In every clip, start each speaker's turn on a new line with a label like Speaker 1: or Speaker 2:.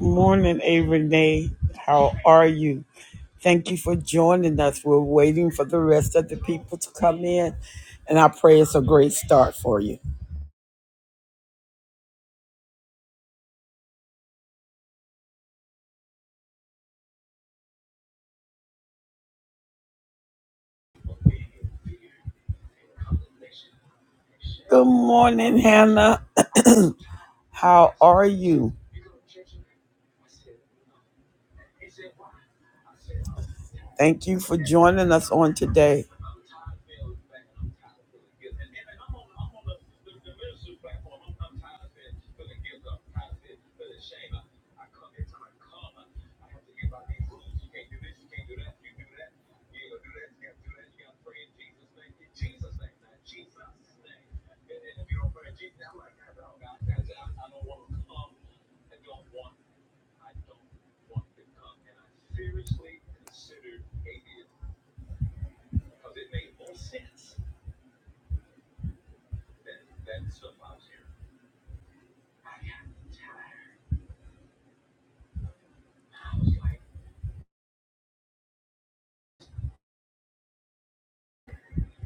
Speaker 1: Morning, A. Renee. How are you? Thank you for joining us. We're waiting for the rest of the people to come in, and I pray it's a great start for you. Good morning, Hannah. How are you? Thank you for joining us on today.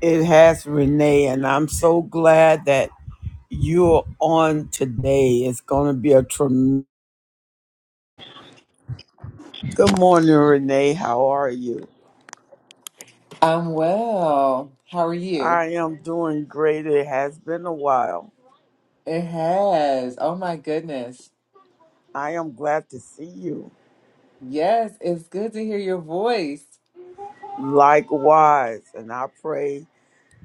Speaker 1: It has Renee, and I'm so glad that you're on today. It's going to be a tremendous. Good morning, Renee. How are you?
Speaker 2: I'm well. How are you?
Speaker 1: I am doing great. It has been a while.
Speaker 2: It has. Oh my goodness.
Speaker 1: I am glad to see you.
Speaker 2: Yes, it's good to hear your voice.
Speaker 1: Likewise, and I pray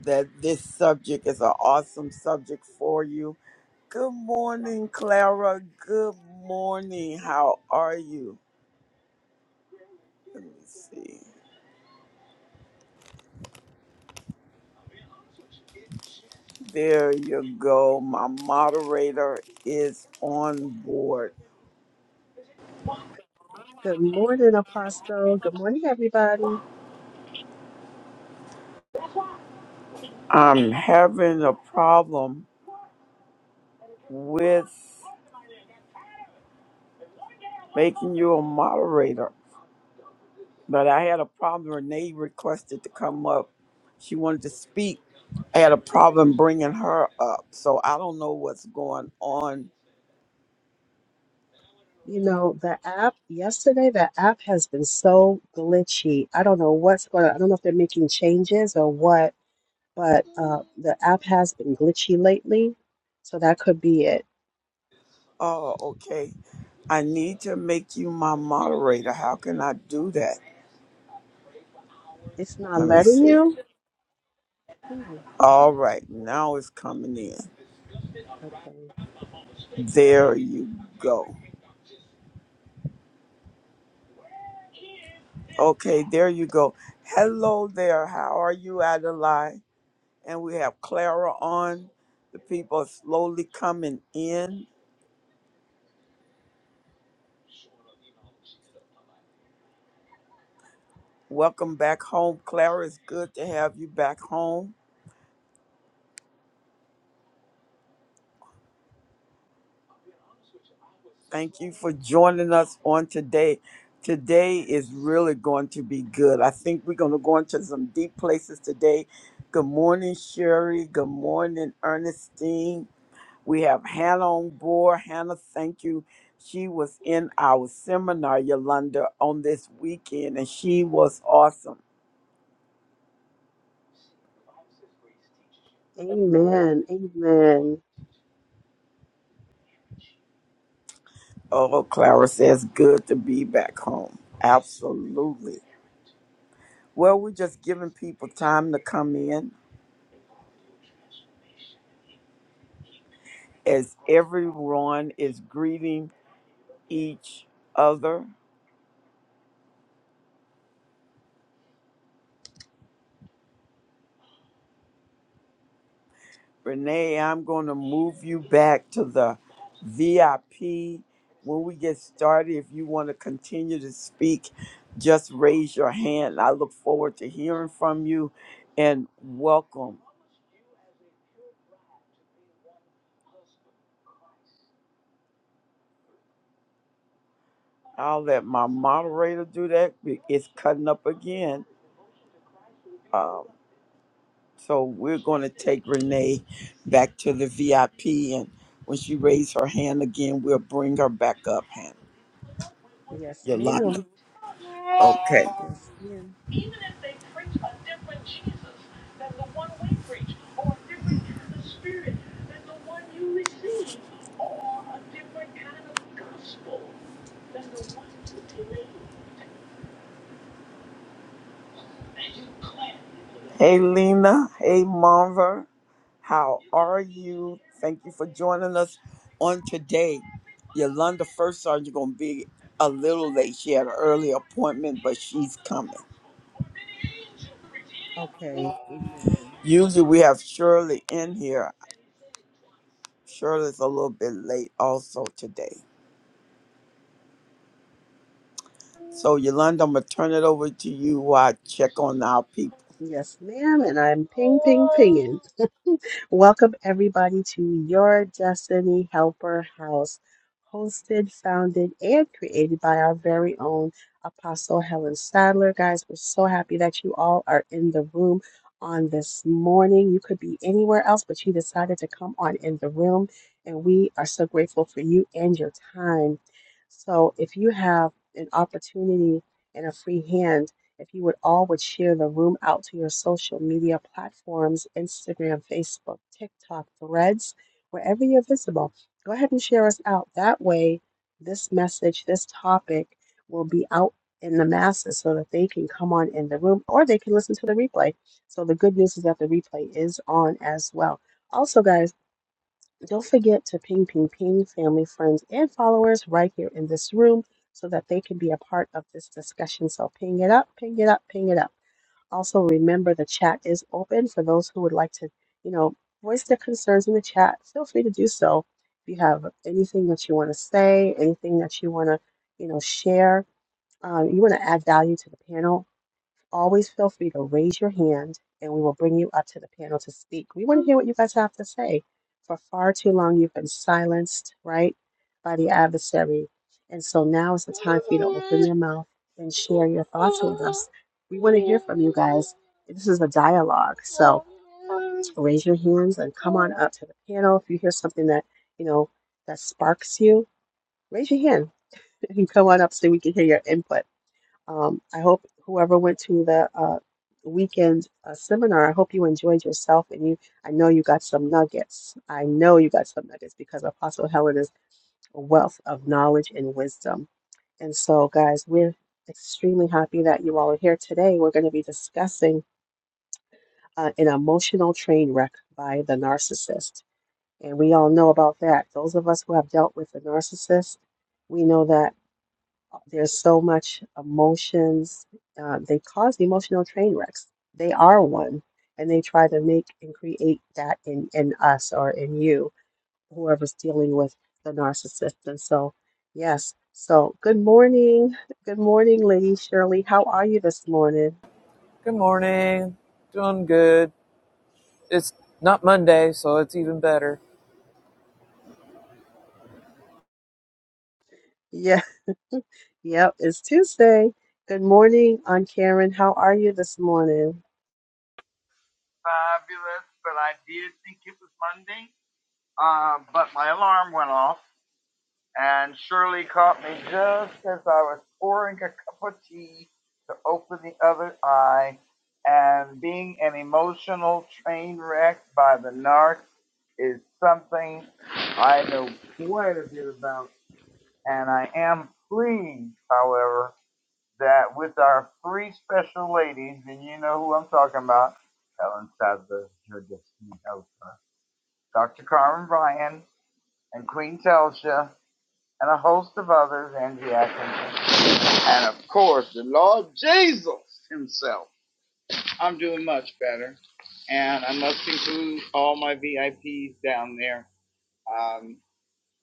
Speaker 1: that this subject is an awesome subject for you. Good morning, Clara. Good morning. How are you? Let me see. There you go. My moderator is on board.
Speaker 3: Good morning, Apostle. Good morning, everybody.
Speaker 1: I'm having a problem with making you a moderator. But I had a problem. Renee requested to come up. She wanted to speak. I had a problem bringing her up. So I don't know what's going on.
Speaker 3: You know, the app yesterday, the app has been so glitchy. I don't know what's going on. I don't know if they're making changes or what, but uh, the app has been glitchy lately. So that could be it.
Speaker 1: Oh, okay. I need to make you my moderator. How can I do that?
Speaker 3: It's not
Speaker 1: Let me
Speaker 3: letting
Speaker 1: see.
Speaker 3: you? Hmm,
Speaker 1: All right. Now it's coming in.
Speaker 3: Okay.
Speaker 1: There you go. Okay. There you go. Hello there. How are you, Adelaide? And we have Clara on. The people are slowly coming in. Welcome back home, Clara. It's good to have you back home. Thank you for joining us on today. Today is really going to be good. I think we're going to go into some deep places today. Good morning, Sherry. Good morning, Ernestine. We have Hannah on board. Hannah, thank you. She was in our seminar, Yolanda, on this weekend, and she was awesome.
Speaker 3: Amen. Amen.
Speaker 1: Oh, Clara says, good to be back home. Absolutely. Well, we're just giving people time to come in as everyone is greeting each other. Renee, I'm going to move you back to the VIP. When we get started, if you want to continue to speak, just raise your hand. I look forward to hearing from you and welcome. I'll let my moderator do that. It's cutting up again. Um, So we're going to take Renee back to the VIP, and when she raises her hand again, we'll bring her back up. Hannah.
Speaker 3: Yes,
Speaker 1: Yolanda.
Speaker 3: ma'am.
Speaker 1: Okay.
Speaker 3: Yes, ma'am.
Speaker 1: Hey, Lena. Hey, Marva. How are you? Thank you for joining us on today. Yolanda, first sergeant, going to be a little late. She had an early appointment, but she's coming.
Speaker 3: Okay. Amen.
Speaker 1: Usually we have Shirley in here. Shirley's a little bit late also today. So, Yolanda, I'm going to turn it over to you while I check on our people.
Speaker 3: Yes, ma'am. And I'm ping, ping, pinging. Welcome, everybody, to Your Destiny Helper House, hosted, founded, and created by our very own Apostle Helen Sadler. Guys, we're so happy that you all are in the room on this morning. You could be anywhere else, but you decided to come on in the room, and we are so grateful for you and your time. So, if you have an opportunity and a free hand, if you would all would share the room out to your social media platforms, Instagram, Facebook, TikTok, Threads, wherever you're visible, go ahead and share us out. That way, this message, this topic will be out in the masses so that they can come on in the room or they can listen to the replay. So the good news is that the replay is on as well. Also, guys, don't forget to ping, ping, ping family, friends, and followers right here in this room so that they can be a part of this discussion. So ping it up, ping it up, ping it up. Also, remember the chat is open for those who would like to, you know, voice their concerns in the chat. Feel free to do so. If you have anything that you want to say, anything that you want to, you know, share, um, you want to add value to the panel, always feel free to raise your hand and we will bring you up to the panel to speak. We want to hear what you guys have to say. For far too long, you've been silenced, right, by the adversary. And so now it's your mouth and share your thoughts. We want to, this is a dialogue. So raise your hands and come on up to the panel. If you hear something that, you know, that sparks you, raise your hand and come on up so we can hear your input. Um, I hope whoever went to the uh, weekend uh, seminar, I hope you enjoyed yourself and you. I know you got some nuggets. I know you got some nuggets because Apostle Helen is a wealth of knowledge and wisdom. And so, guys, we're extremely happy that you all are here today. We're going to be discussing uh, an emotional train wreck by the narcissist, and we all know about that. Those of us who have dealt with the narcissist, we know that. There's so much emotions. Uh, they cause emotional train wrecks. They are one, and they try to make and create that in in us or in you, whoever's dealing with the narcissist. And so, yes. So, good morning. Good morning, Lady Shirley. How are you this morning?
Speaker 4: Good morning. Doing good. It's not Monday, so it's even better.
Speaker 3: Yep, it's Tuesday. Good morning, Aunt Karen. How are you this morning?
Speaker 5: fabulous, but I did think it was Monday. Uh, but my alarm went off, and Shirley caught me just as I was pouring a cup of tea to open the other eye, and being an emotional train wreck by the narc is something I know quite a bit about, and I am pleased, however that with our three special ladies, and you know who I'm talking about, Helen Sadler, her destiny helper, Dr. Carmen Bryan, and Queen Telsha, and a host of others, Angie Atkinson, and of course the Lord Jesus himself. I'm doing much better, and I must include all my VIPs down there. Um,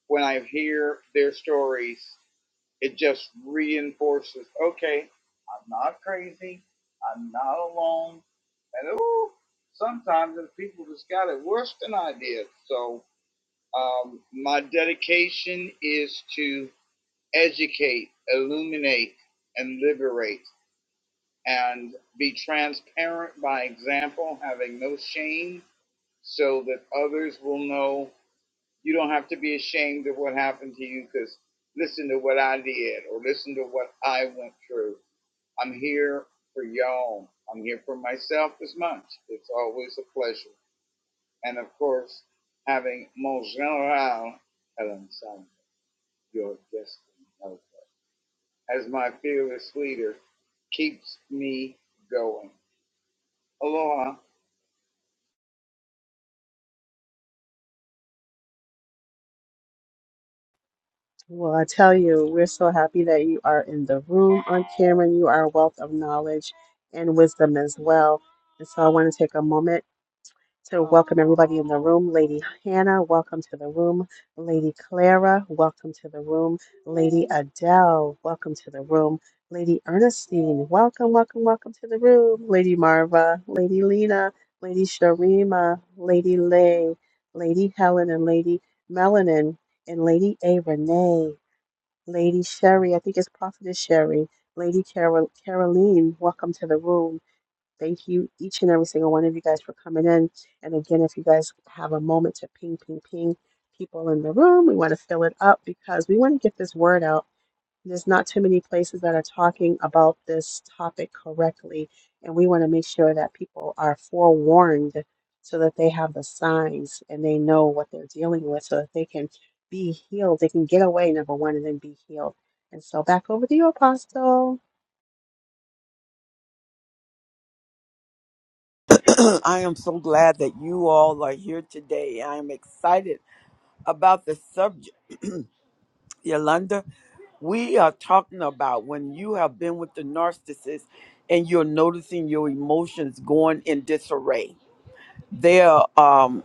Speaker 5: when I hear their stories, It just reinforces, okay, I'm not crazy. I'm not alone. And ooh, sometimes there's people that's got it worse than I did. So um, my dedication is to educate, illuminate, and liberate, and be transparent by example, having no shame, so that others will know. You don't have to be ashamed of what happened to you because listen to what I did or listen to what I went through. I'm here for y'all. I'm here for myself as much. It's always a pleasure. And of course, having Mon General Helen Sun, your destiny as my fearless leader, keeps me going. Aloha.
Speaker 3: Well, I tell you, we're so happy that you are in the room, Aunt Karen. You are a wealth of knowledge and wisdom as well. And so I want to take a moment. So, welcome everybody in the room. Lady Hannah, welcome to the room. Lady Clara, welcome to the room. Lady Adele, welcome to the room. Lady Ernestine, welcome, welcome, welcome to the room. Lady Marva, Lady Lena, Lady Sharima, Lady Lay, Lady Helen, and Lady Melanin, and Lady A. Renee, Lady Sherry, I think it's Prophetess Sherry, Lady Carol, Caroline, welcome to the room. Thank you, each and every single one of you guys, for coming in. And again, if you guys have a moment to ping, ping, ping people in the room, we want to fill it up because we want to get this word out. There's not too many places that are talking about this topic correctly. And we want to make sure that people are forewarned so that they have the signs and they know what they're dealing with so that they can be healed. They can get away, number one, and then be healed. And so back over to you, Apostle.
Speaker 1: I am so glad that you all are here today. I am excited about the subject. Yolanda, we are talking about when you have been with the narcissist and you're noticing your emotions going in disarray. There, um,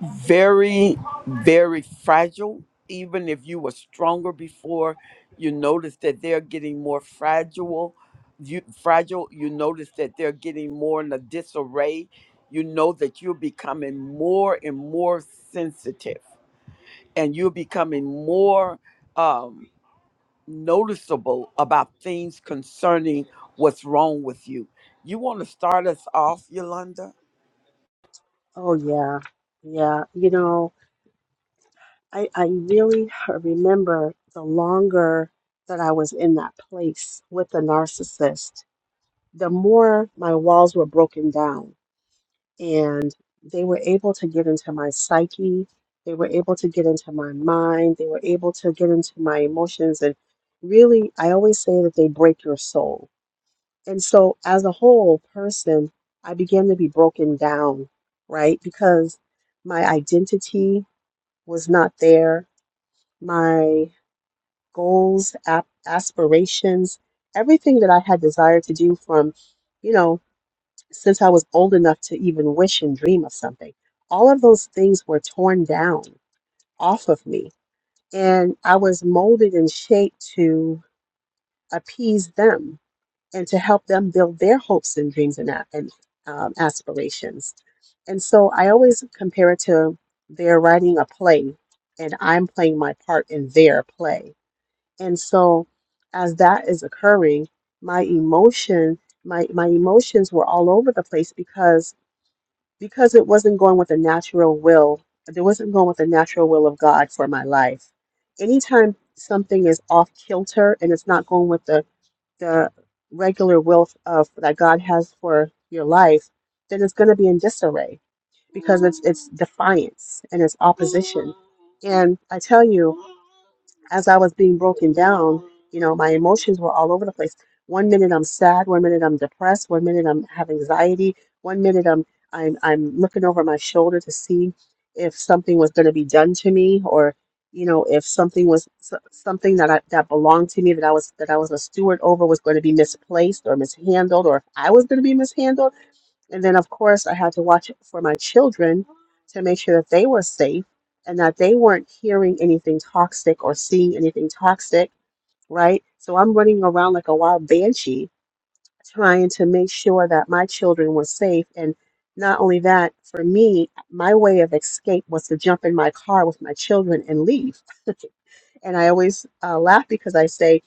Speaker 1: very, very fragile. Even if you were stronger before, you notice that they're getting more fragile. You fragile. You notice that they're getting more in a disarray. You know that you're becoming more and more sensitive, and you're becoming more um, noticeable about things concerning what's wrong with you. You want to start us off, Yolanda?
Speaker 3: Oh, yeah. Yeah. You know, I, I really remember the longer that I was in that place with the narcissist, the more my walls were broken down and they were able to get into my psyche. They were able to get into my mind. They were able to get into my emotions. And really, I always say that they break your soul. And so, as a whole person, I began to be broken down, right? Because my identity was not there. My goals, ap- aspirations, everything that I had desired to do from, you know, since I was old enough to even wish and dream of something. All of those things were torn down off of me. And I was molded and shaped to appease them and to help them build their hopes and dreams and, a- and um, aspirations. And so I always compare it to they're writing a play and I'm playing my part in their play and so as that is occurring, my emotion, my my emotions were all over the place because because it wasn't going with the natural will. It wasn't going with the natural will of God for my life. Anytime something is off kilter and it's not going with the the regular will of that God has for your life, then it's going to be in disarray because it's defiance and it's opposite. And I tell you as I was being broken down, you know, my emotions were all over the place. One minute I'm sad, one minute I'm depressed, one minute I'm have anxiety, one minute I'm I'm I'm looking over my shoulder to see if something was going to be done to me or you know if something was so- something that I, that belonged to me that I was that I was a steward over was going to be misplaced or mishandled or if I was going to be mishandled and then, of course, I had to watch for my children to make sure that they were safe and that they weren't hearing anything toxic or seeing anything toxic, right? So I'm running around like a wild banshee trying to make sure that my children were safe. And not only that, for me, my way of escape was to jump in my car with my children and leave. And I always uh, laugh because I say,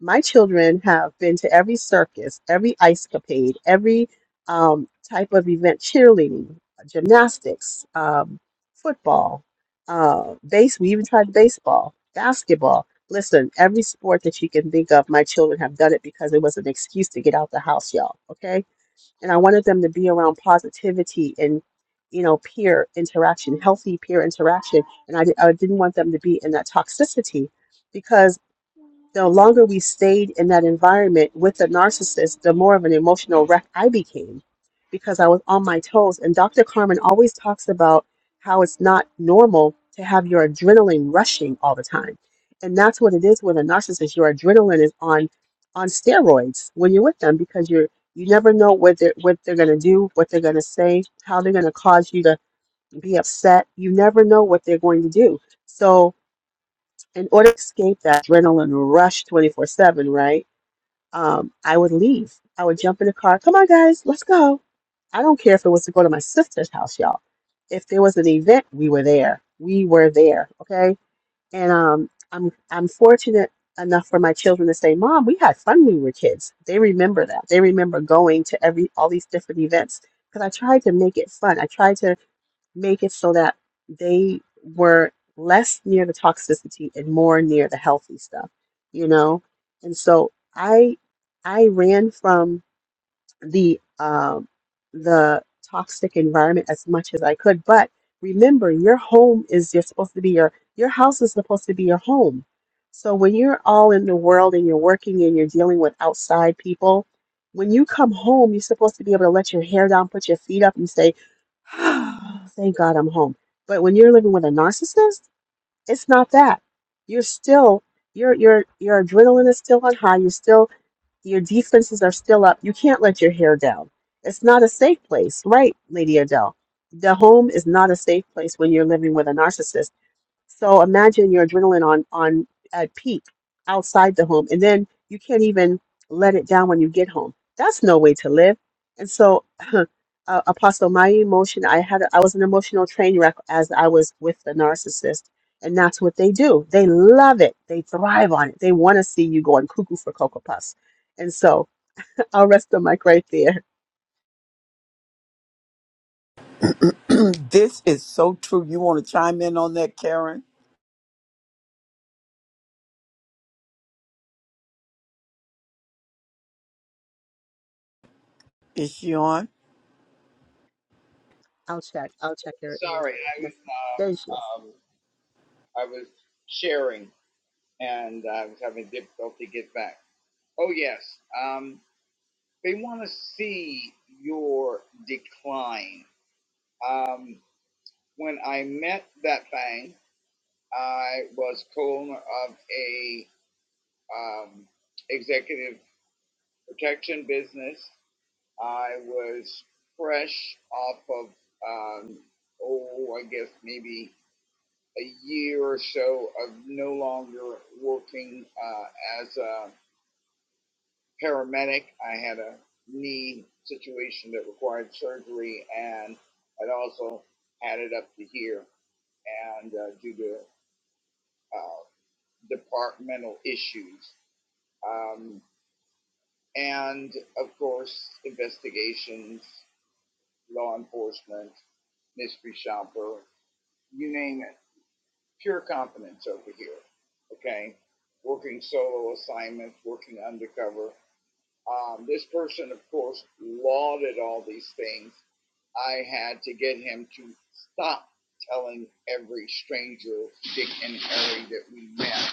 Speaker 3: my children have been to every circus, every ice capade, every um, type of event, cheerleading, gymnastics, um, football, uh, base. We even tried baseball, basketball. Listen, every sport that you can think of, my children have done it because it was an excuse to get out the house, y'all. Okay and I wanted them to be around positivity and you know peer interaction, healthy peer interaction, and I, di- I didn't want them to be in that toxicity because. The longer we stayed in that environment with the narcissist, the more of an emotional wreck I became because I was on my toes. And Dr. Carmen always talks about how it's not normal to have your adrenaline rushing all the time. And that's what it is with a narcissist. Your adrenaline is on on steroids when you're with them because you're you never know what they're what they're gonna do, what they're gonna say, how they're gonna cause you to be upset. You never know what they're going to do. So in order to escape that adrenaline rush 24 7, right? Um, I would leave. I would jump in the car. Come on, guys, let's go. I don't care if it was to go to my sister's house, y'all. If there was an event, we were there. We were there. Okay. And um, I'm I'm fortunate enough for my children to say, Mom, we had fun when we were kids. They remember that. They remember going to every all these different events because I tried to make it fun. I tried to make it so that they were less near the toxicity and more near the healthy stuff, you know? And so I I ran from the um the toxic environment as much as I could. But remember, your home is you're supposed to be your your house is supposed to be your home. So when you're all in the world and you're working and you're dealing with outside people, when you come home, you're supposed to be able to let your hair down, put your feet up, and say, oh, thank God I'm home. But when you're living with a narcissist, it's not that. You're still your your your adrenaline is still on high. You're still your defenses are still up. You can't let your hair down. It's not a safe place, right, Lady Adele? The home is not a safe place when you're living with a narcissist so imagine your adrenaline on on at peak outside the home, and then you can't even let it down when you get home. That's no way to live. And so, uh, Apostle, my emotion, I had, I was an emotional train wreck as I was with the narcissist, and that's what they do. They love it. They thrive on it. They want to see you going cuckoo for cocoa puffs. And so, I'll rest the mic right there.
Speaker 1: this is so true. You want to chime in on that, Karen? Is she on?
Speaker 3: I'll check. I'll check your email.
Speaker 5: Sorry, I
Speaker 3: Yes, there she is.
Speaker 5: was, uh, um, I was sharing and I was having difficulty get back. Oh yes. Um, they want to see your decline. Um, when I met that thing, I was co-owner of a um, executive protection business. I was fresh off of um, oh, I guess maybe a year or so of no longer working uh, as a paramedic. I had a knee situation that required surgery, and I'd also had it up to here. And uh, due to uh, departmental issues, um, and of course investigations, law enforcement, mystery shopper, you name it. Pure competence over here. Okay, working solo assignments, working undercover. Um, this person, of course, lauded all these things. I had to get him to stop telling every stranger, Dick and Harry, that we met.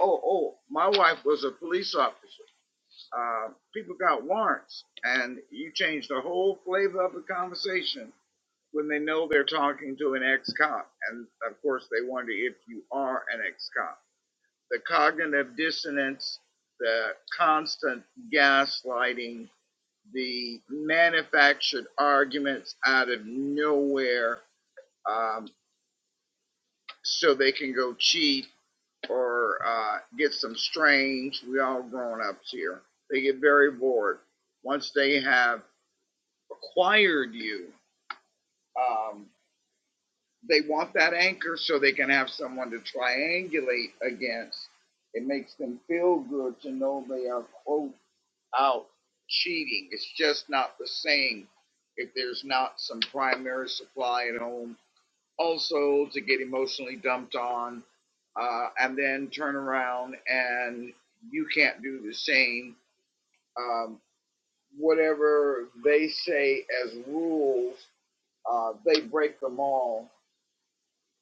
Speaker 5: Oh, oh, my wife was a police officer. Uh, people got warrants, and you change the whole flavor of the conversation when they know they're talking to an ex-cop. And of course, they wonder if you are an ex-cop. The cognitive dissonance, the constant gaslighting, the manufactured arguments out of nowhere um, so they can go cheat or uh, get some strange. We all grown ups here. They get very bored once they have acquired you. Um, they want that anchor so they can have someone to triangulate against. It makes them feel good to know they are quote out cheating. It's just not the same if there's not some primary supply at home. Also, to get emotionally dumped on uh, and then turn around and you can't do the same. Um, whatever they say as rules, uh, they break them all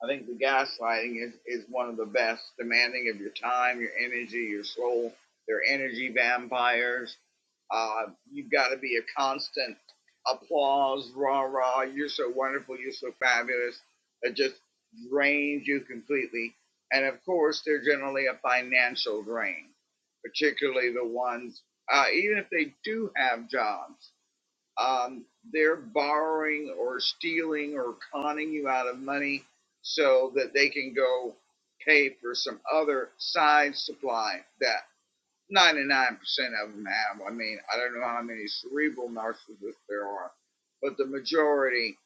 Speaker 5: I think the gaslighting is, is one of the best, demanding of your time, your energy, your soul. They're energy vampires. Uh, you've got to be a constant applause, rah rah. You're so wonderful. You're so fabulous. It just drains you completely. And of course, they're generally a financial drain, particularly the ones, uh, even if they do have jobs um, they're borrowing or stealing or conning you out of money so that they can go pay for some other side supply that 99% of them have. I mean, I don't know how many cerebral narcissists there are, but the majority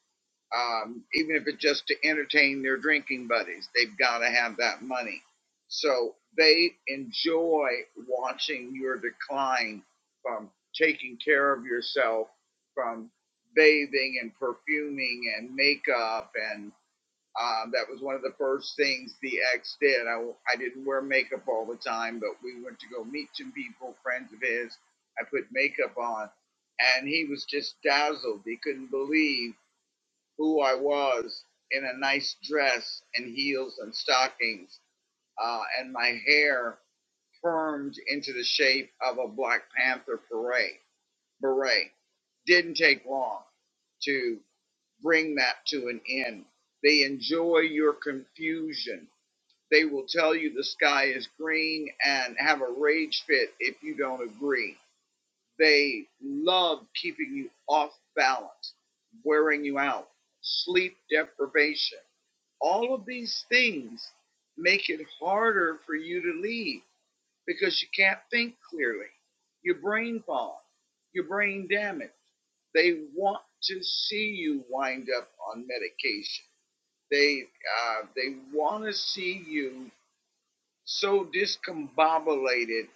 Speaker 5: um, even if it's just to entertain their drinking buddies. They've got to have that money. So they enjoy watching your decline from taking care of yourself, from bathing and perfuming and makeup. And um, that was one of the first things the ex did. I, I didn't wear makeup all the time, but we went to go meet some people, friends of his. I put makeup on, and he was just dazzled. He couldn't believe who I was in a nice dress and heels and stockings, uh, and my hair permed into the shape of a Black Panther beret. Beret didn't take long to bring that to an end. They enjoy your confusion. They will tell you the sky is green and have a rage fit if you don't agree. They love keeping you off balance, wearing you out, sleep deprivation all of these things make it harder for you to leave because you can't think clearly. Your brain fog, your brain damage. They want to see you wind up on medication. They uh, they want to see you so discombobulated.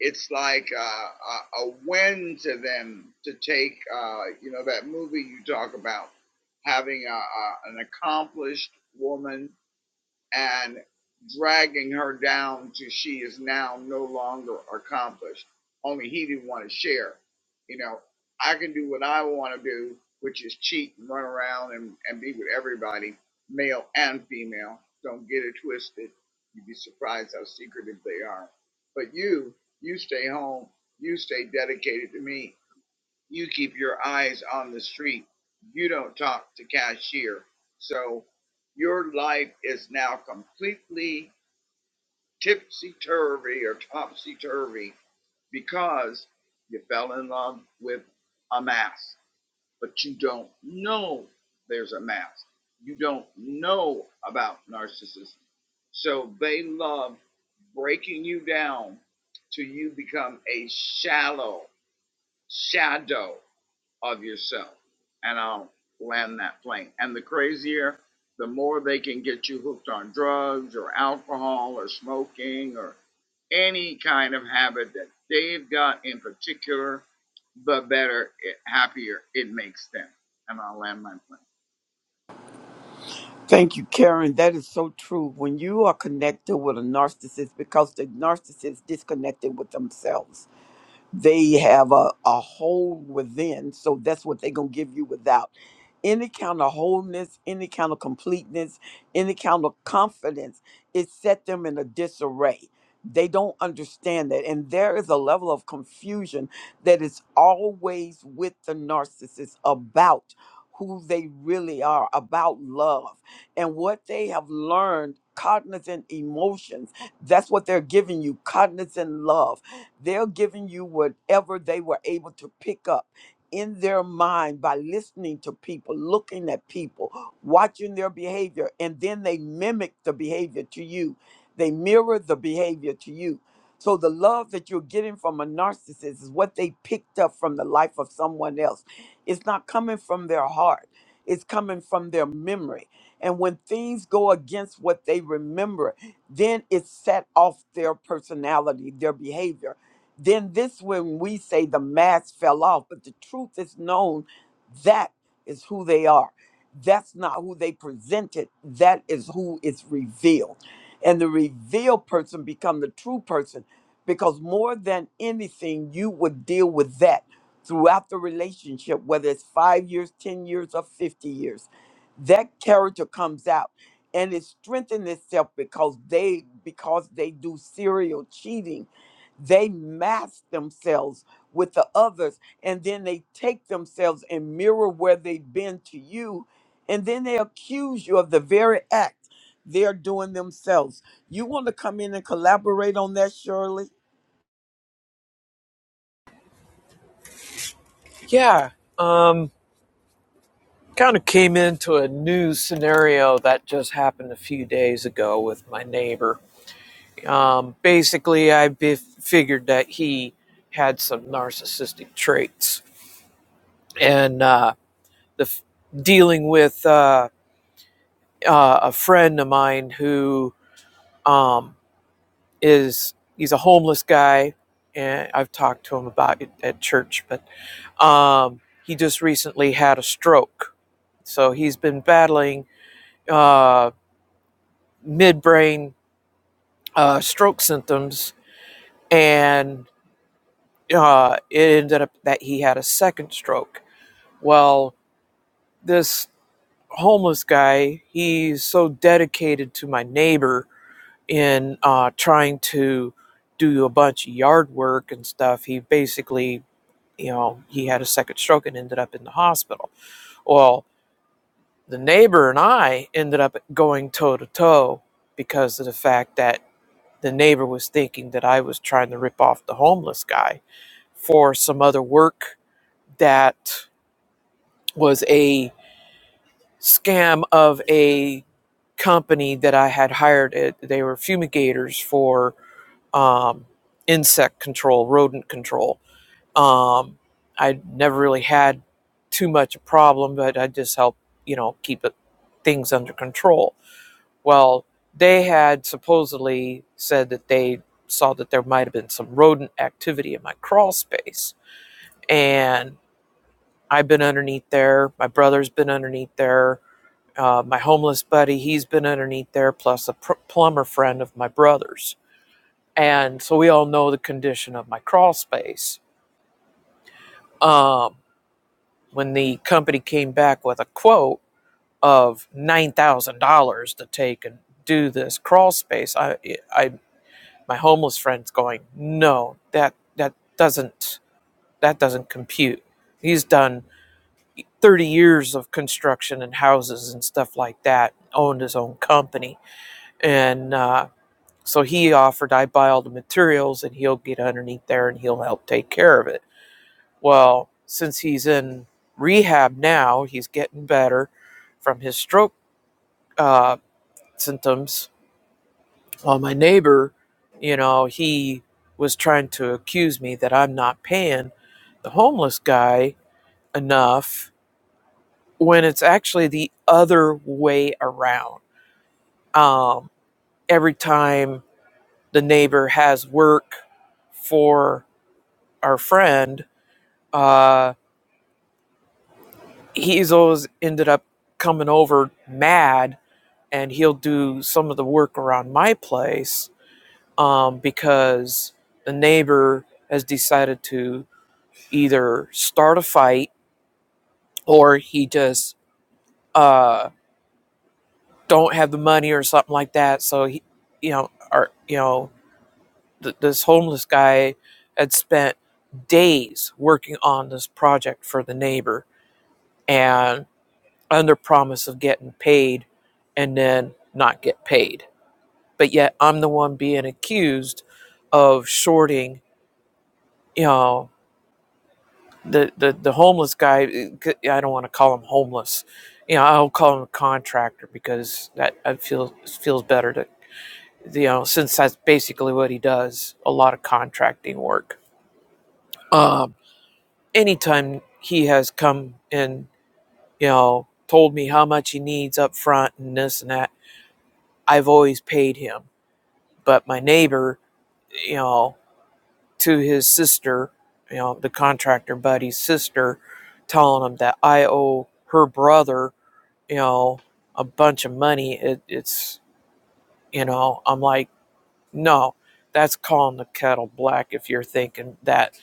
Speaker 5: It's like uh, a, a win to them to take. Uh, you know that movie you talk about having a, a, an accomplished woman and dragging her down to she is now no longer accomplished. Only he didn't want to share. You know, I can do what I want to do, which is cheat and run around and, and be with everybody, male and female. Don't get it twisted. You'd be surprised how secretive they are. But you, you stay home. You stay dedicated to me you keep your eyes on the street. You don't talk to cashier. So your life is now completely tipsy turvy or topsy turvy because you fell in love with a mask, but you don't know there's a mask. You don't know about narcissism. So they love breaking you down till you become a shallow shadow of yourself. And I'll land that plane. And the crazier, the more they can get you hooked on drugs or alcohol or smoking or any kind of habit that they've got in particular, the better, it, happier it makes them. And I'll land my plane.
Speaker 1: Thank you, Karen. That is so true. When you are connected with a narcissist, because the narcissist is disconnected with themselves. they have a, a hole within so that's what they're going to give you without any kind of wholeness any kind of completeness any kind of confidence it set them in a disarray they don't understand that and there is a level of confusion that is always with the narcissist about who they really are about love and what they have learned cognizant emotions that's what they're giving you cognizant love they're giving you whatever they were able to pick up in their mind by listening to people, looking at people, watching their behavior, and then they mimic the behavior to you. They mirror the behavior to you. So the love that you're getting from a narcissist is what they picked up from the life of someone else. It's not coming from their heart. It's coming from their memory. And when things go against what they remember, then it set off their personality, their behavior then this when we say the mask fell off but the truth is known that is who they are that's not who they presented that is who is revealed and the revealed person become the true person because more than anything you would deal with that throughout the relationship whether it's five years ten years or 50 years that character comes out and it strengthens itself because they because they do serial cheating they mask themselves with the others and then they take themselves and mirror where they've been to you. And then they accuse you of the very act they're doing themselves. You want to come in and collaborate on that, Shirley?
Speaker 4: Yeah. Um kind of came into a new scenario that just happened a few days ago with my neighbor. Um basically I bef- figured that he had some narcissistic traits and uh the f- dealing with uh, uh a friend of mine who um is he's a homeless guy and I've talked to him about it at church, but Um, he just recently had a stroke. So he's been battling uh, midbrain uh, stroke symptoms, and uh, it ended up that he had a second stroke. Well, this homeless guy, he's so dedicated to my neighbor in uh, trying to do a bunch of yard work and stuff. He basically, you know, he had a second stroke and ended up in the hospital. Well, The neighbor and I ended up going toe to toe because of the fact that the neighbor was thinking that I was trying to rip off the homeless guy for some other work that was a scam of a company that I had hired. they were fumigators for um, insect control, rodent control. Um, I never really had too much a problem, but I just helped, you know, keep it, things under control Well, they had supposedly said that they saw that there might have been some rodent activity in my crawl space. And I've been underneath there. My brother's been underneath there. Uh, my homeless buddy, he's been underneath there, plus a pr- plumber friend of my brother's. And so we all know the condition of my crawl space. Um, when the company came back with a quote of $9,000 to take and do this crawl space, I, I my homeless friend's going, no, that that doesn't that doesn't compute. He's done 30 years of construction and houses and stuff like that, owned his own company, and uh, so he offered I buy all the materials and he'll get underneath there and he'll help take care of it. Well, since he's in rehab now, he's getting better from his stroke uh, symptoms Well, my neighbor, you know, he was trying to accuse me that I'm not paying the homeless guy enough when it's actually the other way around. Um, every time the neighbor has work for our friend, uh, he's always ended up coming over mad and he'll do some of the work around my place um, because the neighbor has decided to either start a fight or he just uh don't have the money or something like that so he you know or you know th- this homeless guy had spent days working on this project for the neighbor and under promise of getting paid and then not get paid but yet i'm the one being accused of shorting you know the the, the homeless guy I i don't want to call him homeless you know i'll call him a contractor because that i feel feels better to you know since that's basically what he does a lot of contracting work um anytime he has come and you know told me how much he needs up front and this and that i've always paid him but my neighbor you know to his sister you know the contractor buddy's sister telling him that i owe her brother you know, a bunch of money, it, it's, you know, I'm like, no, that's calling the kettle black if you're thinking that,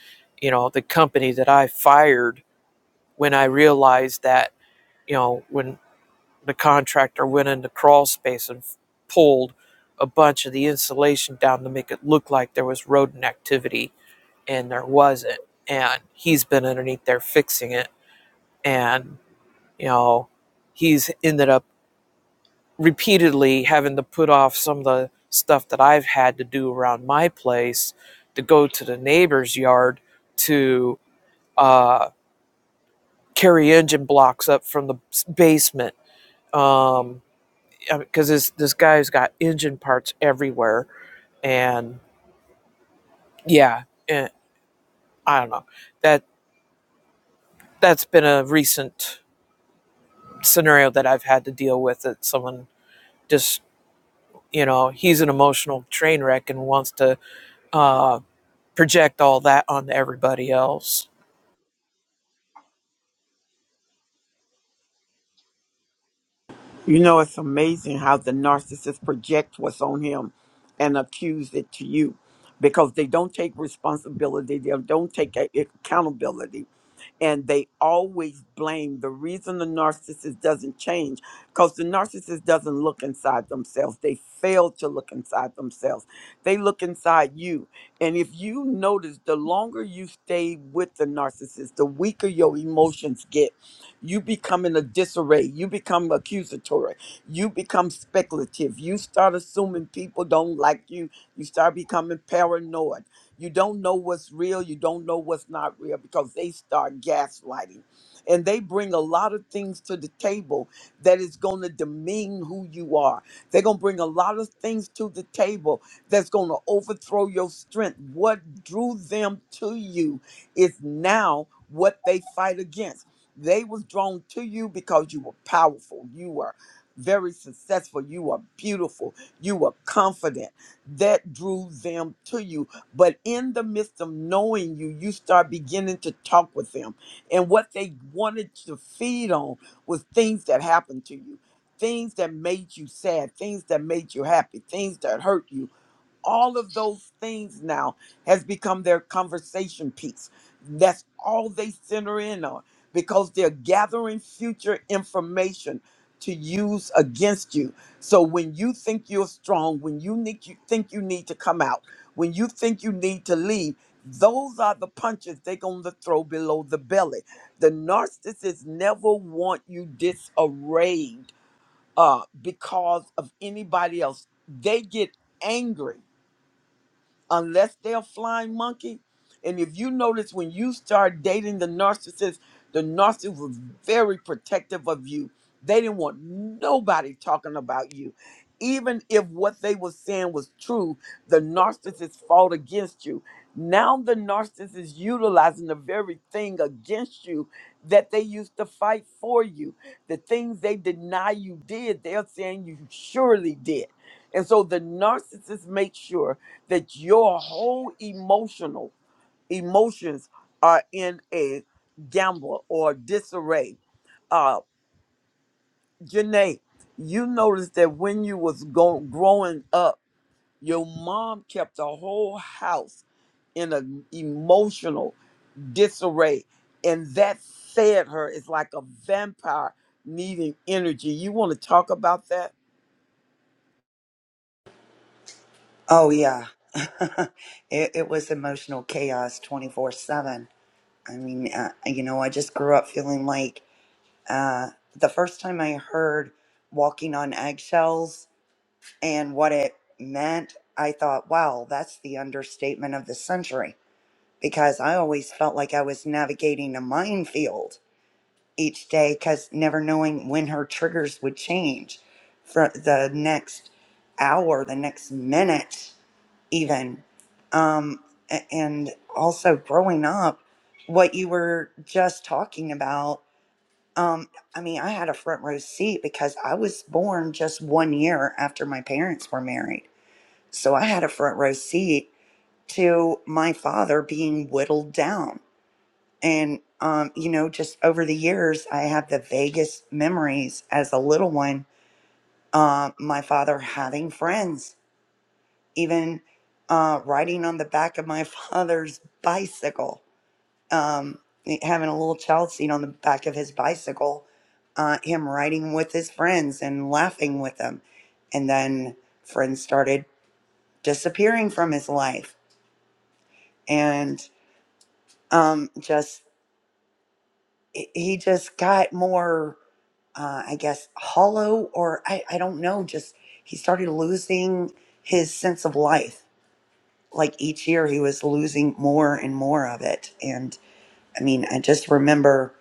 Speaker 4: you know, the company that I fired when I realized that, you know, when the contractor went into crawl space and pulled a bunch of the insulation down to make it look like there was rodent activity and there wasn't. And he's been underneath there fixing it. And, you know, he's ended up repeatedly having to put off some of the stuff that I've had to do around my place to go to the neighbor's yard to uh, carry engine blocks up from the s- basement Um, because this this guy's got engine parts everywhere and yeah eh, I don't know that that's been a recent scenario that I've had to deal with that someone just you know he's an emotional train wreck and wants to uh, project all that on everybody else.
Speaker 1: You know, it's amazing how the narcissist projects what's on him and accuse it to you because they don't take responsibility, they don't take a- accountability, and they always blame the reason the narcissist doesn't change because the narcissist doesn't look inside themselves. They fail to look inside themselves. They look inside you. And if you notice, the longer you stay with the narcissist, the weaker your emotions get you become in a disarray you become accusatory you become speculative you start assuming people don't like you you start becoming paranoid you don't know what's real you don't know what's not real because they start gaslighting and they bring a lot of things to the table that is going to demean who you are they're going to bring a lot of things to the table that's going to overthrow your strength what drew them to you is now what they fight against they was drawn to you because you were powerful. You were very successful. You were beautiful. You were confident. That drew them to you. But in the midst of knowing you, you start beginning to talk with them. And what they wanted to feed on was things that happened to you. Things that made you sad, things that made you happy, things that hurt you, all of those things now has become their conversation piece. That's all they center in on because they're gathering future information to use against you. So when you think you're strong, when you need you think you need to come out, when you think you need to leave, those are the punches they're going to throw below the belly. The narcissists never want you disarrayed uh, because of anybody else. They get angry unless they're a flying monkey. And if you notice, when you start dating the narcissist, the narcissist was very protective of you. They didn't want nobody talking about you. Even if what they were saying was true, the narcissist fought against you. Now the narcissist is utilizing the very thing against you that they used to fight for you. The things they deny you did, they're saying you surely did. And so the narcissist makes sure that your whole emotional emotions are in a gamble or disarray. Uh, Janae, you noticed that when you was go- growing up, your mom kept the whole house in an emotional disarray, and that fed her. It's like a vampire needing energy. You want to talk about that?
Speaker 6: Oh yeah, it, it was emotional chaos twenty four seven. I mean, uh, you know, I just grew up feeling like uh, the first time I heard "walking on eggshells" and what it meant, I thought, "Wow, that's the understatement of the century." Because I always felt like I was navigating a minefield each day, because never knowing when her triggers would change for the next hour, the next minute even um, a- and also growing up what you were just talking about um, i mean i had a front row seat because i was born just one year after my parents were married so i had a front row seat to my father being whittled down and um, you know just over the years i have the vaguest memories as a little one uh, my father having friends even uh, riding on the back of my father's bicycle, um, eh, having a little child seat on the back of his bicycle, uh, him riding with his friends and laughing with them. And then friends started disappearing from his life. And um, just, he he just got more, uh, I guess, hollow, or I, I don't know, just he started losing his sense of life like each year he was losing more and more of it. And I mean, I just remember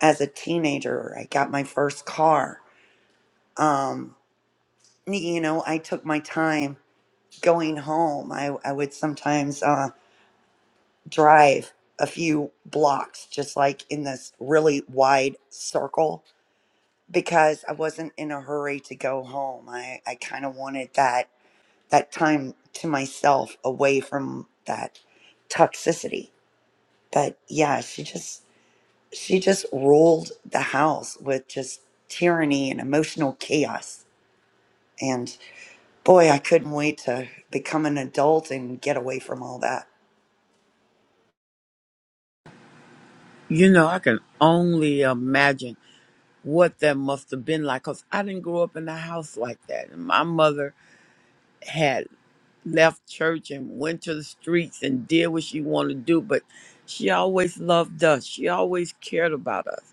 Speaker 6: as a teenager, I got my first car. Um, you know, I took my time going home. I, I would sometimes uh, drive a few blocks, just like in this really wide circle, because I wasn't in a hurry to go home. I, I kind of wanted that that time to myself away from that toxicity but yeah, she just she just ruled the house with just tyranny and emotional chaos. And boy, I couldn't wait to become an adult and get away from all that.
Speaker 1: You know, I can only imagine. what that must have been like because I didn't grow up in a house like that. And my mother had left church and went to the streets and did what she wanted to do, but she always loved us. She always cared about us.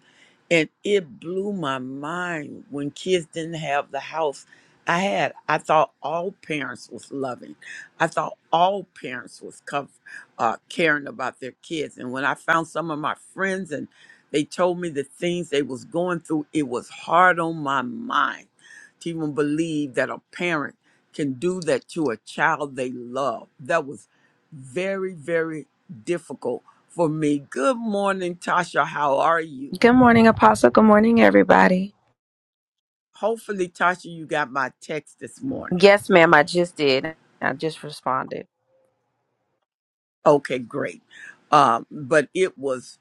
Speaker 1: And it blew my mind when kids didn't have the house I had. I thought all parents was loving. I thought all parents was co- uh, caring about their kids. And when I found some of my friends and they told me the things they was going through, it was hard on my mind to even believe that a parent can do that to a child they love. That was very, very difficult for me. Good morning, Tasha. How are you?
Speaker 7: Good morning, Apostle. Good morning, everybody.
Speaker 1: Hopefully, Tasha, you got my text this morning.
Speaker 7: Yes, ma'am, I just did. I just responded.
Speaker 1: Okay, great. Um, but it was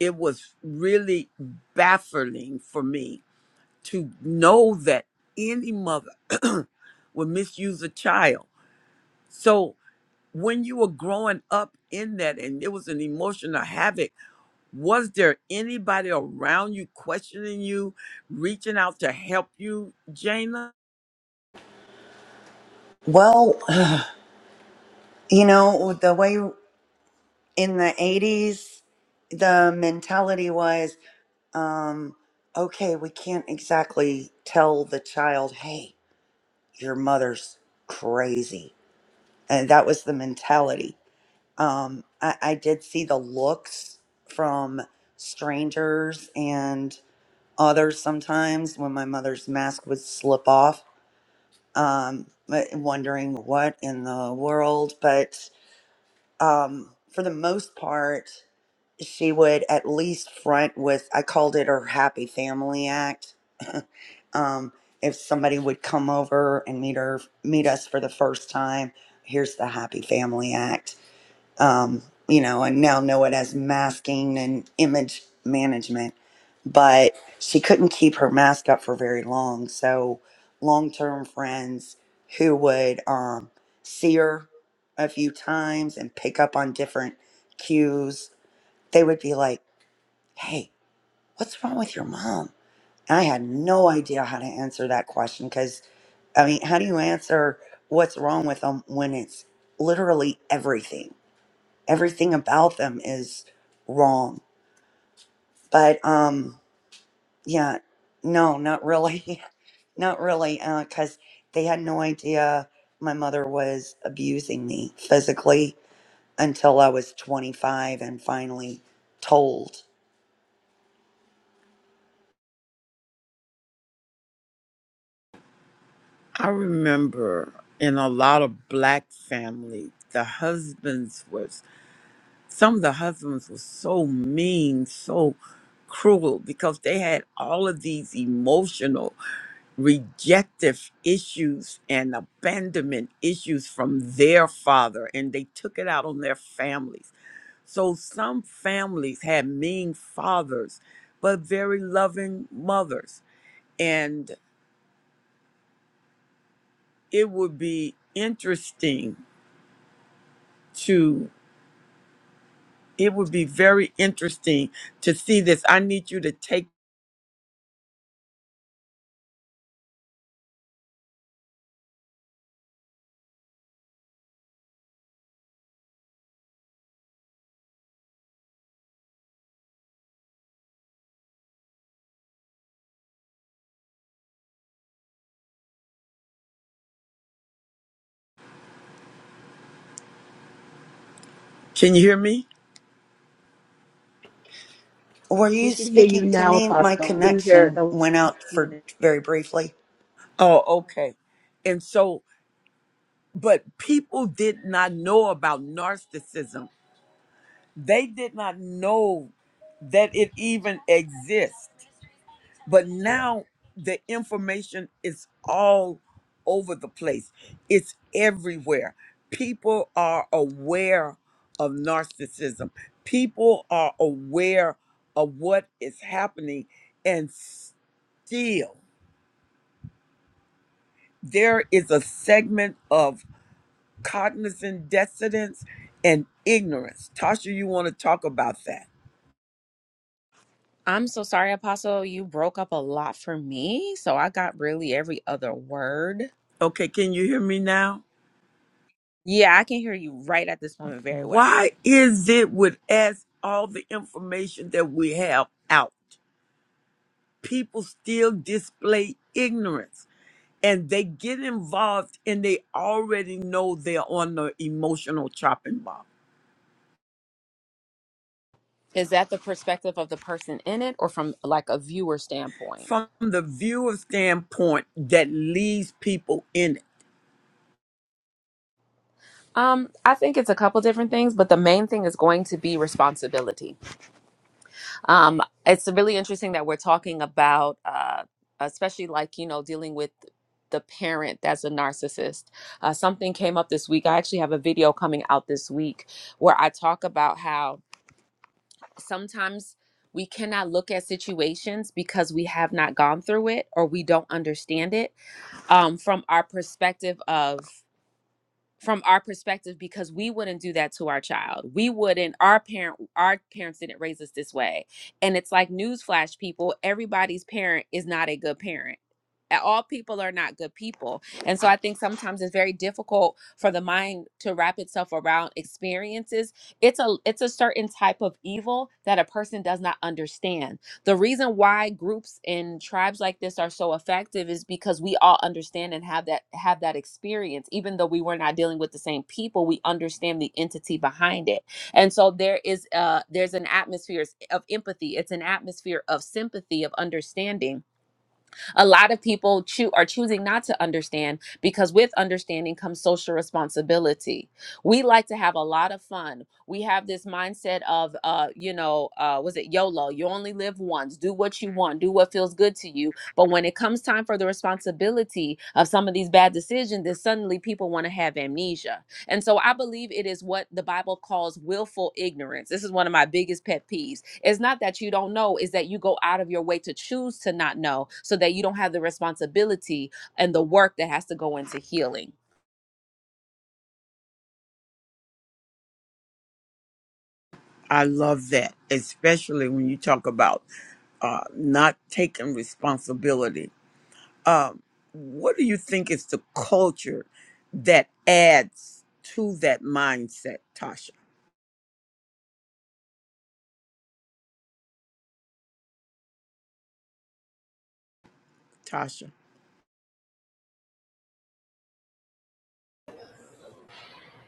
Speaker 1: it was really baffling for me to know that any mother would misuse a child. So when you were growing up in that and it was an emotional havoc Was there anybody around you questioning you, reaching out to help you, Jaina?
Speaker 6: Well, you know, the way in the 80s, the mentality was um, okay, we can't exactly tell the child, hey, your mother's crazy. And that was the mentality Um, I, I did see the looks from strangers and others sometimes when my mother's mask would slip off, um, but wondering what in the world. But um, for the most part, she would at least front with, I called it her happy family act. um, if somebody would come over and meet her, meet us for the first time, here's the happy family act um, you know, and now know it as masking and image management. But she couldn't keep her mask up for very long. So, long term friends who would um, see her a few times and pick up on different cues, they would be like, hey, what's wrong with your mom? And I had no idea how to answer that question because, I mean, how do you answer what's wrong with them when it's literally everything? everything about them is wrong. But um, yeah, no, not really, not really, uh, because they had no idea my mother was abusing me physically until I was 25 and finally told.
Speaker 1: I remember in a lot of black families, the husbands was some of the husbands were so mean, so cruel because they had all of these emotional rejective issues and abandonment issues from their father and they took it out on their families So some families had mean fathers, but very loving mothers. And it would be interesting to, it would be very interesting to see this. I need you to take, can you hear me?
Speaker 6: Were you
Speaker 3: We can hear you
Speaker 6: speaking to
Speaker 3: now,
Speaker 6: me? My
Speaker 3: Apostle. We didn't hear
Speaker 6: connection
Speaker 3: the
Speaker 6: went out
Speaker 3: last
Speaker 6: for
Speaker 3: minute.
Speaker 6: very briefly.
Speaker 1: Oh, okay. And so, but people did not know about narcissism. They did not know that it even exists. But now the information is all over the place, it's everywhere. People are aware of narcissism, people are aware of what is happening, and still there is a segment of cognizant dissonance and ignorance. Tasha, you want to talk about that?
Speaker 7: I'm so sorry, Apostle. You broke up a lot for me. So I got really every other word.
Speaker 1: Okay, can you hear me now?
Speaker 7: Yeah, I can hear you right at this moment very well.
Speaker 1: Why is it with as all the information that we have out, people still display ignorance and they get involved and they already know they're on the emotional chopping block.
Speaker 7: Is that the perspective of the person in it or from like a viewer standpoint?
Speaker 1: From the viewer standpoint, that leaves people in it.
Speaker 7: Um, I think it's a couple different things, but the main thing is going to be responsibility. Um, it's really interesting that we're talking about, uh, especially like, you know, dealing with the parent that's a narcissist. Uh, something came up this week. I actually have a video coming out this week where I talk about how sometimes we cannot look at situations because we have not gone through it or we don't understand it um, from our perspective of from our perspective because we wouldn't do that to our child. We wouldn't our parent our parents didn't raise us this way. And it's like newsflash people, everybody's parent is not a good parent. A- All people are not good people. And so I think sometimes it's very difficult for the mind to wrap itself around experiences. It's a it's a certain type of evil that a person does not understand the reason why groups and tribes like this are so effective is because we all understand and have that have that experience. Even though we were not dealing with the same people, we understand the entity behind it. And so there is uh there's an atmosphere of empathy. It's an atmosphere of sympathy, of understanding a lot of people choo- are choosing not to understand because with understanding comes social responsibility. We like to have a lot of fun. We have this mindset of, uh, you know, uh, was it YOLO? You only live once. Do what you want. Do what feels good to you. But when it comes time for the responsibility of some of these bad decisions, then suddenly people want to have amnesia and so I believe it is what the Bible calls willful ignorance. This is one of my biggest pet peeves. It's not that you don't know, it's that you go out of your way to choose to not know so that you don't have the responsibility and the work that has to go into healing.
Speaker 1: I love that, especially when you talk about uh, not taking responsibility um, what do you think is the culture that adds to that mindset, Tasha? Tasha.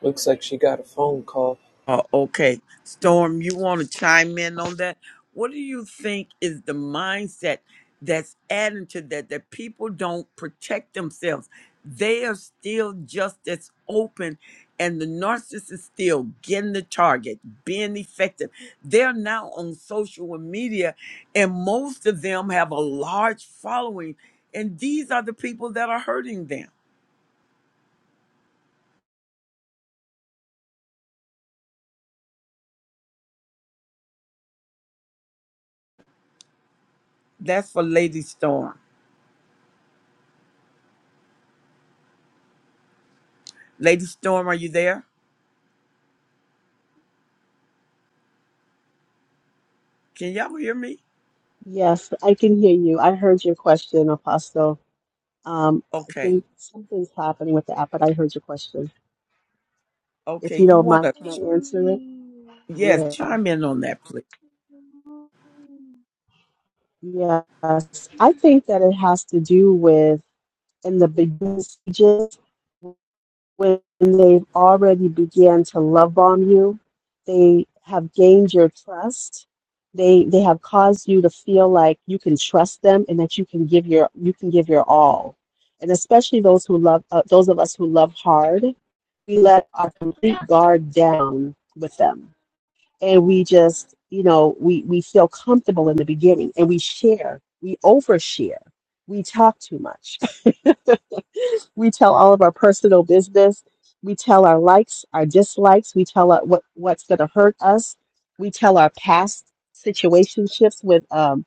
Speaker 4: Looks like she got a phone call.
Speaker 1: Oh, okay. Storm, you want to chime in on that? What do you think is the mindset that's adding to that, that people don't protect themselves? They are still just as open, and the narcissist is still getting the target, being effective. They're now on social media, and most of them have a large following, and these are the people that are hurting them. That's for Lady Storm. Lady Storm, are you there? Can y'all hear me?
Speaker 3: Yes, I can hear you. I heard your question, Apostle. Um, I
Speaker 1: Okay.
Speaker 3: think something's happening with the app, but I heard your question.
Speaker 1: Okay.
Speaker 3: If you
Speaker 1: You
Speaker 3: don't
Speaker 1: want
Speaker 3: mind,
Speaker 1: to, yes,
Speaker 3: yeah,
Speaker 1: chime in on that, please.
Speaker 3: yes. I think that it has to do with in the beginning stages. when they've already began to love bomb you, they have gained your trust. They they have caused you to feel like you can trust them and that you can give your you can give your all. And especially those who love uh, those of us who love hard, we let our complete guard down with them, and we just you know we we feel comfortable in the beginning, and we share, we overshare, we talk too much. We tell all of our personal business. We tell our likes, our dislikes. We tell our, what what's going to hurt us. We tell our past situationships with um,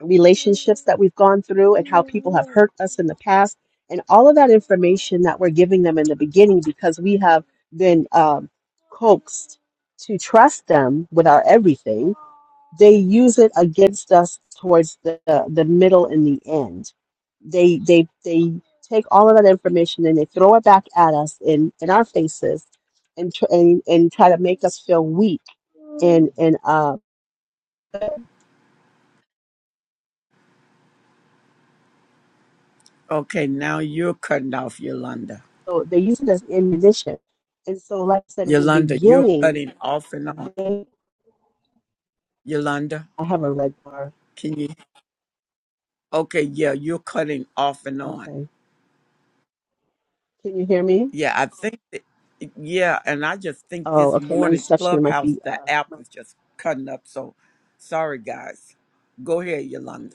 Speaker 3: relationships that we've gone through and how people have hurt us in the past. And all of that information that we're giving them in the beginning because we have been um, coaxed to trust them with our everything they use it against us towards the, the middle and the end. They they they take all of that information and they throw it back at us in in our faces, and tr- and and try to make us feel weak. And and uh,
Speaker 1: Okay. Now you're cutting off Yolanda.
Speaker 3: so they use it as ammunition. And so, like I said in the
Speaker 1: Yolanda, you're
Speaker 3: beginning,
Speaker 1: cutting off and on.
Speaker 3: they
Speaker 1: Yolanda,
Speaker 3: I have a red bar.
Speaker 1: can you? Okay. Yeah. You're cutting off and on.
Speaker 3: Okay, can you hear me?
Speaker 1: Yeah. I think that, yeah. And I just think
Speaker 3: Oh,
Speaker 1: this
Speaker 3: okay. My
Speaker 1: morning,
Speaker 3: reception might
Speaker 1: Clubhouse,
Speaker 3: be
Speaker 1: the
Speaker 3: uh,
Speaker 1: app is just cutting up. So sorry, guys. Go ahead, Yolanda.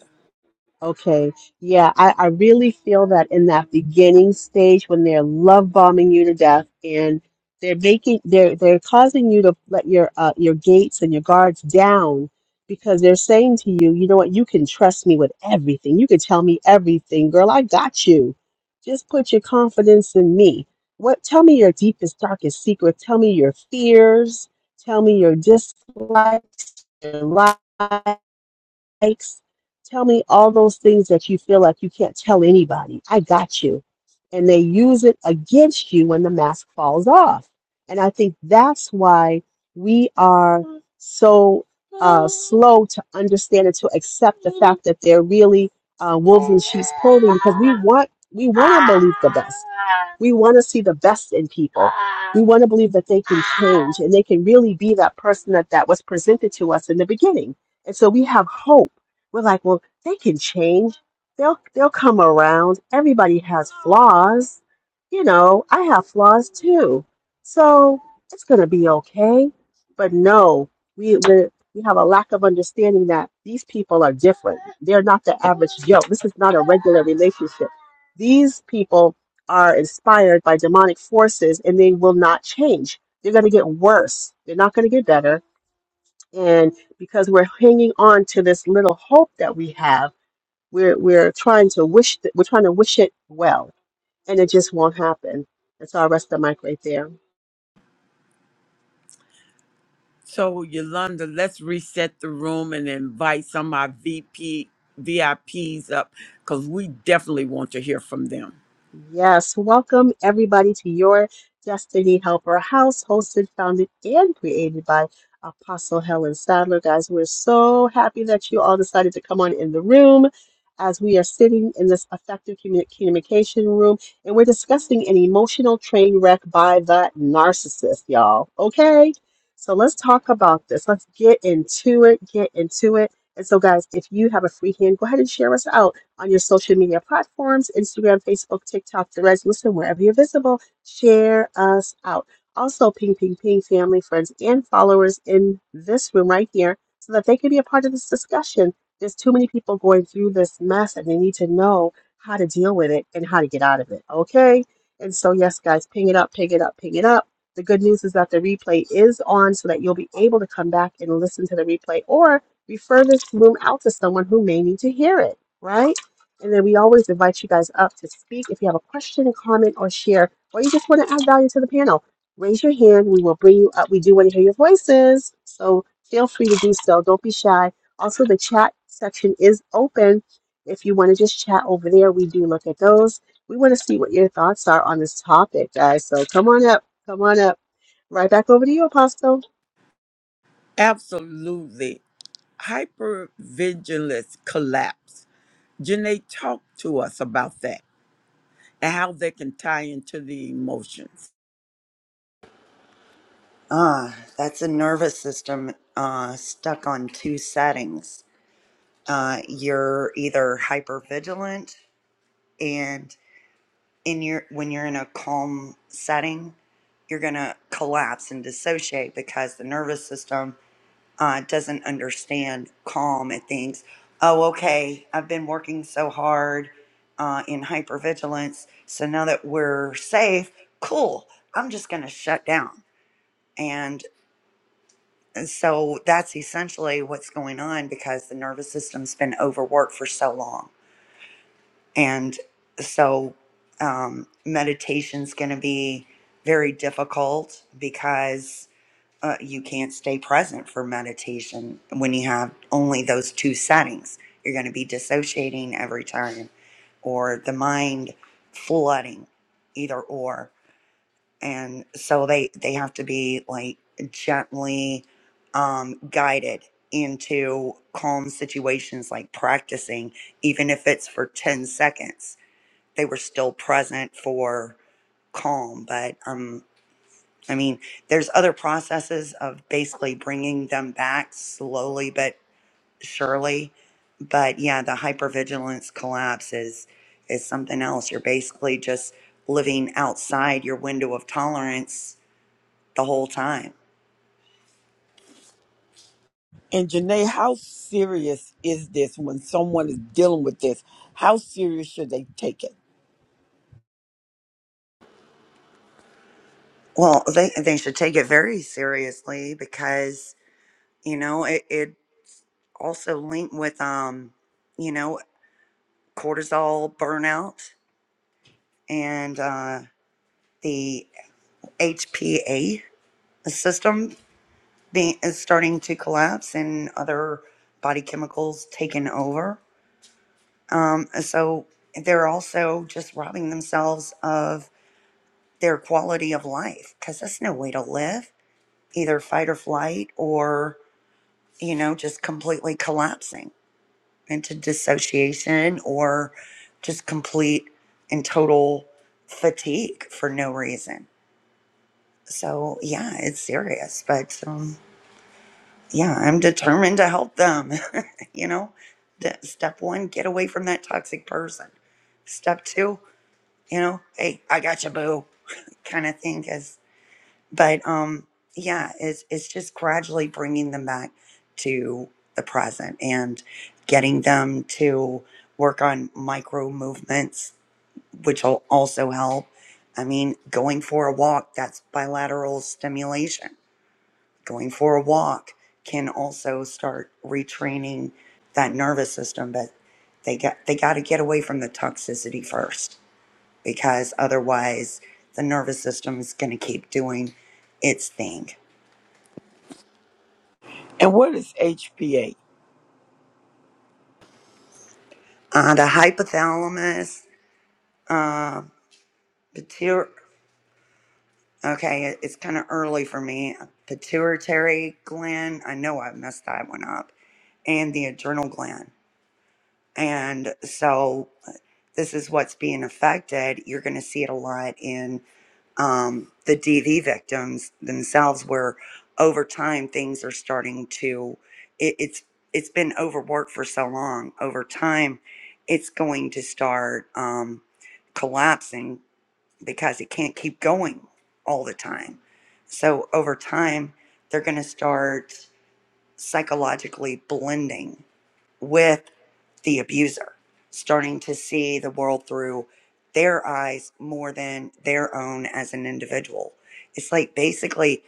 Speaker 3: Okay. Yeah, I, I really feel that in that beginning stage when they're love bombing you to death and they're making they're they're causing you to let your uh, your gates and your guards down because they're saying to you, you know what, you can trust me with everything. You can tell me everything, girl. I got you. Just put your confidence in me. What tell me your deepest, darkest secret. Tell me your fears. Tell me your dislikes, your lies likes. Tell me all those things that you feel like you can't tell anybody. I got you. And they use it against you when the mask falls off. And I think that's why we are so slow to understand and to accept fact that they're really uh, wolves. We want, we want, we want to see the best in people. We want to believe that they change and they can really be that person that, that was presented to us in the beginning. And so we have hope. We're like, well, they can change. They'll they'll come around. Everybody has flaws. You know, I have flaws too. So it's gonna be okay. But no, we we we have a lack of understanding that these people are different. They're not the average Joe. This is not a regular relationship. These people are inspired by demonic forces and they will not change they're going to get worse. They're not going to get better. And because we're hanging on to this little hope that we have, we're we're trying to wish th- we're trying to wish it well, and it just won't happen. And so I rest the mic right there.
Speaker 1: So Yolanda, let's reset the room and invite some of our VP VIPs up because we definitely want to hear from them.
Speaker 3: Yes, welcome everybody to your Destiny Helper House, hosted, founded, and created by Apostle Helen Sadler. Guys, we're so happy that you all decided to come on in the room as we are sitting in this effective commu- communication room and we're discussing an emotional train wreck by the narcissist, y'all. Okay, so let's talk about this. Let's get into it, get into it. And so, guys, if you have a free hand, go ahead and share us out on your social media platforms Instagram, Facebook, TikTok, Threads, Listen, wherever you're visible, share us out. Also, ping, ping, ping, family, friends, and followers in this room right here so that they can be a part of this discussion. There's too many people going through this mess and they need to know how to deal with it and how to get out of it. Okay? And so, yes, guys, ping it up, ping it up, ping it up. The good news is that the replay is on so that you'll be able to come back and listen to the replay or refer this room out to someone who may need to hear it, right? And then we always invite you guys up to speak. If you have a question, a comment, or share, or you just want to add value to the panel, raise your hand. We will bring you up. We do want to hear your voices. So feel free to do so. Don't be shy. Also, the chat section is open. If you want to just chat over there, we do look at those. We want to see what your thoughts are on this topic, guys. So come on up. Come on up. Right back over to you, Apostle.
Speaker 1: Absolutely. Hypervigilance collapse. Janae, talk to us about that and how they can tie into the emotions.
Speaker 6: Ah, that's a nervous system uh, stuck on two settings. Uh, you're either hypervigilant and in your when you're in a calm setting you're going to collapse and dissociate because the nervous system uh, doesn't understand calm it thinks oh okay i've been working so hard uh, in hypervigilance so now that we're safe cool i'm just going to shut down and uh, so that's essentially what's going on because the nervous system's been overworked for so long And so um, meditation's going to be very difficult because uh, you can't stay present for meditation when you have only those two settings. You're going to be dissociating every time or the mind flooding, either or. And so they, they have to be like gently um, guided into calm situations, like practicing, even if it's for 10 seconds they were still present for calm but um i mean there's other processes of basically bringing them back slowly but surely but yeah the hypervigilance collapse is is something else you're basically just living outside your window of tolerance the whole time
Speaker 1: And Janae, how serious is this when someone is dealing with this? How serious should they take it?
Speaker 6: well they they should take it very seriously because you know it, it also linked with um you know cortisol burnout and uh the HPA system being, is starting to collapse and other body chemicals taken over. Um, so they're also just robbing themselves of their quality of life because that's no way to live, either fight or flight or, you know, just completely collapsing into dissociation or just complete and total fatigue for no reason. So, yeah, it's serious, but. Um, yeah, I'm determined to help them. you know, The- step one, get away from that toxic person. Step two, you know, hey, I got you, boo, kind of thing. Is but um, yeah, it's it's just gradually bringing them back to the present and getting them to work on micro movements, which will also help. I mean, going for a walk, that's bilateral stimulation Going for a walk can also start retraining that nervous system, but they got they got to get away from the toxicity first because otherwise the nervous system is going to keep doing its thing.
Speaker 1: And what is HPA?
Speaker 6: Uh, the hypothalamus, uh, pituitary. Okay, it- it's kind of early for me. Pituitary gland. I know I messed that one up, and the adrenal gland. And so this is what's being affected. You're going to see it a lot in um, the DV victims themselves, where over time things are starting to. It, it's it's been overworked for so long. Over time, it's going to start um, collapsing because it can't keep going all the time. So over time, they're going to start psychologically blending with the abuser, starting to see the world through their eyes more than their own as an individual. It's like basically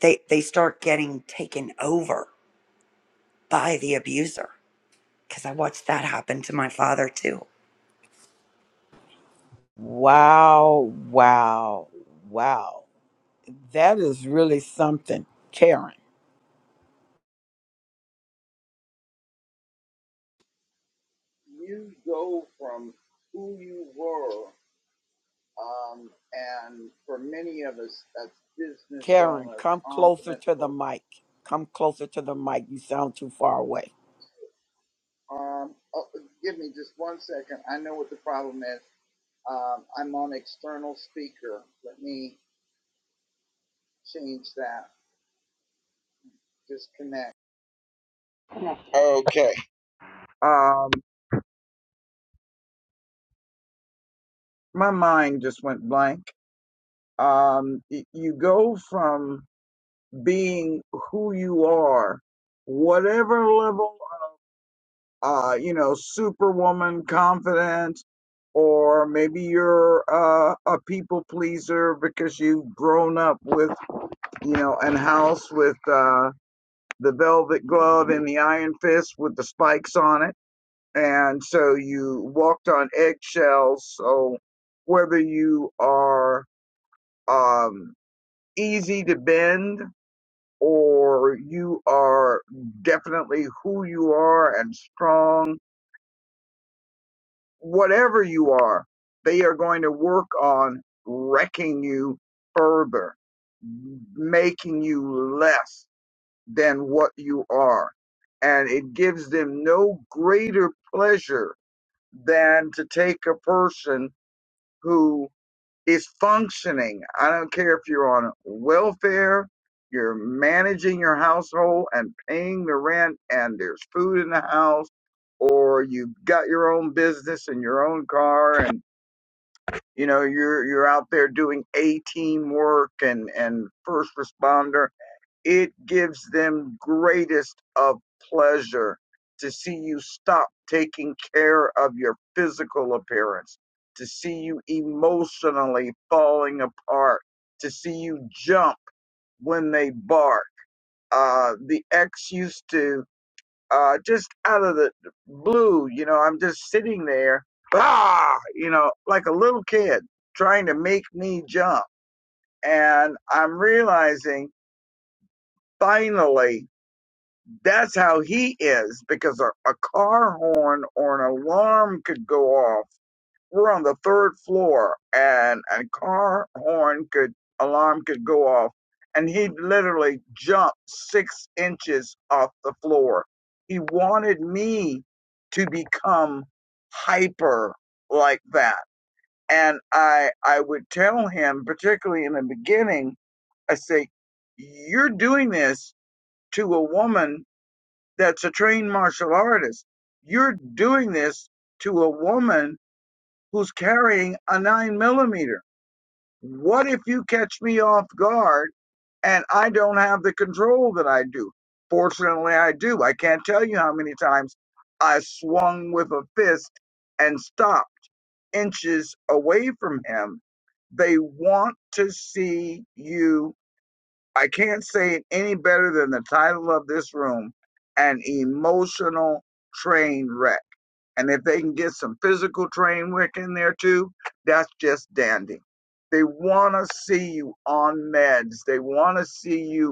Speaker 6: they they start getting taken over by the abuser because I watched that happen to my father too.
Speaker 1: Wow, wow, wow. That is really something. Karen,
Speaker 5: You go from who you were, um, and for many of us, that's business
Speaker 1: Karen,
Speaker 5: owner,
Speaker 1: come closer
Speaker 5: confident
Speaker 1: to the mic. Come closer to the mic. You sound too far away.
Speaker 5: Um, oh, give me just one second. I know what the problem is. Um, I'm on external speaker. Let me change that. Disconnect. Okay. Um, my mind just went blank. Um, y- you go from being who you are, whatever level, uh, you know, superwoman, confident, or maybe you're uh, a people pleaser because you've grown up with, you know, and house with. uh. the velvet glove and the iron fist with the spikes on it. And so you walked on eggshells. So whether you are um, easy to bend or you are definitely who you are and strong, whatever you are, they are going to work on wrecking you further, making you less than what you are. And a no greater pleasure than to take a person who is functioning. I don't care if you're on welfare, you're managing your household and paying the rent, and there's food in the house, or you've got your own business and your own car, and you know you're you're out there doing A team work and and first responder it gives them greatest of pleasure to see you stop taking care of your physical appearance, to see you emotionally falling apart, to see you jump when they bark. Uh, the ex used to uh, just out of the blue, you know, I'm just sitting there, ah, you know, like a little kid trying to make me jump. And I'm realizing finally That's how he is because a, a car horn or an alarm could go off. We're on the third floor and a car horn could, alarm could go off and he'd literally jump six inches off the floor. He wanted me to become hyper like that. And I, I would tell him, particularly in the beginning, I say, you're doing this to a woman that's a trained martial artist. You're doing this to a woman who's carrying a nine millimeter. What if you catch me off guard and I don't have the control that I do? Fortunately, I do. I can't tell you how many times I swung with a fist and stopped inches away from him. They want to see you I can't say it any better than the title of this room, an emotional train wreck. And if they can get some physical train wreck in there too, that's just dandy. They want to see you on meds. They want to see you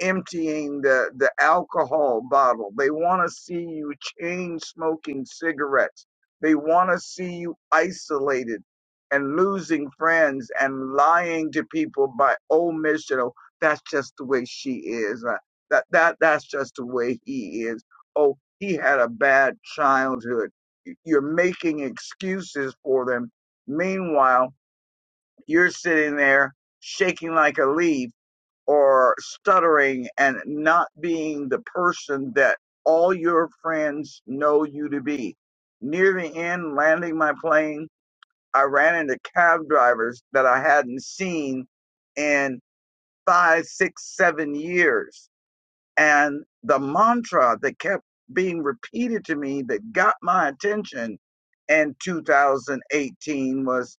Speaker 5: emptying the, the alcohol bottle. They want to see you chain smoking cigarettes. They want to see you isolated and losing friends and lying to people by omission. Oh, that's just the way she is. Uh, That that that's just the way he is. Oh, he had a bad childhood. You're making excuses for them. Meanwhile, you're sitting there shaking like a leaf or stuttering and not being the person that all your friends know you to be. Near the end, landing my plane, I ran into cab drivers that I hadn't seen in five, six, seven years. And the mantra that kept being repeated to me that got my attention in 2018 was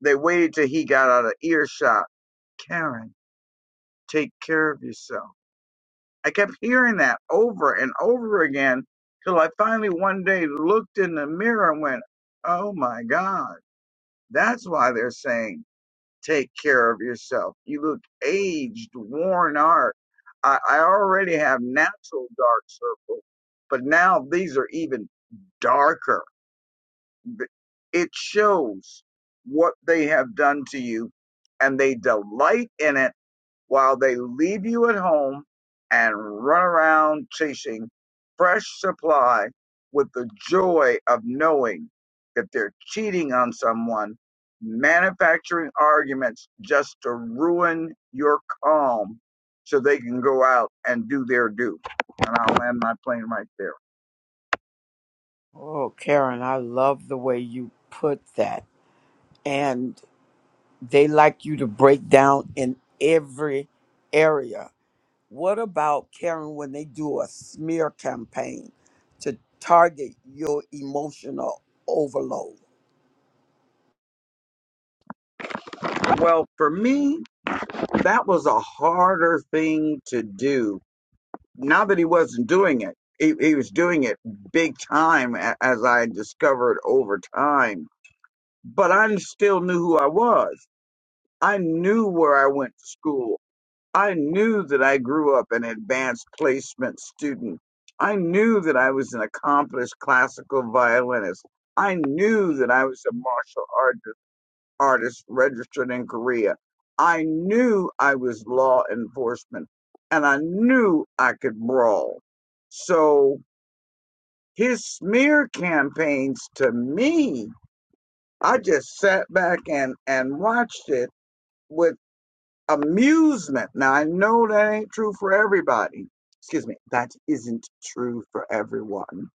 Speaker 5: they waited till he got out of earshot. Karen, take care of yourself I kept hearing that over and over again till I finally one day looked in the mirror and went, Oh my God, that's why they're saying take care of yourself. You look aged, worn out. I, I already have natural dark circles, but now these are even darker. Th- It shows what they have done to you and they delight in it while they leave you at home and run around chasing fresh supply with the joy of knowing that they're cheating on someone, manufacturing arguments just to ruin your calm so they can go out and do their due. And I'll land my plane right there.
Speaker 1: Oh, Karen, I love the way you put that. And they like you to break down in every area. What about, Karen, when they do a smear campaign to target your emotional overload?
Speaker 5: Well, for me, that was a harder thing to do Not that he wasn't doing it, he, he was doing it big time, a- as I discovered over time. But I still knew who I was. I knew where I went to school. I knew that I grew up an advanced placement student. I knew that I was an accomplished classical violinist. I knew that I was a martial artist artist registered in Korea. I knew I was law enforcement and I knew I could brawl. So his smear campaigns to me, I just sat back and, and watched it with amusement. Now I know that ain't true for everybody. Excuse me, that isn't true for everyone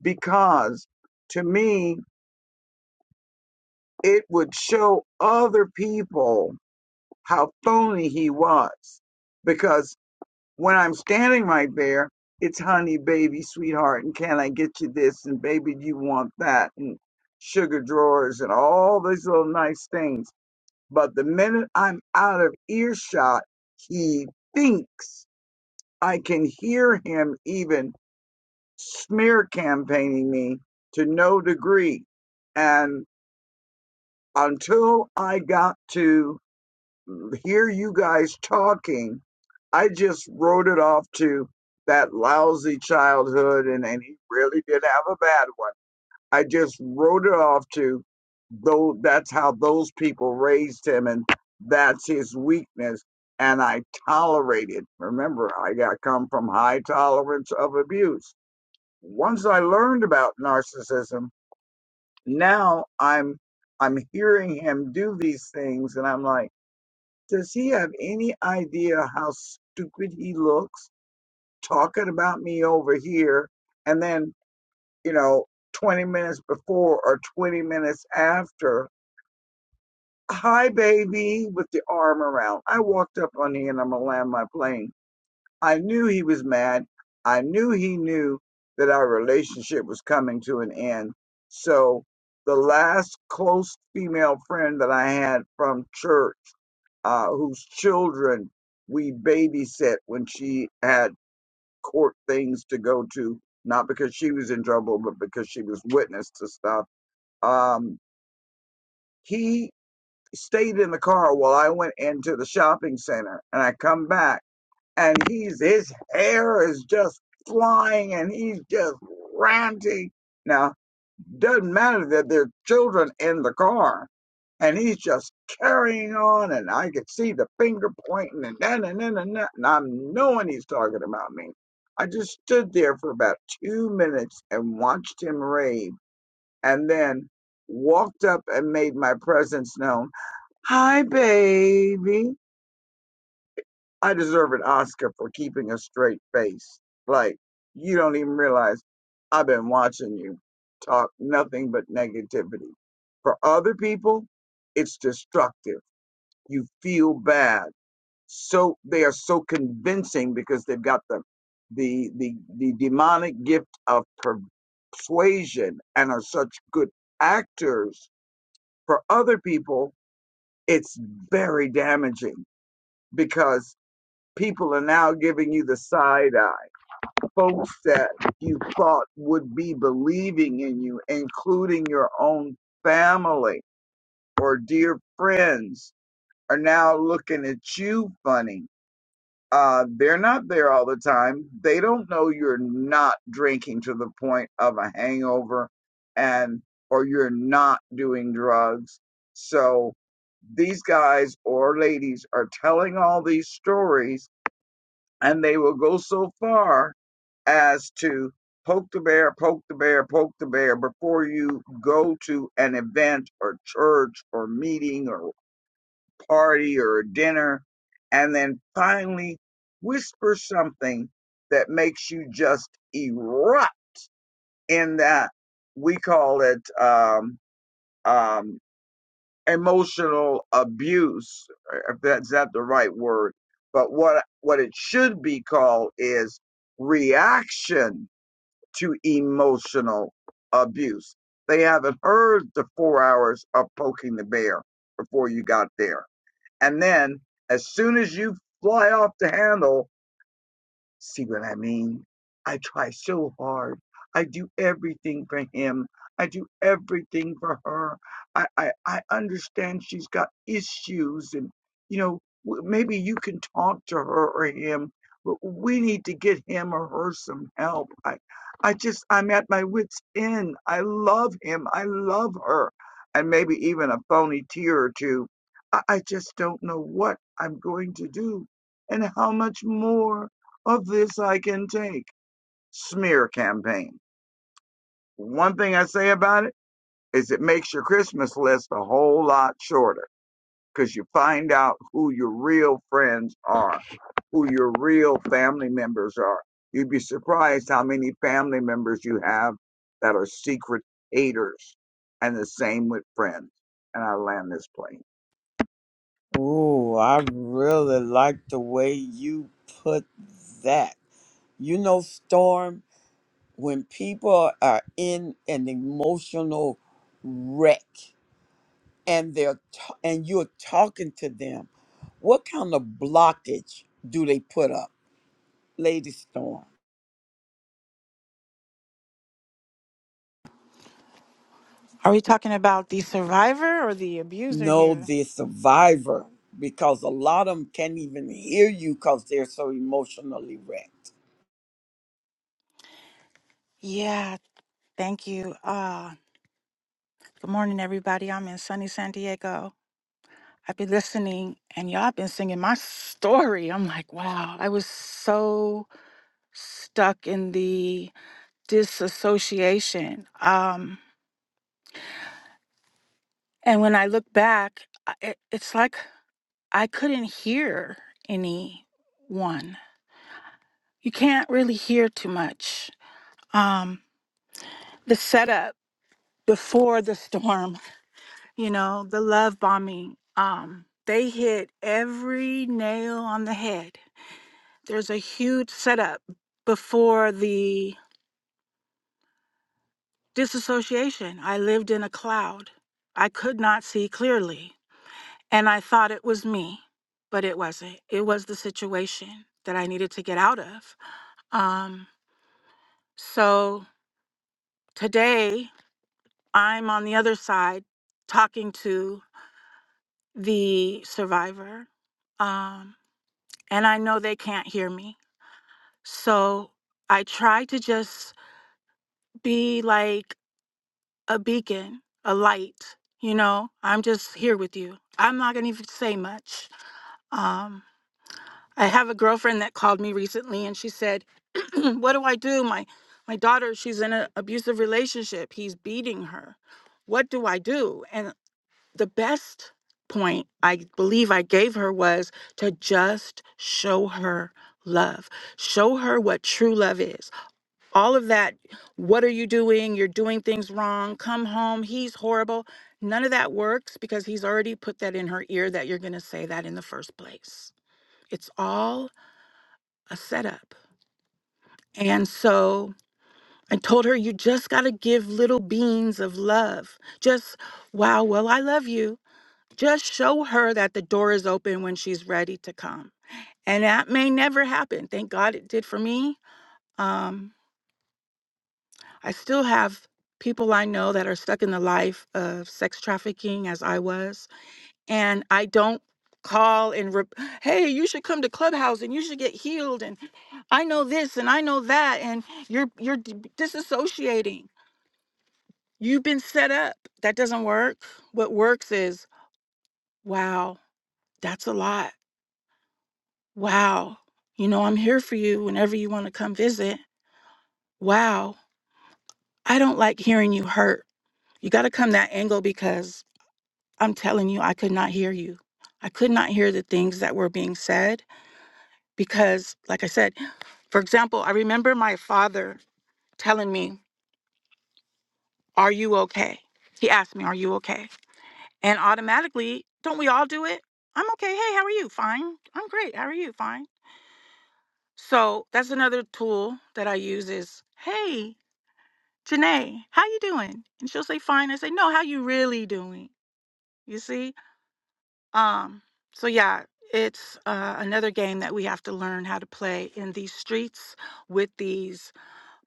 Speaker 5: because to me, it would show other people how phony he was. Because when I'm standing right there, it's honey, baby, sweetheart, and can I get you this? And baby, do you want that? And sugar drawers and all these little nice things. But the minute I'm out of earshot, he thinks I can hear him even smear campaigning me to no degree. And until I got to hear you guys talking, I just wrote it off to that lousy childhood, and, and he really did have a bad one. I just wrote it off to though that's how those people raised him, and that's his weakness. And I tolerated. Remember, I got come from high tolerance of abuse. Once I learned about narcissism, now I'm I'm hearing him do these things, and I'm like does he have any idea how stupid he looks talking about me over here and then, you know, 20 minutes before or 20 minutes after? Hi, baby, with the arm around. I walked up on him and I'm gonna land my plane. I knew he was mad. I knew he knew that our relationship was coming to an end. So the last close female friend that I had from church uh, whose children we babysit when she had court things to go to, not because she was in trouble, but because she was witness to stuff. Um, he stayed in the car while I went into the shopping center, and I come back, and he's his hair is just flying, and he's just ranting. Now, doesn't matter that there are children in the car and he's just carrying on, and I could see the finger pointing and that and then and that, and I'm knowing he's talking about me. I just stood there for about two minutes and watched him rave, and then walked up and made my presence known. Hi, baby. I deserve an Oscar for keeping a straight face. Like you don't even realize I've been watching you talk nothing but negativity. For other people, it's destructive you feel bad. So they are so convincing because they've got the the the, the demonic gift of persuasion and are such good actors. For other people, it's very damaging because people are now giving you the side eye. Folks that you thought would be believing in you, including your own family or dear friends, are now looking at you funny Uh, they're not there all the time. They don't know you're not drinking to the point of a hangover and or you're not doing drugs. So these guys or ladies are telling all these stories and they will go so far as to poke the bear, poke the bear, poke the bear before you go to an event or church or meeting or party or a dinner, and then finally whisper something that makes you just erupt in that we call it um, um, emotional abuse. If that's not the right word, but what what it should be called is reaction to emotional abuse. They haven't heard the four hours of poking the bear before you got there and then as soon as you fly off the handle, See what I mean? I try so hard. I do everything for him. I do everything for her. I, I, I understand she's got issues and, you know, w- maybe you can talk to her or him, but we need to get him or her some help. I, I just, I'm at my wit's end. I love him. I love her. And maybe even a phony tear or two. I, I just don't know what I'm going to do and how much more. Of this I can take. Smear campaign. One thing I say about it is it makes your Christmas list a whole lot shorter because you find out who your real friends are, who your real family members are. You'd be surprised how many family members you have that are secret haters, and the same with friends. And I land this plane.
Speaker 1: Ooh, I really like the way you put that. You know, Storm, when people are in an emotional wreck and they're t- and you're talking to them, what kind of blockage do they put up? Lady Storm,
Speaker 8: Are we talking about the survivor or the abuser
Speaker 1: know
Speaker 8: here?
Speaker 1: the survivor because a lot of them can't even hear you because they're so emotionally wrecked.
Speaker 8: Yeah, thank you. Uh, good morning, everybody. I'm in sunny San Diego. I've been listening, and y'all been singing my story. I'm like, wow, I was so stuck in the disassociation. Um, and when I look back, I- it, it's like I couldn't hear anyone. You can't really hear too much. Um, the setup before the storm you know, the love bombing. Um, they hit every nail on the head. There's a huge setup before the disassociation. I lived in a cloud. I could not see clearly, and I thought it was me, but it wasn't. It was the situation that I needed to get out of. Um, so today, I'm on the other side talking to the survivor. Um, and I know they can't hear me So I try to just be like a beacon, a light. You know, I'm just here with you. I'm not gonna even say much. Um, I have a girlfriend that called me recently, and she said, "What do I do? My my daughter, she's in an abusive relationship. He's beating her. What do I do?" And the best point I believe I gave her was to just show her love. Show her what true love is. all of that what are you doing you're doing things wrong come home he's horrible none of that works because he's already put that in her ear that you're going to say that in the first place it's all a setup and so i told her you just got to give little beans of love just wow well i love you just show her that the door is open when she's ready to come and that may never happen thank god it did for me um I still have people I know that are stuck in the life of sex trafficking as I was. And I don't call and, rep- hey, you should come to Clubhouse and you should get healed. And I know this and I know that. And you're, you're d- disassociating. You've been set up. That doesn't work. What works is, wow, that's a lot. Wow. You know, I'm here for you whenever you want to come visit. Wow. I don't like hearing you hurt. You got to come that angle because I'm telling you, I could not hear you. I could not hear the things that were being said because, like I said, for example, I remember my father telling me, Are you okay? He asked me, Are you okay? And automatically, don't we all do it? I'm okay. Hey, how are you? Fine. I'm great. How are you? Fine. So that's another tool that I use is, Hey, Janae, how you doing? And she'll say, Fine. I say, No, how you really doing? You see? Um, so yeah, it's uh, another game that we have to learn how to play in these streets with these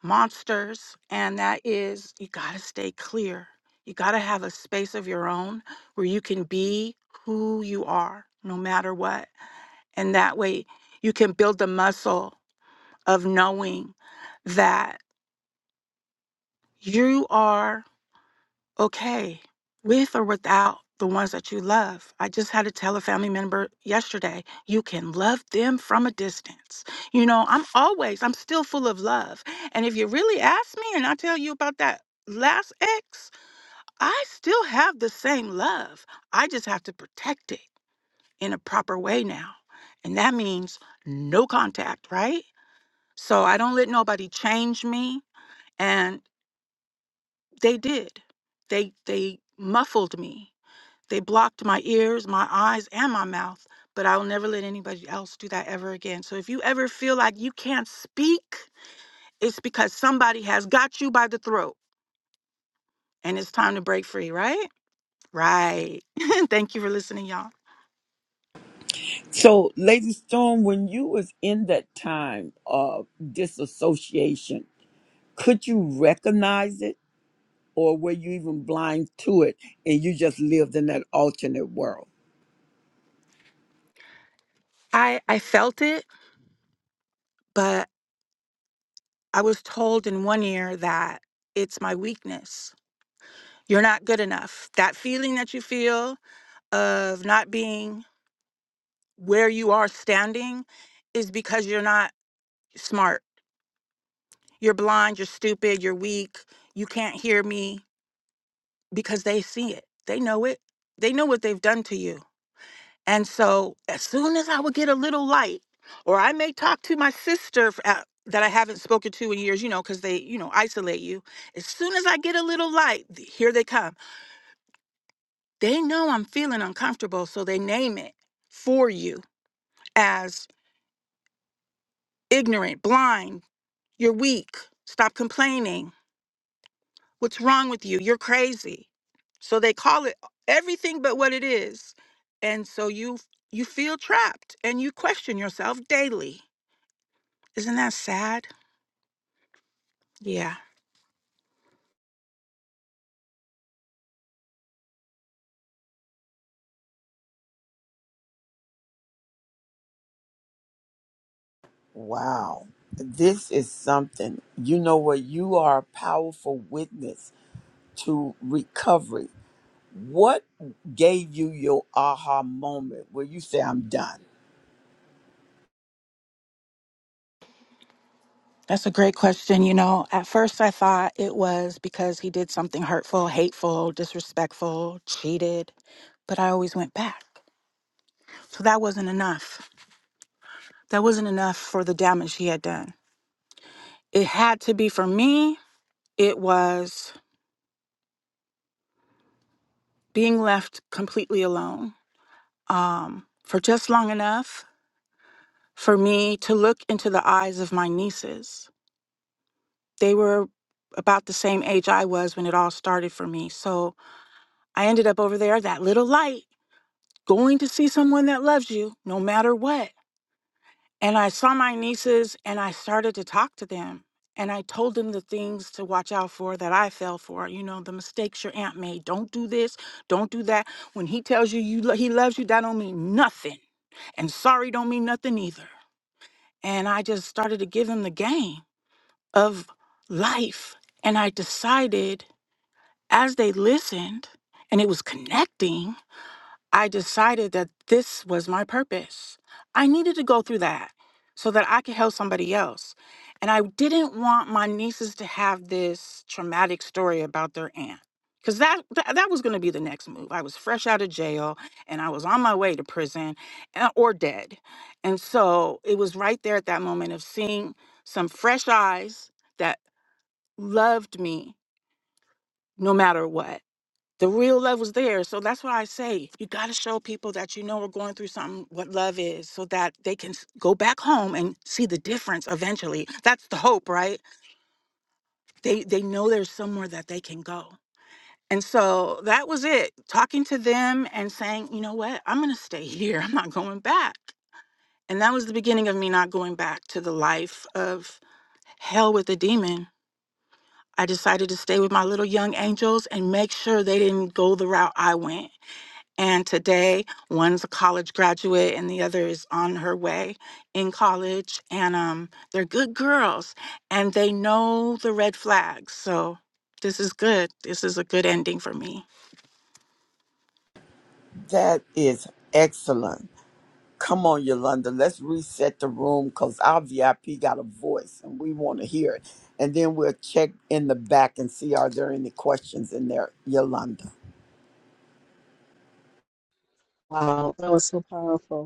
Speaker 8: monsters, and that is you got to stay clear. You got to have a space of your own where you can be who you are no matter what. And that way you can build the muscle of knowing that you are okay with or without the ones that you love. I just had to tell a family member yesterday, you can love them from a distance. You know, I'm always, I'm still full of love. And if you really ask me and I tell you about that last ex, I still have the same love. I just have to protect it in a proper way now. And that means no contact, right? So I don't let nobody change me. And they did. They they muffled me They blocked my ears, my eyes, and my mouth, but I will never let anybody else do that ever again. So if you ever feel like you can't speak, it's because somebody has got you by the throat and it's time to break free, right? Right. Thank you for listening, y'all.
Speaker 1: So, Lady Storm, when you was in that time of disassociation, could you recognize it? or were you even blind to it and you just lived in that alternate world?
Speaker 8: I, I felt it, but I was told in one ear that it's my weakness. You're not good enough. That feeling that you feel of not being where you are standing is because you're not smart You're blind, you're stupid, you're weak, you can't hear me because they see it. They know it. They know what they've done to you. And so, as soon as I would get a little light, or I may talk to my sister f- uh, that I haven't spoken to in years, you know, because they, you know, isolate you. As soon as I get a little light, th- here they come. They know I'm feeling uncomfortable, so they name it for you as ignorant, blind, you're weak, stop complaining What's wrong with you? You're crazy. So they call it everything but what it is. And so you you feel trapped and you question yourself daily. Isn't that sad? Yeah.
Speaker 1: Wow. This is something. You know what? You are a powerful witness to recovery. What gave you your aha moment where you say, I'm done?
Speaker 8: That's a great question. You know, at first I thought it was because he did something hurtful, hateful, disrespectful, cheated, but I always went back. So that wasn't enough. That wasn't enough for the damage he had done. It had to be for me, it was being left completely alone um, for just long enough for me to look into the eyes of my nieces. They were about the same age I was when it all started for me. So I ended up over there, that little light, going to see someone that loves you no matter what. And I saw my nieces and I started to talk to them. And I told them the things to watch out for that I fell for. You know, the mistakes your aunt made. Don't do this. Don't do that. When he tells you, you lo- he loves you, that don't mean nothing. And sorry don't mean nothing either. And I just started to give them the game of life. And I decided as they listened and it was connecting, I decided that this was my purpose. I needed to go through that so that I could help somebody else. And I didn't want my nieces to have this traumatic story about their aunt. Cause that that, that was gonna be the next move. I was fresh out of jail and I was on my way to prison uh, or dead. And so it was right there at that moment of seeing some fresh eyes that loved me no matter what the real love was there. So that's why I say you got to show people that you know are going through something what love is so that they can s- go back home and see the difference eventually. That's the hope, right? They they know there's somewhere that they can go. And so that was it. Talking to them and saying, "You know what? I'm going to stay here. I'm not going back." And that was the beginning of me not going back to the life of hell with the demon. I decided to stay with my little young angels and make sure they didn't go the route I went. And today, one's a college graduate and the other is on her way in college. And um, they're good girls and they know the red flags. So this is good. This is a good ending for me.
Speaker 1: That is excellent. Come on, Yolanda, let's reset the room because our VIP got a voice and we want to hear it. And then we'll check in the back and see are there any questions in there, Yolanda.
Speaker 3: Wow, that was so powerful.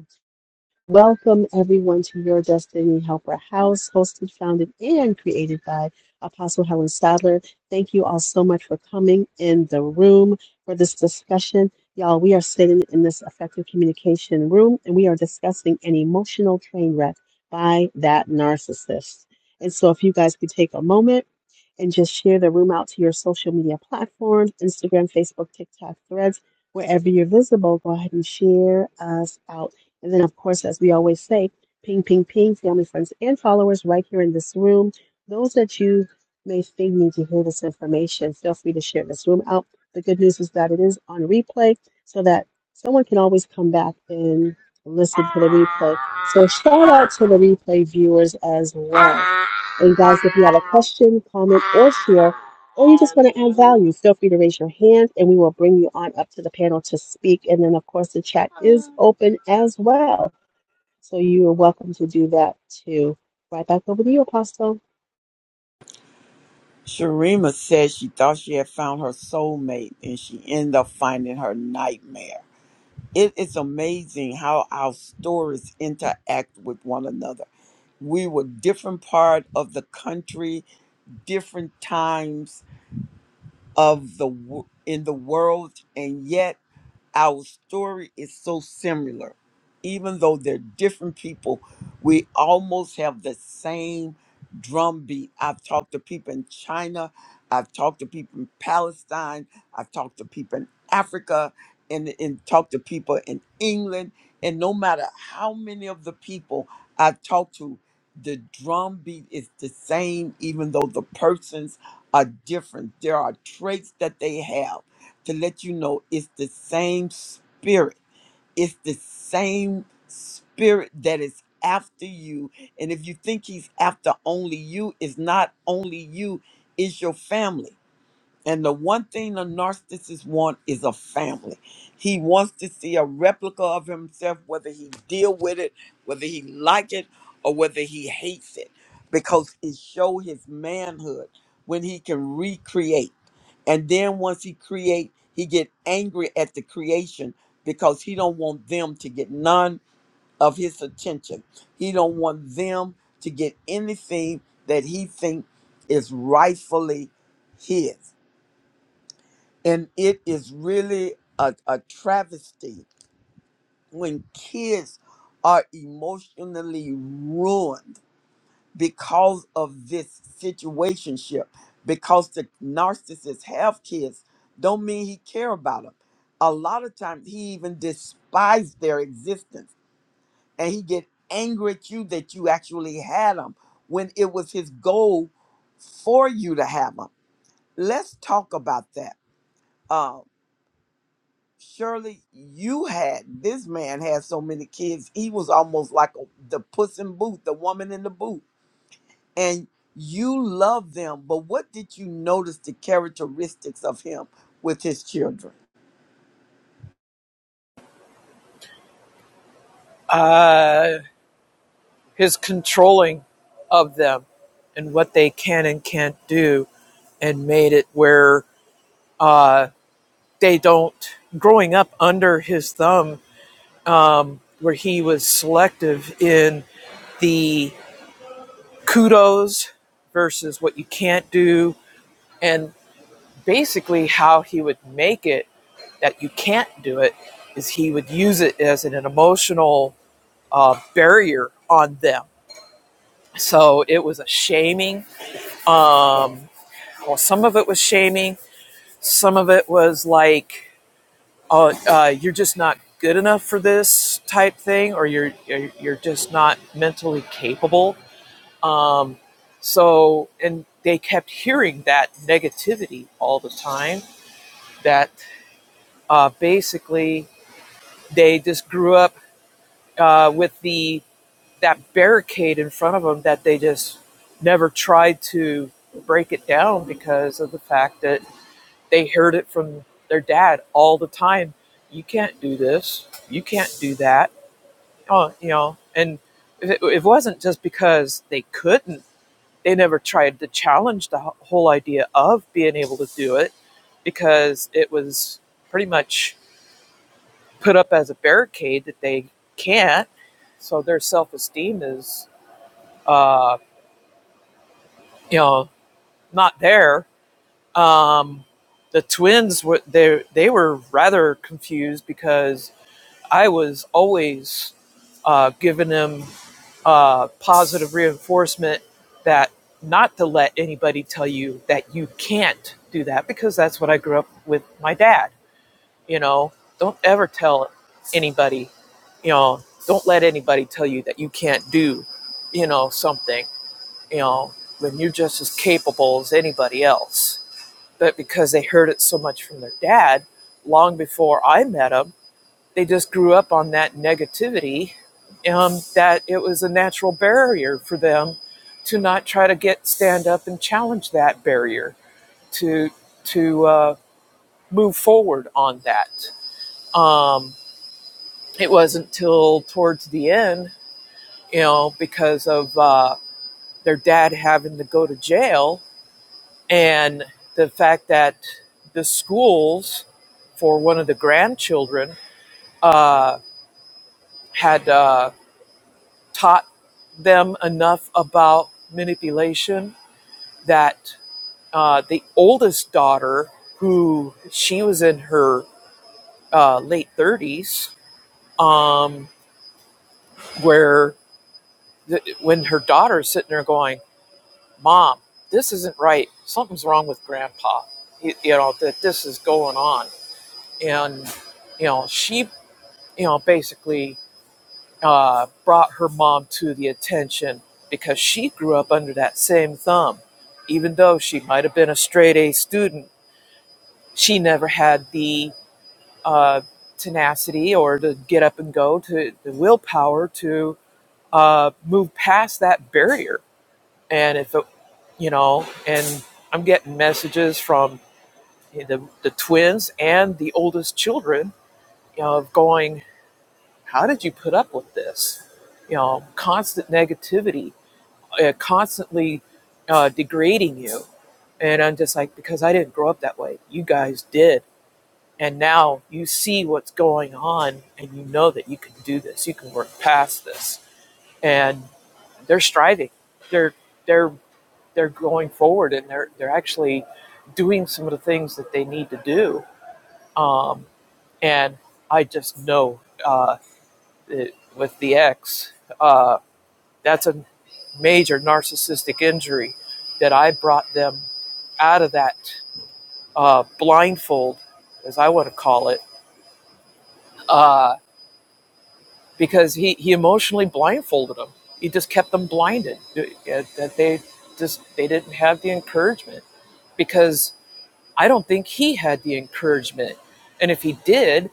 Speaker 3: Welcome, everyone, to Your Destiny Helper House, hosted, founded, and created by Apostle Helen Sadler. Thank you all so much for coming in the room for this discussion. Y'all, we are sitting in this effective communication room and we are discussing an emotional train wreck by that narcissist. And so, if you guys could take a moment and just share the room out to your social media platforms Instagram, Facebook, TikTok, Threads, wherever you're visible, go ahead and share us out and then, of course, as we always say, ping, ping, ping, family, friends, and followers right here in this room. Those that you may think need to hear this information, feel free to share this room out. The good news is that it is on replay so that someone can always come back and listen. Shout out to the replay viewers as well. question, comment, or value. Feel free to raise your hand and we will bring you on up to the panel to speak. And then, of course, the chat open as well. So you are welcome to do that too. Right back over to you, Apostle.
Speaker 1: Sharima said she thought she had found her soulmate and she ended up finding her nightmare. It is amazing how our stories interact with one another. We were different part of the country, different times, of the wo- in the world and yet our story is so similar even though they're different people we almost have the same drumbeat i've talked to people in china i've talked to people in palestine i've talked to people in africa and, and talked to people in england and no matter how many of the people i talk to the drumbeat is the same even though the persons are different. There are traits that they have to let you know it's the same spirit. It's the same spirit that is after you. And if you think he's after only you, it's not only you, it's your family. And the one thing a narcissist wants is a family. He wants to see a replica of himself, whether he deal with it, whether he like it, or whether he hates it, because it show his manhood when he can recreate. And then once he create, he get angry at the creation because he don't want them to get none of his attention. He don't want them to get anything that he think is rightfully his and it is really a, a travesty when kids are emotionally ruined because of this situationship. Because the narcissists have kids, don't mean he care about them. A lot of times he even despise their existence, and he get angry at you that you actually had them when it was his goal for you to have them. Let's talk about that Um, Surely you had this man had so many kids. He was almost like a, the puss in boot, the woman in the boot. And you love them, but what did you notice the characteristics of him with his children?
Speaker 4: Uh, his controlling of them and what they can and can't do, and made it where uh, they don't, growing up under his thumb, where he was selective in the kudos versus what you can't do, and basically how he would make it that you can't do it is he would use it as an emotional uh, barrier on them. So it was a shaming. Um, well, some of it was shaming. Some of it was like, "Oh, uh, you're just not good enough for this" type thing, or "You're you're, just not mentally capable." Um, so, and they kept hearing that negativity all the time. That uh, basically they just grew up uh, with the that barricade in front of them that they just never tried to break it down because of the fact that they heard it from their dad all the time. You can't do this. You can't do that. Oh, you know, and it, it wasn't just because they couldn't. They never tried to challenge the whole idea of being able to do it because it was pretty much put up as a barricade that they can't. So their self esteem is uh, you know, not there. Um, the twins were they they were rather confused because I was always uh, giving them uh, positive reinforcement that not to let anybody tell you that you can't do that because that's what I grew up with my dad. You know, don't ever tell anybody. You know, don't let anybody tell you that you can't do. You know something you know, when you're just as capable as anybody else. But because they heard it so much from their dad long before I met him, they just grew up on that negativity um, that it was a natural barrier for them to not try to get stand up and challenge that barrier to to uh, move forward on that. Um, it wasn't till towards the end, you know, because of uh, their dad having to go to jail and the fact that the schools for one of the grandchildren uh, had uh, taught them enough about manipulation that uh, the oldest daughter, who she was in her uh, late 30s, um, where th- when her daughter's sitting there going, Mom, this isn't right. Something's wrong with grandpa. You, you know, that this is going on. And, you know, she you know, basically uh, brought her mom to the attention because she grew up under that same thumb. Even though she might have been a straight A student, she never had the uh, tenacity or the get up and go to the willpower to uh, move past that barrier. And if it, you know, and I'm getting messages from the, the twins and the oldest children you know, of going how did you put up with this? You know, constant negativity, uh, constantly uh, degrading you. And I'm just like, because I didn't grow up that way. You guys did. And now you see what's going on and you know that you can do this. You can work past this. And they're striving. They're they're they're going forward and they're they're actually doing some of the things that they need to do. Um, and I just know uh, it, with the ex, uh, that's a major narcissistic injury that I brought them out of that uh, blindfold, as I want to call it, uh, because he, he emotionally blindfolded them. He just kept them blinded uh, uh, that they just they didn't have the encouragement because I don't think he had the encouragement, and if he did,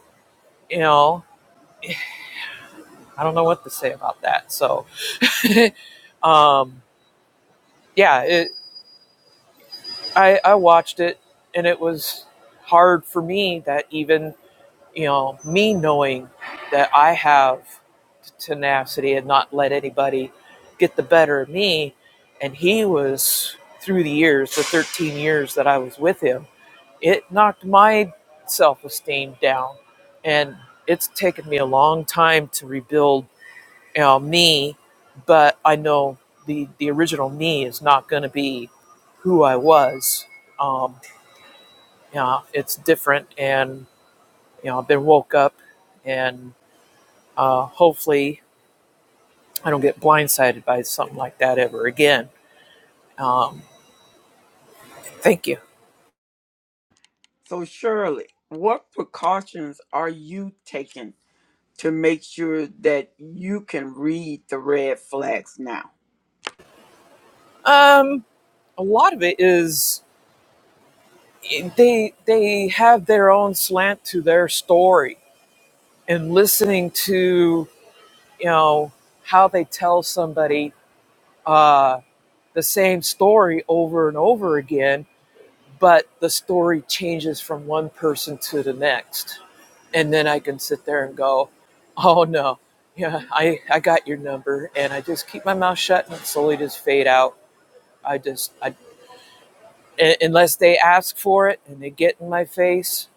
Speaker 4: you know, I don't know what to say about that. So, um, yeah, it, I, I watched it and it was hard for me that even, you know, me knowing that I have tenacity and not let anybody get the better of me. And he was through the years, the 13 years that I was with him, it knocked my self esteem down. And it's taken me a long time to rebuild you know, me, but I know the, the original me is not going to be who I was. Um, you know, it's different. And, you know, I've been woke up and uh, hopefully I don't get blindsided by something like that ever again. Um, thank you.
Speaker 1: So Shirley, what precautions are you taking to make sure that you can read the red flags now?
Speaker 4: Um, a lot of it is eh, they, they have their own slant to their story and listening to, you know, how they tell somebody uh, the same story over and over again but the story changes from one person to the next and then i can sit there and go oh no yeah i i got your number and i just keep my mouth shut and slowly just fade out i just i unless they ask for it and they get in my face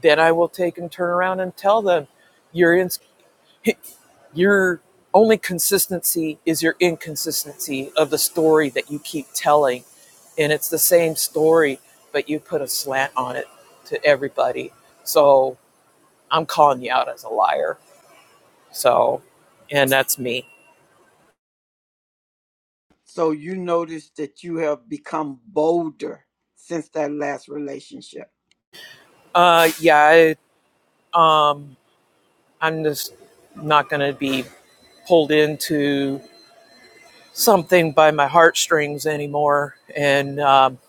Speaker 4: then i will take and turn around and tell them you're in your only consistency is your inconsistency of the story that you keep telling. And it's the same story, but you put a slant on it to everybody. So I'm calling you out as a liar. So, and that's me.
Speaker 1: So you notice that you have become bolder since that last relationship.
Speaker 4: Uh, yeah, I, I'm just not going to be pulled into something by my heartstrings anymore. And um,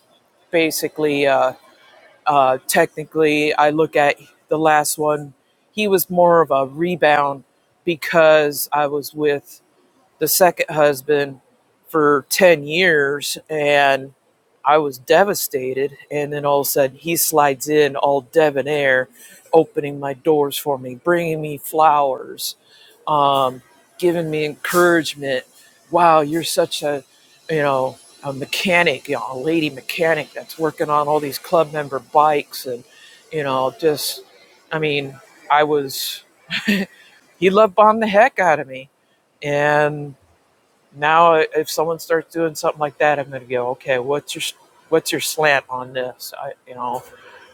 Speaker 4: basically, uh, Uh, technically, I look at the last one, he was more of a rebound because I was with the second husband for 10 years and I was devastated. And then all of a sudden, he slides in all debonair, opening my doors for me, bringing me flowers, um, giving me encouragement. Wow, you're such a, you know, a mechanic, you know, a lady mechanic that's working on all these club member bikes. And, you know, just, I mean, I was, he love bombed the heck out of me. And now, if someone starts doing something like that, I'm going to go, okay, what's your what's your slant on this? I, you know,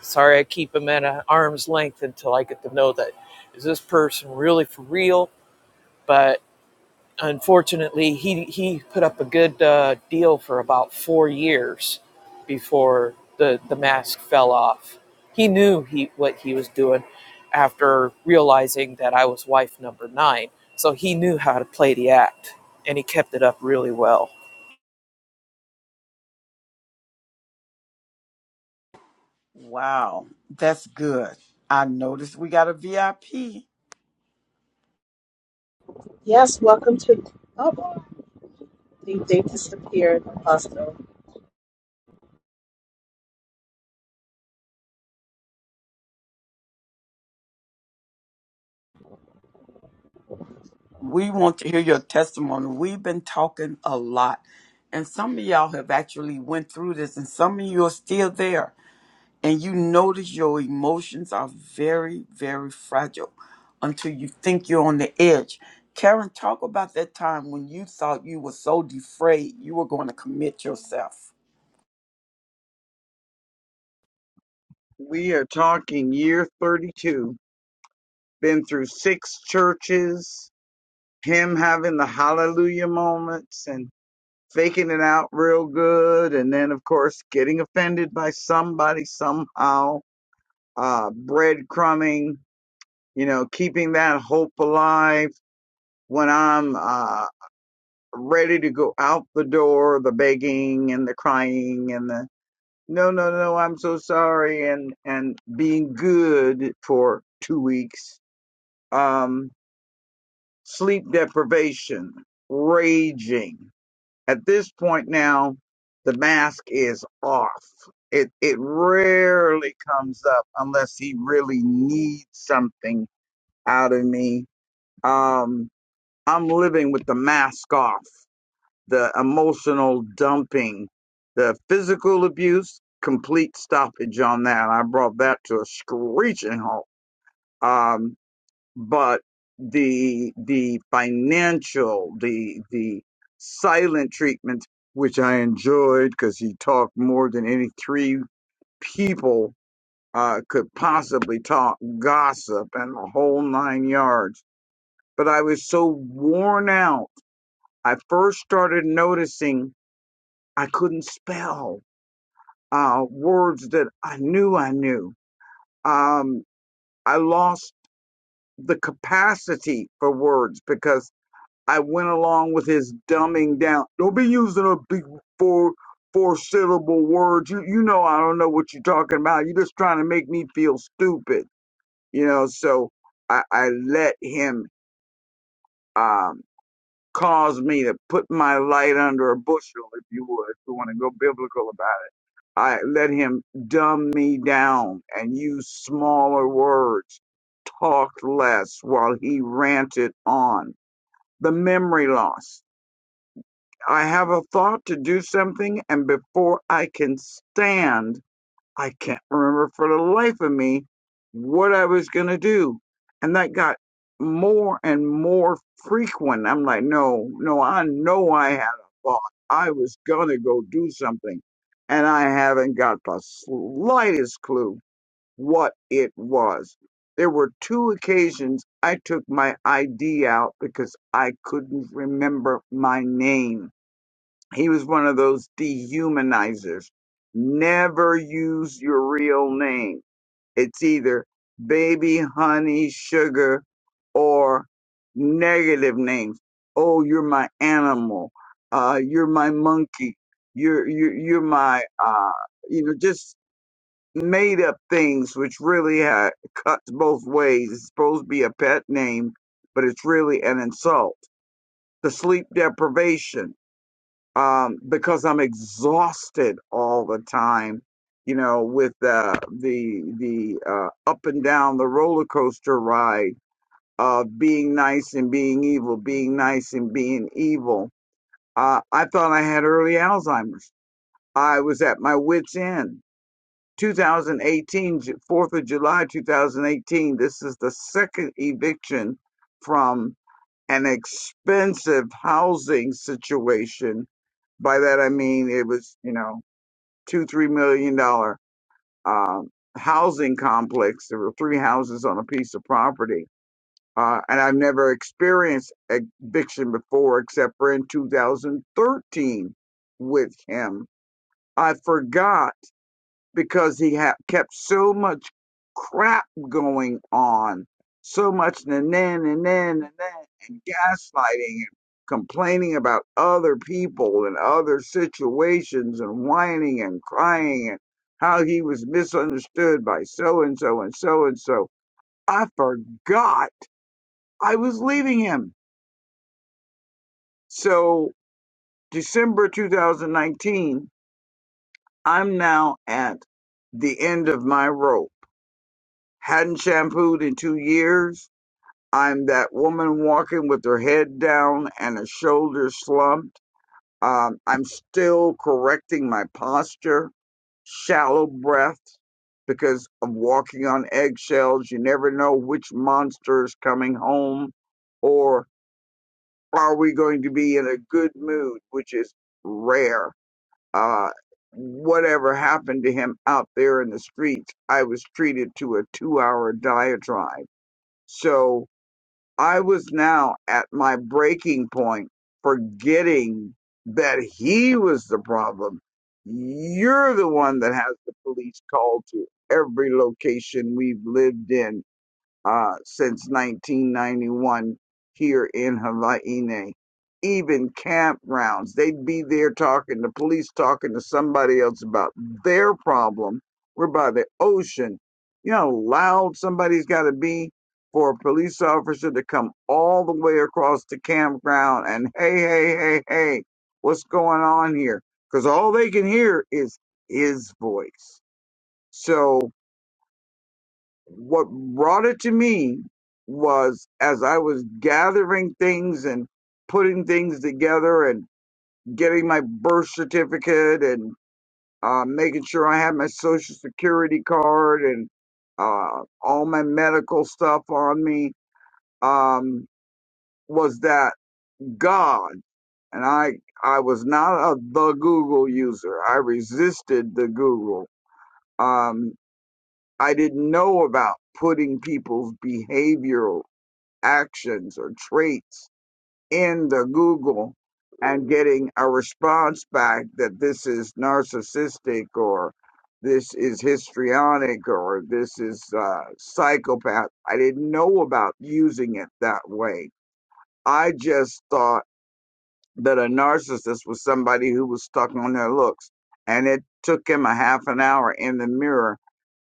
Speaker 4: sorry, I keep them at an arm's length until I get to know that is this person really for real, but unfortunately, he he put up a good uh, deal for about four years before the the mask fell off. He knew he what he was doing after realizing that I was wife number nine, so he knew how to play the act, and he kept it up really well.
Speaker 1: Wow, that's good. I noticed we got a VIP.
Speaker 3: Yes, welcome to. Oh, they, they disappeared, Apostle.
Speaker 1: We want to hear your testimony. We've been talking a lot, and some of y'all have actually went through this, and some of you are still there, and you notice your emotions are very, very fragile until you think you're on the edge. Karen, talk about that time when you thought you were so defrayed you were going to commit yourself.
Speaker 5: We are talking year 32, been through six churches, him having the hallelujah moments and faking it out real good and then of course getting offended by somebody somehow uh breadcrumbing you know keeping that hope alive when i'm uh ready to go out the door the begging and the crying and the no no no i'm so sorry and and being good for two weeks um sleep deprivation raging At this point now, the mask is off. It it rarely comes up unless he really needs something out of me. Um, I'm living with the mask off, the emotional dumping, the physical abuse, complete stoppage on that. I brought that to a screeching halt. Um, but the the financial the the silent treatment which i enjoyed because he talked more than any three people uh, could possibly talk gossip and the whole nine yards but i was so worn out i first started noticing i couldn't spell uh, words that i knew i knew um, i lost the capacity for words because I went along with his dumbing down. Don't be using a big four four syllable words. You you know I don't know what you're talking about. You're just trying to make me feel stupid. You know, so I, I let him um cause me to put my light under a bushel, if you would, if you want to go biblical about it. I let him dumb me down and use smaller words, talk less while he ranted on. The memory loss I have a thought to do something, and before I can stand, I can't remember for the life of me what I was going to do. And that got more and more frequent. I'm like, no, no, I know I had a thought. I was going to go do something, and I haven't got the slightest clue what it was. There were two occasions I took my ID out because I couldn't remember my name he was one of those dehumanizers. Never use your real name. It's either baby, honey, sugar, or negative names. Oh, you're my animal. Uh, you're my monkey. You're, you're, you're my, uh, you know, just made up things, which really uh, cuts both ways. It's supposed to be a pet name, but it's really an insult. The sleep deprivation um, because I'm exhausted all the time. You know, with uh, the the uh, up and down the roller coaster ride of being nice and being evil, being nice and being evil. Uh, I thought I had early Alzheimer's. I was at my wit's end. 2018, Ju- 4th of July 2018. This is the second eviction from an expensive housing situation by that I mean it was, you know, two, three million dollar um, housing complex. There were three houses on a piece of property. Uh, and I've never experienced eviction before except for in 2013 with him. I forgot because he had kept so much crap going on, so much and then and then and then and gaslighting and complaining about other people and other situations and whining and crying and how he was misunderstood by so and so and so and so. I forgot I was leaving him. So December 2019, I'm now at the end of my rope Hadn't shampooed in two years. I'm that woman walking with her head down and her shoulders slumped. Um, I'm still correcting my posture, shallow breath because of walking on eggshells. You never know which monster is coming home or are we going to be in a good mood, which is rare. Uh, whatever happened to him out there in the streets, I was treated to a two hour diatribe so I was now at my breaking point, forgetting that he was the problem. You're the one that has the police called to every location we've lived in uh, since 1991 here in Hawaii. Even campgrounds, they'd be there talking to police, talking to somebody else about their problem. We're by the ocean. You know how loud somebody's got to be for a police officer to come all the way across the campground and, hey, hey, hey, hey, what's going on here? Because all they can hear is his voice. So, what brought it to me was as I was gathering things and putting things together and getting my birth certificate and uh, making sure I had my social security card and uh, all my medical stuff on me um, was that God and I I was not a the Google user. I resisted the Google. Um, I didn't know about putting people's behavioral actions or traits in the Google and getting a response back that this is narcissistic or this is histrionic or this is uh, psychopath. I didn't know about using it that way. I just thought that a narcissist was somebody who was stuck on their looks. And it took him a half an hour in the mirror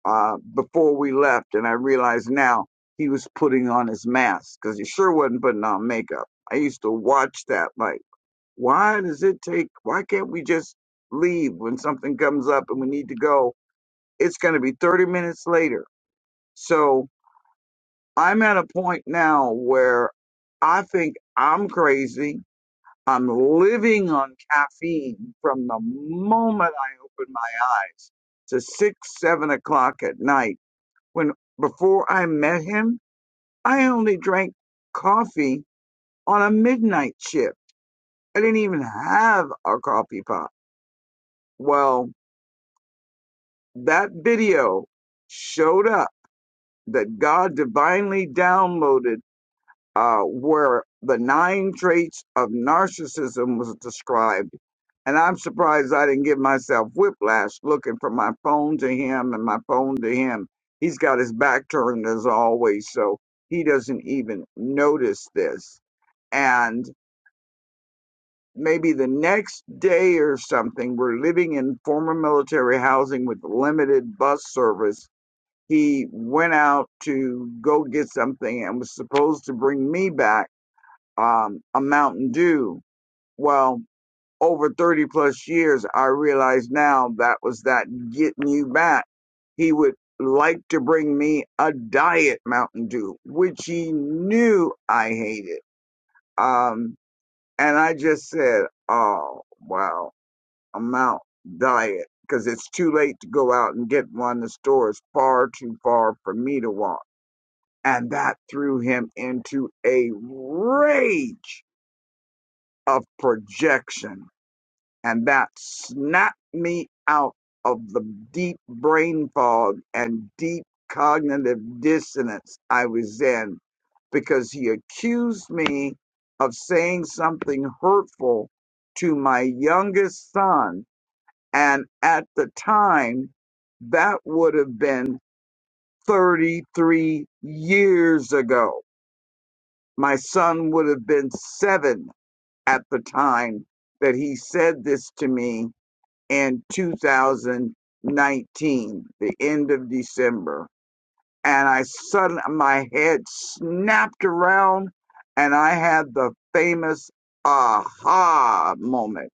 Speaker 5: uh, before we left, and I realized now he was putting on his mask because he sure wasn't putting on makeup. I used to watch that, like, why does it take? Why can't we just leave when something comes up and we need to go? It's going to be 30 minutes later. So I'm at a point now where I think I'm crazy. I'm living on caffeine from the moment I open my eyes to six, seven o'clock at night when before I met him, I only drank coffee on a midnight shift. I didn't even have a coffee pot. Well, that video showed up that God divinely downloaded uh, where the nine traits of narcissism was described. And I'm surprised I didn't give myself whiplash looking from my phone to him and my phone to him. He's got his back turned as always, so he doesn't even notice this. And maybe the next day or something, we're living in former military housing with limited bus service. He went out to go get something and was supposed to bring me back um, a Mountain Dew. Well, over 30 plus years, I realize now that was that getting you back. He would like to bring me a diet Mountain Dew, which he knew I hated. Um, and I just said, oh, wow, a Mount Diet, because it's too late to go out and get one. The store is far too far for me to walk. And that threw him into a rage of projection and that snapped me out of the deep brain fog and deep cognitive dissonance I was in because he accused me of saying something hurtful to my youngest son. And at the time, that would have been 33 years ago. My son would have been seven at the time that he said this to me in 2019, the end of December, and I suddenly my head snapped around, and I had the famous aha moment.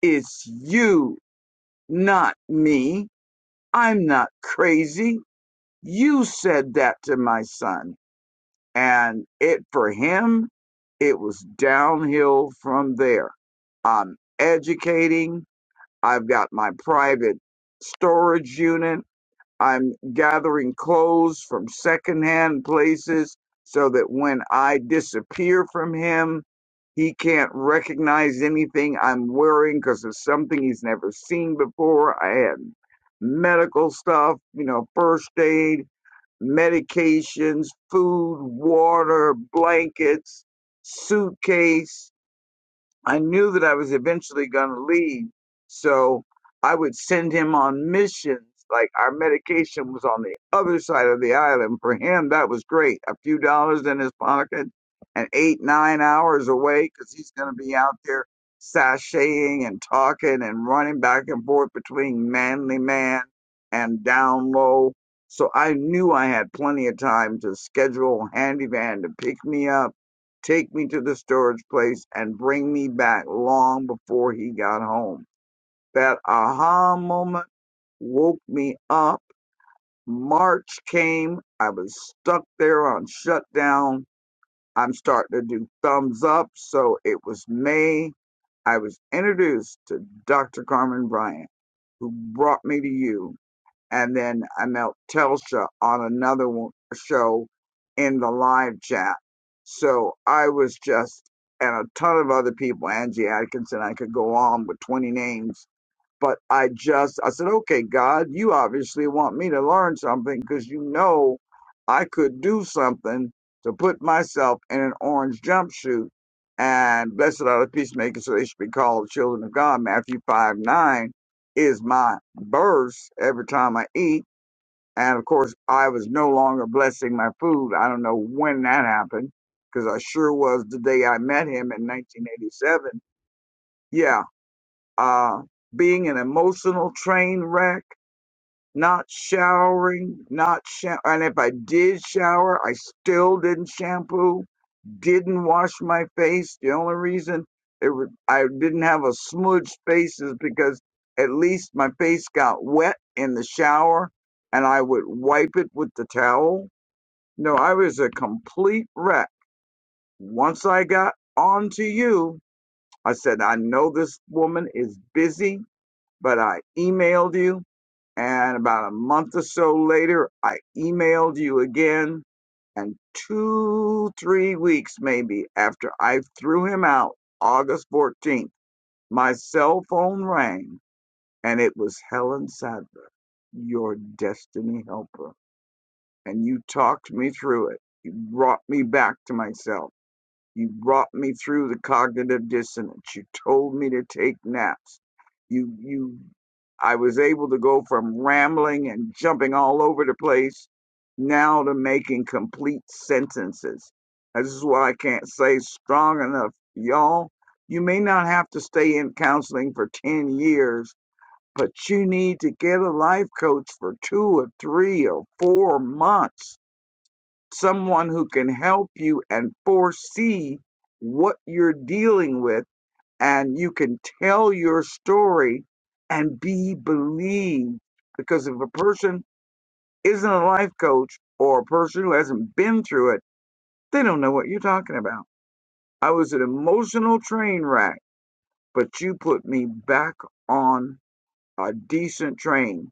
Speaker 5: It's you, not me. I'm not crazy. You said that to my son, and it for him, it was downhill from there. I'm educating. I've got my private storage unit. I'm gathering clothes from secondhand places so that when I disappear from him, he can't recognize anything I'm wearing because it's something he's never seen before. I had medical stuff, you know, first aid, medications, food, water, blankets, suitcase. I knew that I was eventually going to leave. So I would send him on missions. Like our medication was on the other side of the island. For him, that was great. A few dollars in his pocket and eight, nine hours away because he's going to be out there sashaying and talking and running back and forth between manly man and down low. So I knew I had plenty of time to schedule handyman to pick me up Take me to the storage place and bring me back long before he got home. That aha moment woke me up. March came. I was stuck there on shutdown. I'm starting to do thumbs up. So it was May. I was introduced to Dr. Carmen Bryant, who brought me to you and then I met Telsha on another one- show in the live chat. So I was just, and a ton of other people, Angie Atkinson, I could go on with 20 names but I just, I said, okay, God, you obviously want me to learn something because you know I could do something to put myself in an orange jumpsuit. And blessed are the peacemakers, so they should be called children of God. Matthew 5 9 is my verse every time I eat. And of course, I was no longer blessing my food. I don't know when that happened because I sure was the day I met him in 1987. Yeah, uh, being an emotional train wreck, not showering, not shower. And if I did shower, I still didn't shampoo, didn't wash my face. The only reason it was, I didn't have a smudged face is because at least my face got wet in the shower and I would wipe it with the towel. No, I was a complete wreck. Once I got onto you, I said, I know this woman is busy but I emailed you. And about a month or so later, I emailed you again. And two, three weeks maybe after I threw him out, August 14th, my cell phone rang and it was Helen Sadler, your destiny helper. And you talked me through it. You brought me back to myself you brought me through the cognitive dissonance. You told me to take naps. You, you, I was able to go from rambling and jumping all over the place now to making complete sentences. This is why I can't say strong enough. Y'all, you may not have to stay in counseling for 10 years, but you need to get a life coach for two or three or four months someone who can help you and foresee what you're dealing with and you can tell your story and be believed because if a person isn't a life coach or a person who hasn't been through it they don't know what you're talking about i was an emotional train wreck but you put me back on a decent train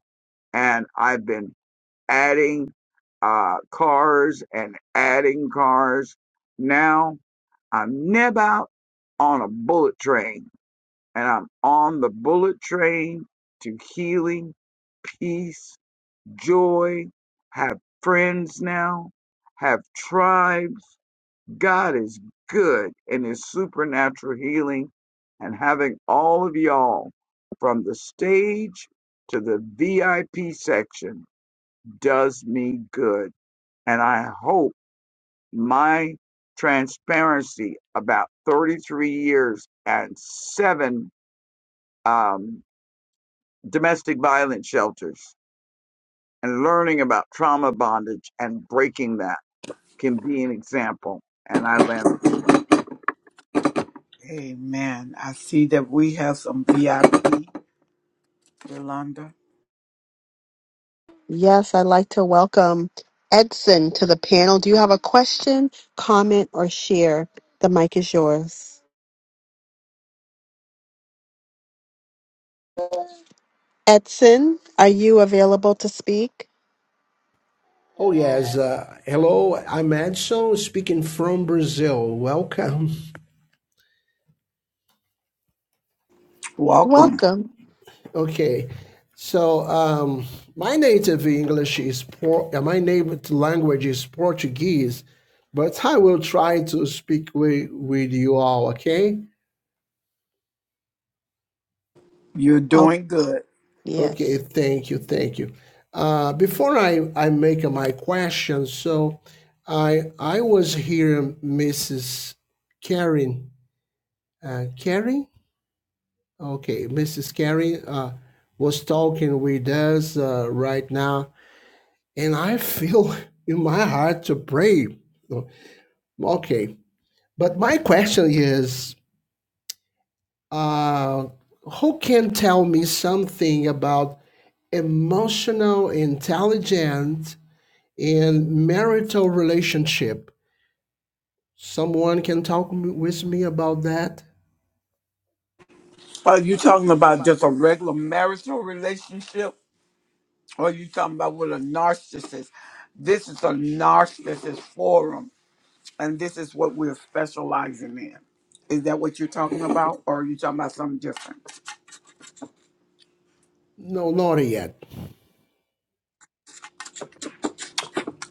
Speaker 5: and i've been adding uh, cars and adding cars now I'm never on a bullet train, and I'm on the bullet train to healing, peace, joy, have friends now, have tribes. God is good in his supernatural healing and having all of y'all from the stage to the VIP section does me good. And I hope my transparency about 33 years and seven um, domestic violence shelters and learning about trauma bondage and breaking that can be an example. And I land.
Speaker 1: Amen. I see that we have some VIP, Yolanda.
Speaker 3: Yes, I'd like to welcome Edson to the panel. Do you have a question, comment, or share? The mic is yours. Edson, are you available to speak?
Speaker 9: Oh, yes. Uh, hello, I'm Edson speaking from Brazil. Welcome.
Speaker 1: Welcome.
Speaker 3: Welcome.
Speaker 9: Okay. So, um, my native English is por- uh, my native language is Portuguese, but I will try to speak with, with you all, okay?
Speaker 1: You're
Speaker 3: Oh,
Speaker 1: doing good.
Speaker 9: Okay,
Speaker 3: yes.
Speaker 9: thank you, thank you. Uh, before I, I make my question, so I I was here, Mrs. Karen. Uh, Karen? Okay, Mrs. Carey uh, was talking with us uh, right now, and I feel in my heart to pray. Okay, but my question is uh, who can tell me something about emotional intelligence in marital relationship? Someone can talk m- with me about that?
Speaker 1: Are you talking about just a regular marital relationship? Or are you talking about with a narcissist? This is a narcissist forum, and this is what we're specializing in. Is that what you're talking about? Or are you talking about something different?
Speaker 9: No, not yet.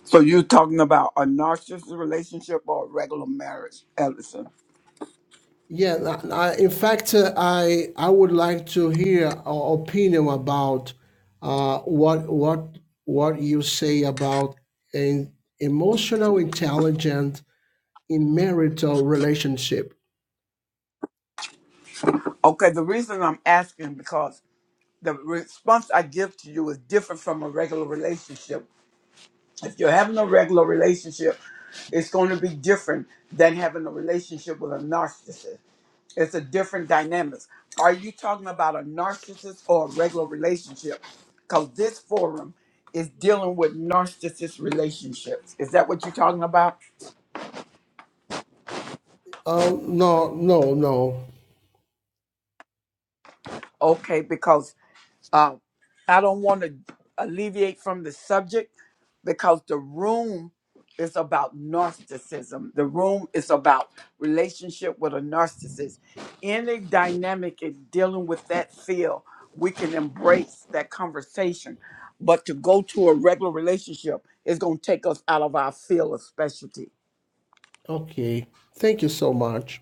Speaker 1: So you're talking about a narcissist relationship or a regular marriage, Ellison?
Speaker 9: Yeah, I, I- in fact, uh, I I would like to hear our opinion about uh, what what what you say about an emotional intelligence in marital relationship.
Speaker 1: Okay, the reason I'm asking because the response I give to you is different from a regular relationship If you're having a regular relationship, it's going to be different than having a relationship with a narcissist. It's a different dynamics. Are you talking about a narcissist or a regular relationship? Because this forum is dealing with narcissist relationships. Is that what you're talking about?
Speaker 9: Oh, no, no, no.
Speaker 1: Okay, because Um, I don't want to alleviate from the subject because the room is about narcissism. The room is about relationship with a narcissist. Any dynamic in dealing with that field, we can embrace that conversation. But to go to a regular relationship is going to take us out of our field of specialty.
Speaker 9: Okay. Thank you so much.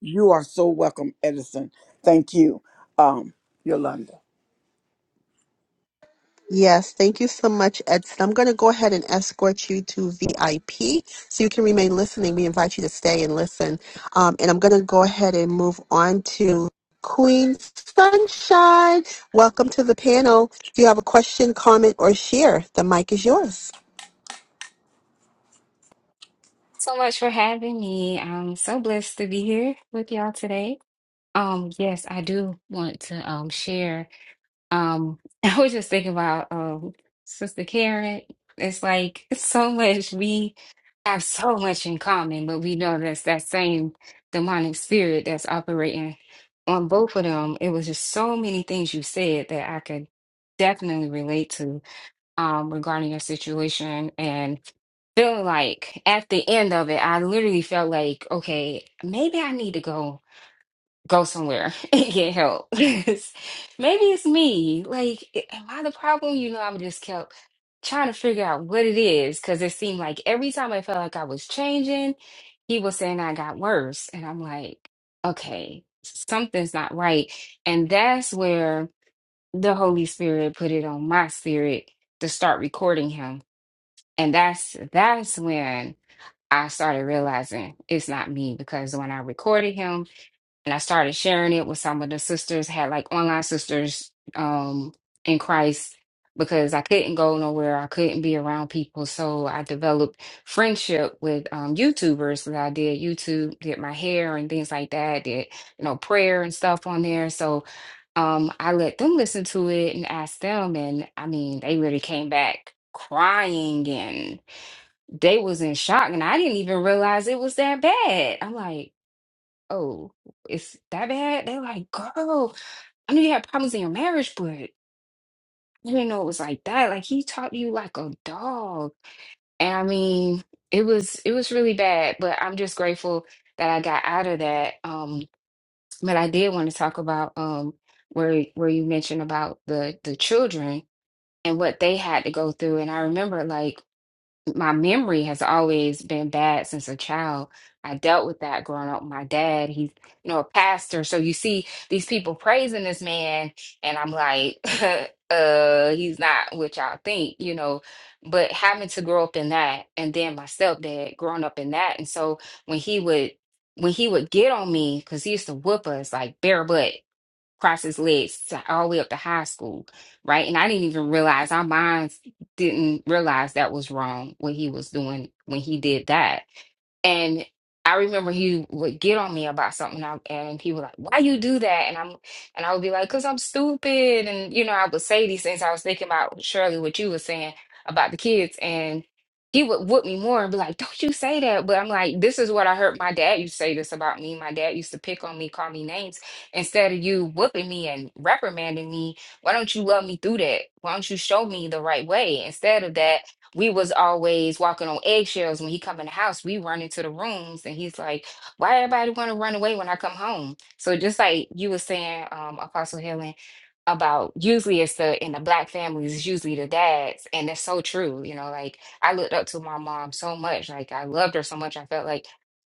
Speaker 1: You are so welcome, Edison. Thank you, um, Yolanda.
Speaker 3: Yes, thank you so much, Edson. I'm going to go ahead and escort you to VIP so you can remain listening. We invite you to stay and listen. Um, and I'm going to go ahead and move on to Queen Sunshine. Welcome to the panel. If you have a question, comment, or share, the mic is yours.
Speaker 10: so much for having me. I'm so blessed to be here with y'all today. Um, yes, I do want to um share. Um, I was just thinking about um Sister Karen. It's like it's so much we have so much in common, but we know that's that same demonic spirit that's operating on both of them. It was just so many things you said that I could definitely relate to um, regarding your situation and feeling like at the end of it, I literally felt like, okay, maybe I need to go go somewhere and get help. maybe it's me. Like, eh, am I the problem? You know, I'm just kept trying to figure out what it is because it seemed like every time I felt like I was changing, he was saying I got worse, and I'm like, okay, something's not right, and that's where the Holy Spirit put it on my spirit to start recording him. And that's that's when I started realizing it's not me because when I recorded him and I started sharing it with some of the sisters, had like online sisters um in Christ because I couldn't go nowhere, I couldn't be around people. So I developed friendship with um YouTubers that I did YouTube, did my hair and things like that, did you know prayer and stuff on there. So um I let them listen to it and ask them and I mean they really came back crying and they was in shock and I didn't even realize it was that bad. I'm like oh, it's that bad? They're like, girl, I knew you had problems in your marriage, but I didn't know it was like that. Like he talked to you like a dog. And I mean, it was it was really bad, but I'm just grateful that I got out of that. Um, but I did want to talk about um where where you mentioned about the the children and what they had to go through. And I remember like my memory has always been bad since a child. I dealt with that growing up. My dad, he's you know a pastor, so you see these people praising this man, and I'm like, uh, he's not what y'all think, you know. But having to grow up in that, and then my stepdad growing up in that, and so when he would when he would get on me, because he used to whoop us like bare butt, across his legs to- all the way up to high school, right? And I didn't even realize our minds didn't realize that was wrong when he was doing when he did that and I remember he would get on me about something, and I- and he was like, "Why you do that?" And I'm, and I would be like, "Cause I'm stupid." And you know, I would say these things. I was thinking about Shirley, what you were saying about the kids, and he would whoop me more and be like, "Don't you say that?" But I'm like, "This is what I heard my dad used to say this about me. My dad used to pick on me, call me names instead of you whooping me and reprimanding me. Why don't you love me through that? Why don't you show me the right way instead of that?" we was always walking on eggshells when he come in the house we run into the rooms and he's like why everybody want to run away when i come home so just like you were saying um apostle helen about usually it's the in the black families it's usually the dads and that's so true you know like i looked up to my mom so much like i loved her so much i felt like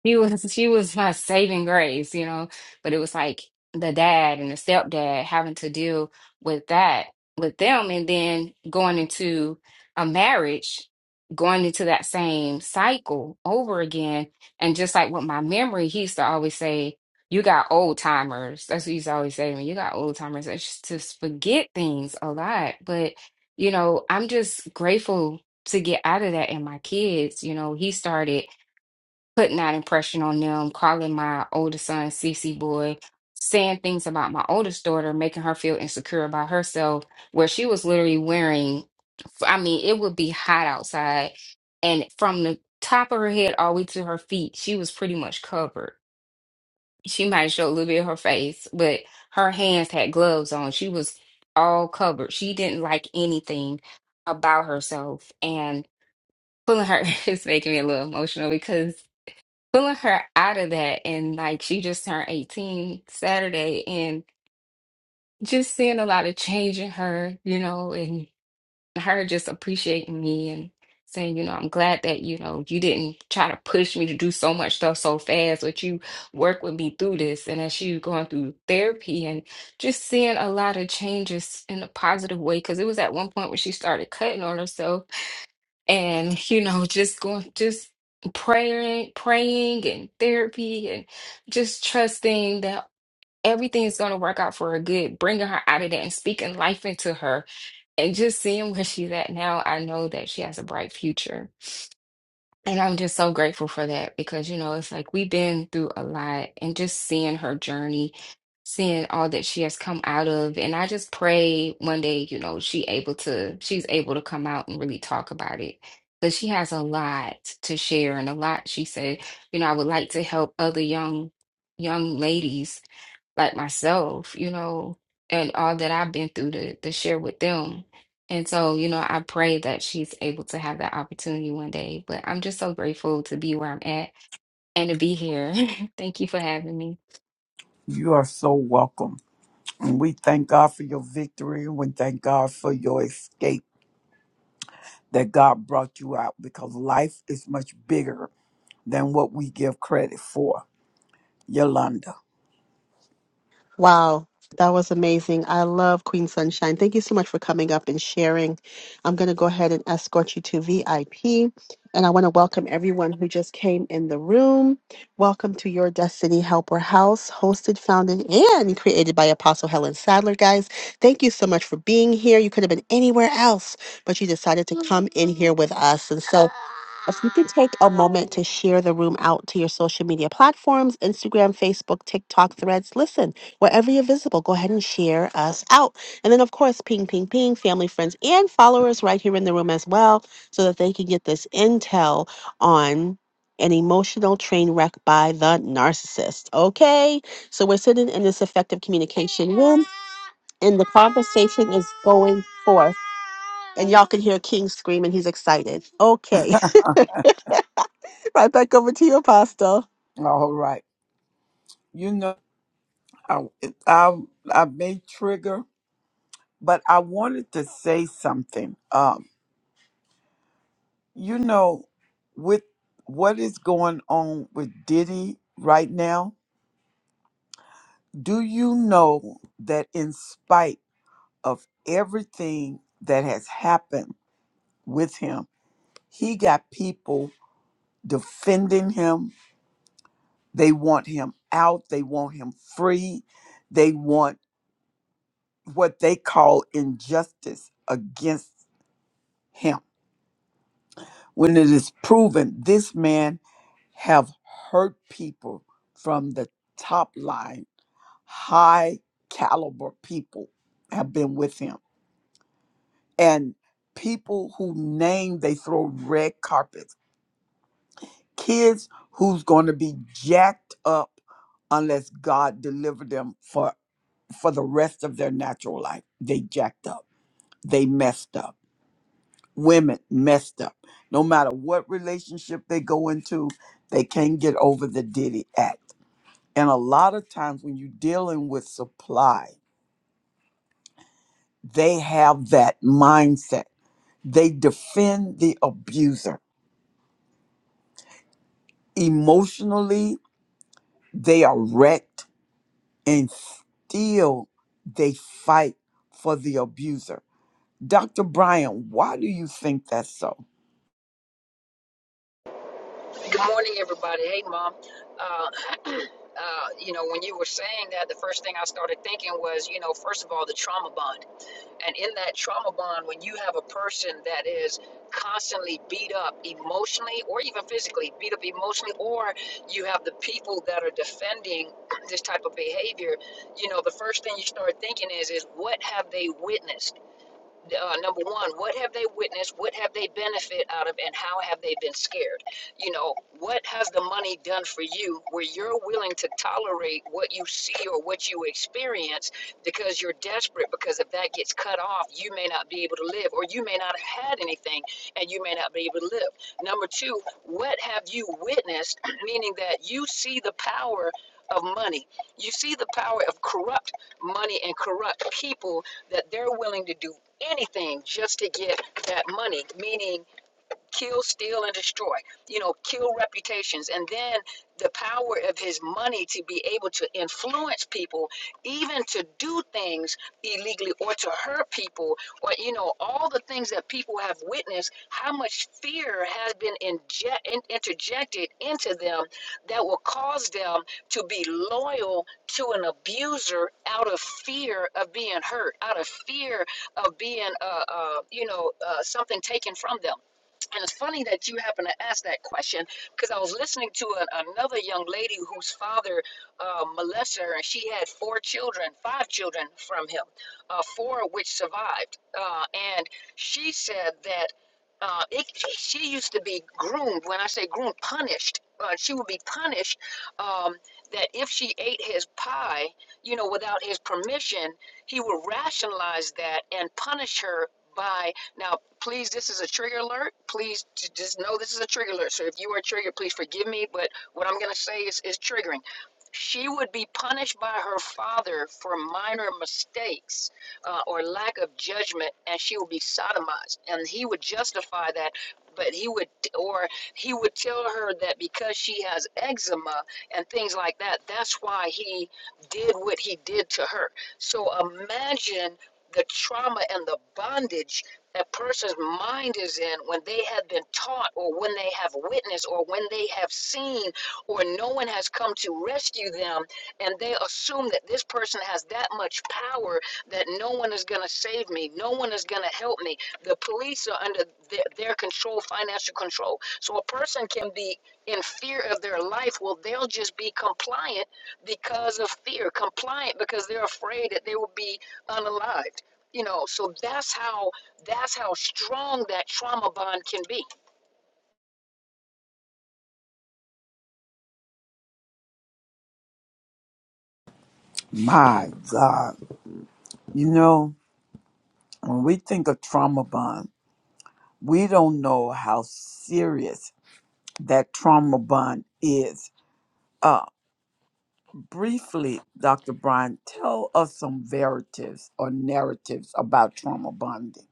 Speaker 10: she was she was my saving grace you know but it was like the dad and the stepdad having to deal with that with them and then going into a marriage going into that same cycle over again. And just like with my memory, he used to always say, You got old timers. That's what he used to always say to me. You got old timers. I just just forget things a lot. But, you know, I'm just grateful to get out of that. And my kids, you know, he started putting that impression on them, calling my older son CC boy, saying things about my oldest daughter, making her feel insecure about herself, where she was literally wearing so, I mean, it would be hot outside. And from the top of her head all the way to her feet, she was pretty much covered. She might show a little bit of her face, but her hands had gloves on. She was all covered. She didn't like anything about herself. And pulling her is making me a little emotional because pulling her out of that and like she just turned 18 Saturday and just seeing a lot of change in her, you know, and. her just appreciating me and saying, you know, I'm glad that, you know, you didn't try to push me to do so much stuff so fast, but you work with me through this. And as she was going through therapy and just seeing a lot of changes in a positive way, because it was at one point when she started cutting on herself and, you know, just going, just praying, praying and therapy and just trusting that everything is going to work out for her good, bringing her out of that and speaking life into her and just seeing where she's at now, I know that she has a bright future. And I'm just so grateful for that because, you know, it's like we've been through a lot and just seeing her journey, seeing all that she has come out of. And I just pray one day, you know, she able to, she's able to come out and really talk about it. Because she has a lot to share and a lot, she said, you know, I would like to help other young young ladies like myself, you know, and all that I've been through to to share with them. And so, you know, I pray that she's able to have that opportunity one day. But I'm just so grateful to be where I'm at and to be here. Thank you for having me.
Speaker 1: You are so welcome. And we thank God for your victory. We thank God for your escape that God brought you out because life is much bigger than what we give credit for. Yolanda.
Speaker 3: Wow, that was amazing. I love Queen Sunshine. Thank you so much for coming up and sharing. I'm going to go ahead and escort you to VIP. And I want to welcome everyone who just came in the room. Welcome to your Destiny Helper House, hosted, founded, and created by Apostle Helen Sadler, guys. Thank you so much for being here. You could have been anywhere else, but you decided to come in here with us. And so if you could take a moment to share the room out to your social media platforms Instagram, Facebook, TikTok, threads, listen. Wherever you're visible, go ahead and share us out. And then, of course, ping, ping, ping, family, friends, and followers right here in the room as well, so that they can get this intel on an emotional train wreck by the narcissist. Okay? So we're sitting in this effective communication room, and the conversation is going forth. And y'all can hear King screaming. He's excited. Okay. right back over to you, Apostle.
Speaker 1: All right. You know, I, I, I may trigger, but I wanted to say something. Um, you know, with what is going on with Diddy right now, do you know that in spite of everything that has happened with him, He got people defending him. They want him out. They want him free. They want what they call injustice against him. When it is proven this man have hurt people from the top line, high caliber people have been with him. And people who name they throw red carpets kids who's going to be jacked up unless God deliver them for for the rest of their natural life. They jacked up. They messed up. Women messed up. No matter what relationship they go into, they can't get over the Diddy Act. And a lot of times when you're dealing with supply, they have that mindset. They defend the abuser. Emotionally, they are wrecked and still they fight for the abuser. Dr. Brian, why do you think that's so?
Speaker 11: Good morning, everybody. Hey, Mom. Uh, uh, you know, when you were saying that, the first thing I started thinking was, you know, first of all, the trauma bond. And in that trauma bond, when you have a person that is constantly beat up emotionally or even physically, beat up emotionally, or you have the people that are defending this type of behavior, you know, the first thing you start thinking is, is what have they witnessed? uh, number one, what have they witnessed? What have they benefit out of? And how have they been scared? You know, what has the money done for you where you're willing to tolerate what you see or what you experience because you're desperate? Because if that gets cut off, you may not be able to live, or you may not have had anything and you may not be able to live. Number two, what have you witnessed? Meaning that you see the power of money. You see the power of corrupt money and corrupt people that they're willing to do anything just to get that money, meaning kill, steal, and destroy. You know, kill reputations. And then the power of his money to be able to influence people, even to do things illegally or to hurt people, or, you know, all the things that people have witnessed, how much fear has been inject, in, interjected into them that will cause them to be loyal to an abuser out of fear of being hurt, out of fear of being, uh, uh, you know, uh, something taken from them. And it's funny that you happen to ask that question because I was listening to a, another young lady whose father uh, molested her, and she had four children, five children from him, uh, four of which survived. Uh, and she said that uh, it, she used to be groomed. When I say groomed, punished. Uh, she would be punished um, that if she ate his pie, you know, without his permission, he would rationalize that and punish her by. Now, please, this is a trigger alert. Please just know this is a trigger alert. So if you are triggered, please forgive me. But what I'm going to say is, is triggering. She would be punished by her father for minor mistakes uh, or lack of judgment, and she would be sodomized. And he would justify that, but he would, or he would tell her that because she has eczema and things like that, that's why he did what he did to her. So imagine the trauma and the bondage a person's mind is in when they have been taught or when they have witnessed or when they have seen or no one has come to rescue them and they assume that this person has that much power that no one is going to save me no one is going to help me the police are under their, their control, financial control. So a person can be in fear of their life. Well, they'll just be compliant because of fear, compliant because they're afraid that they will be unalived. You know, so that's how that's how strong that trauma bond can be.
Speaker 1: My God. You know, when we think of trauma bond, we don't know how serious that trauma bond is. Uh, briefly, Dr. Brian, tell us some verities or narratives about trauma bonding.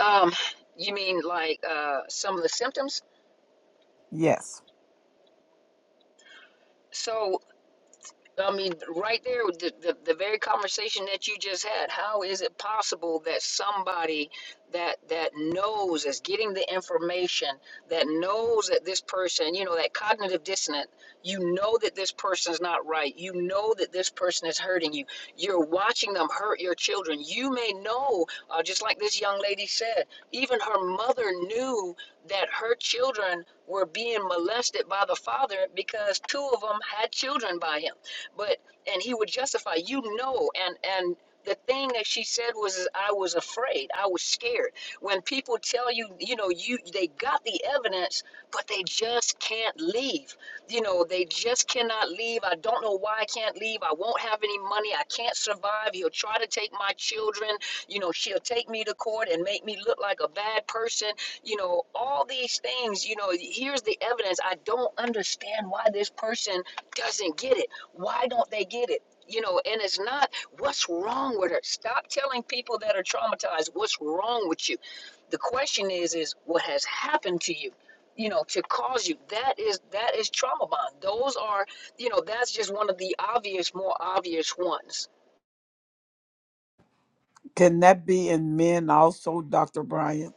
Speaker 11: Um, you mean like uh, some of the symptoms?
Speaker 1: Yes.
Speaker 11: So I mean, right there, the, the, the very conversation that you just had. How is it possible that somebody that that knows is getting the information that knows that this person, you know, that cognitive dissonant, you know that this person's not right, you know that this person is hurting you. You're watching them hurt your children. You may know, uh, just like this young lady said, even her mother knew that her children were being molested by the father because two of them had children by him but and he would justify you know and and the thing that she said was i was afraid i was scared when people tell you you know you they got the evidence but they just can't leave you know they just cannot leave i don't know why i can't leave i won't have any money i can't survive he'll try to take my children you know she'll take me to court and make me look like a bad person you know, all these things, you know, here's the evidence. I don't understand why this person doesn't get it. Why don't they get it? You know, and it's not what's wrong with her. Stop telling people that are traumatized what's wrong with you. The question is, is what has happened to you? You know, to cause you. That is that is trauma bond. Those are, you know, that's just one of the obvious, more obvious ones
Speaker 1: Can that be in men also, Dr. Brian?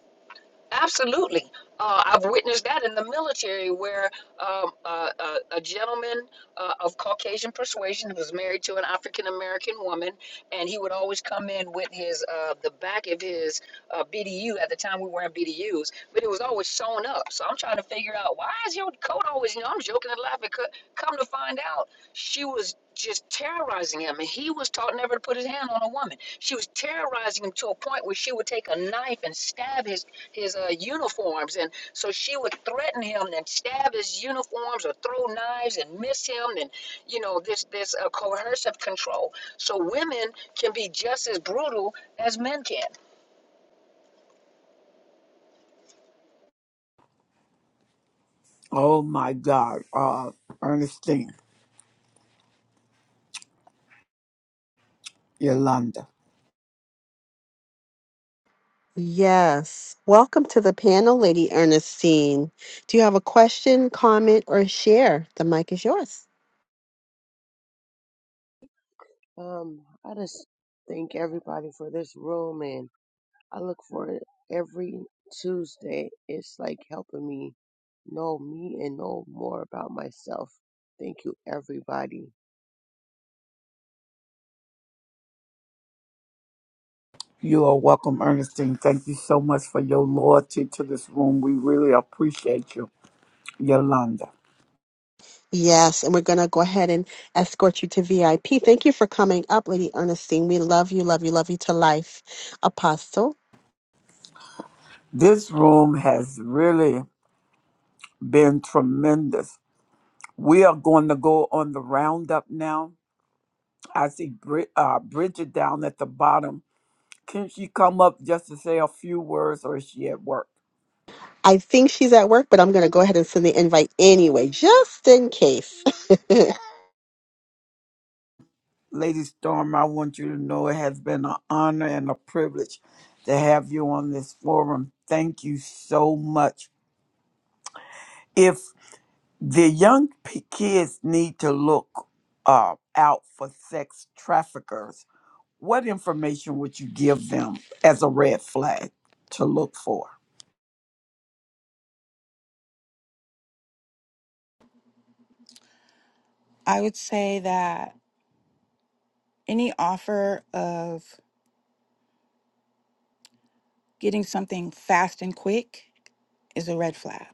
Speaker 11: Absolutely. Uh, I've witnessed that in the military where um, uh, a, a gentleman uh, of Caucasian persuasion was married to an African American woman, and he would always come in with his uh, the back of his uh, BDU. At the time, we weren't BDUs, but it was always sewn up. So I'm trying to figure out why is your coat always, you know, I'm joking and laughing. co- Come to find out, she was just terrorizing him, and he was taught never to put his hand on a woman. She was terrorizing him to a point where she would take a knife and stab his his uh, uniforms, and so she would threaten him and stab his uniforms or throw knives and miss him, and you know this this uh, coercive control. So women can be just as brutal as men can.
Speaker 1: Oh my God. Uh, Ernestine. Yolanda.
Speaker 3: Yes. Welcome to the panel, Lady Ernestine. Do you have a question, comment, or share? The mic is yours.
Speaker 12: Um, I just thank everybody for this room, and I look for it every Tuesday. It's like helping me know me and know more about myself. Thank you, everybody.
Speaker 1: You are welcome, Ernestine. Thank you so much for your loyalty to this room. We really appreciate you, Yolanda.
Speaker 3: Yes, and we're going to go ahead and escort you to VIP. Thank you for coming up, Lady Ernestine. We love you, love you, love you to life, Apostle.
Speaker 1: This room has really been tremendous. We are going to go on the roundup now. I see Brid- uh, Bridget down at the bottom. Can she come up just to say a few words or is she at work?
Speaker 3: I think she's at work, but I'm going to go ahead and send the invite anyway, just in case.
Speaker 1: Lady Storm, I want you to know it has been an honor and a privilege to have you on this forum. Thank you so much. the young p- kids need to look uh, out for sex traffickers. What information would you give them as a red flag to look for?
Speaker 8: I would say that any offer of getting something fast and quick is a red flag.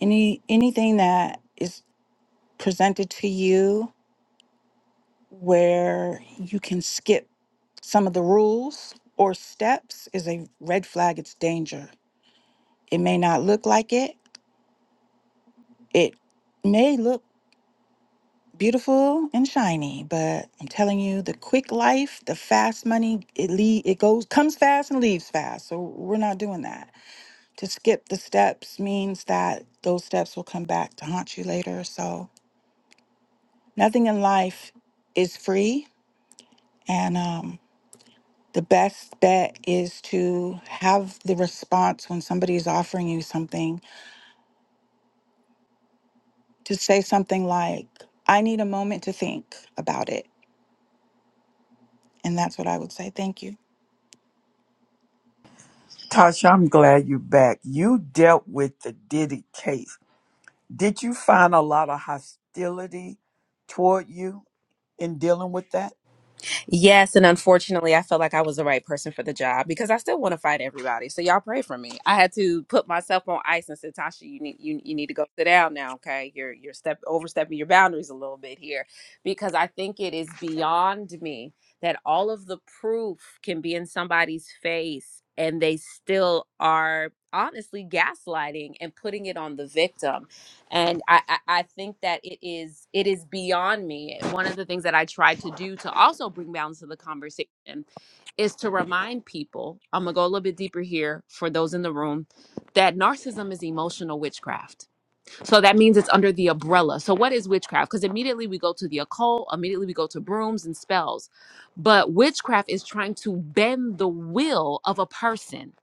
Speaker 8: Any anything that is presented to you where you can skip some of the rules or steps is a red flag. It's danger. It may not look like it. It may look beautiful and shiny, but I'm telling you, the quick life, the fast money, it le- it goes comes fast and leaves fast. So we're not doing that. To skip the steps means that those steps will come back to haunt you later. So nothing in life is free, and um, the best bet is to have the response when somebody is offering you something to say something like, I need a moment to think about it. And that's what I would say. Thank you.
Speaker 1: Tasha, I'm glad you're back. You dealt with the Diddy case. Did you find a lot of hostility toward you in dealing with that?
Speaker 7: Yes, and unfortunately, I felt like I was the right person for the job because I still want to fight everybody. So y'all pray for me. I had to put myself on ice and said, Tasha, you need you, you need to go sit down now. Okay, you're you're step overstepping your boundaries a little bit here because I think it is beyond me that all of the proof can be in somebody's face and they still are honestly gaslighting and putting it on the victim and I, I i think that it is it is beyond me one of the things that i try to do to also bring balance to the conversation is to remind people i'm gonna go a little bit deeper here for those in the room that narcissism is emotional witchcraft so that means it's under the umbrella so what is witchcraft because immediately we go to the occult immediately we go to brooms and spells but witchcraft is trying to bend the will of a person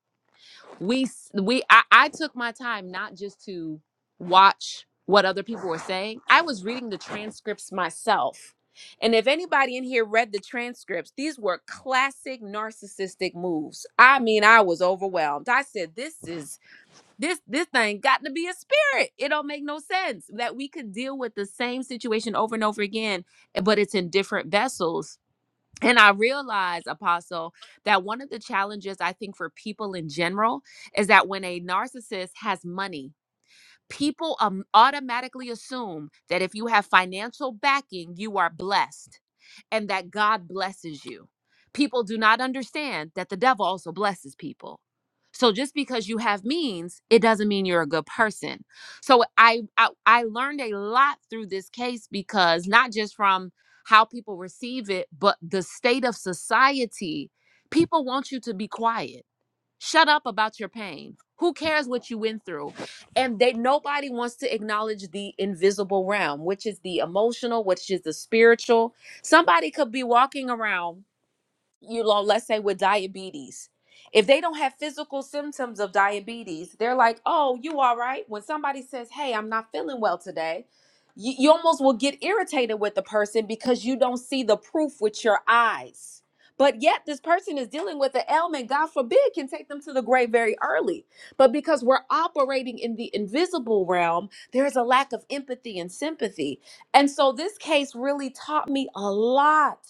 Speaker 7: we s- we I, I took my time not just to watch what other people were saying i was reading the transcripts myself and if anybody in here read the transcripts these were classic narcissistic moves i mean i was overwhelmed i said this is this this thing got to be a spirit it don't make no sense that we could deal with the same situation over and over again eh, but it's in different vessels and I realize, Apostle, that one of the challenges I think for people in general is that when a narcissist has money, People um, automatically assume that if you have financial backing, you are blessed and that God blesses you. People do not understand that the devil also blesses people. So just because you have means, it doesn't mean you're a good person. So I I, I learned a lot through this case because not just from how people receive it, but the state of society. People want you to be quiet Shut up about your pain. Who cares what you went through? And they nobody wants to acknowledge the invisible realm, which is the emotional, which is the spiritual. Somebody could be walking around you know, let's say with diabetes. If they don't have physical symptoms of diabetes, they're like, oh, you all right? When somebody says, hey, I'm not feeling well today, you, you almost will get irritated with the person because you don't see the proof with your eyes. But yet, this person is dealing with an ailment, God forbid, can take them to the grave very early. But because we're operating in the invisible realm, there's a lack of empathy and sympathy. And so, this case really taught me a lot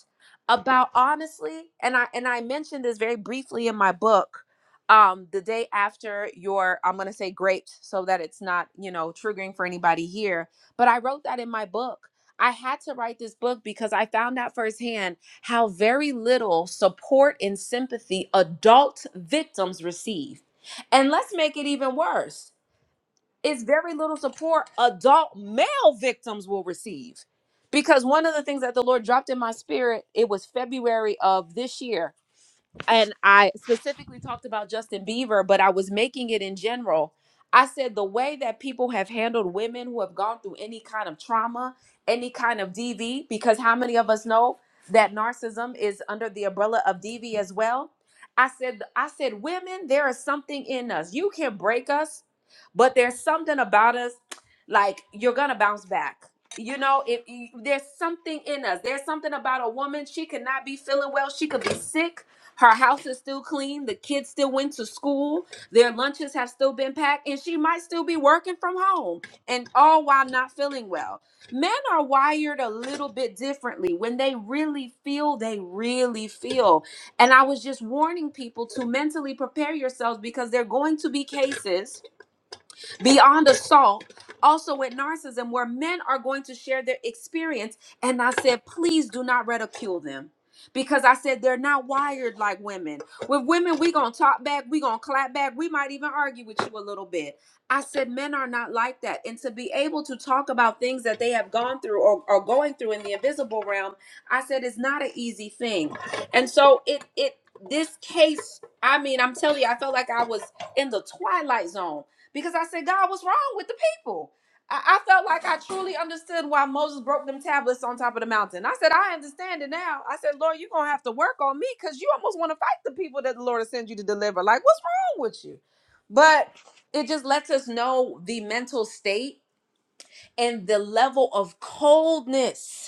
Speaker 7: about honestly and i and i mentioned this very briefly in my book um the day after your i'm going to say grapes so that it's not you know triggering for anybody here but i wrote that in my book i had to write this book because i found out firsthand how very little support and sympathy adult victims receive and let's make it even worse is very little support adult male victims will receive. Because one of the things that the Lord dropped in my spirit, it was February of this year and I specifically talked about Justin Bieber, but I was making it in general. I said the way that people have handled women who have gone through any kind of trauma, any kind of DV, because how many of us know that narcissism is under the umbrella of DV as well? I said, I said, women, there is something in us. You can break us, but there's something about us, like you're gonna bounce back. You know, if you, there's something in us, there's something about a woman. She could not be feeling well. She could be sick her house is still clean. The kids still went to school. Their lunches have still been packed, and she might still be working from home, and all while not feeling well. Men are wired a little bit differently. When they really feel, they really feel. And I was just warning people to mentally prepare yourselves because there are going to be cases beyond assault, also with narcissism, where men are going to share their experience. And I said, please do not ridicule them. Because I said they're not wired like women. With women, we gonna talk back, we gonna clap back, we might even argue with you a little bit. I said men are not like that. And to be able to talk about things that they have gone through or are going through in the invisible realm, I said it's not an easy thing. And so it it this case, I mean, I'm telling you, I felt like I was in the twilight zone because I said, God, what's wrong with the people? I, I felt like I truly understood why Moses broke them tablets on top of the mountain. I said, I understand it now. I said, Lord, you're going to have to work on me because you almost want to fight the people that the Lord has sent you to deliver. Like, what's wrong with you? But it just lets us know the mental state and the level of coldness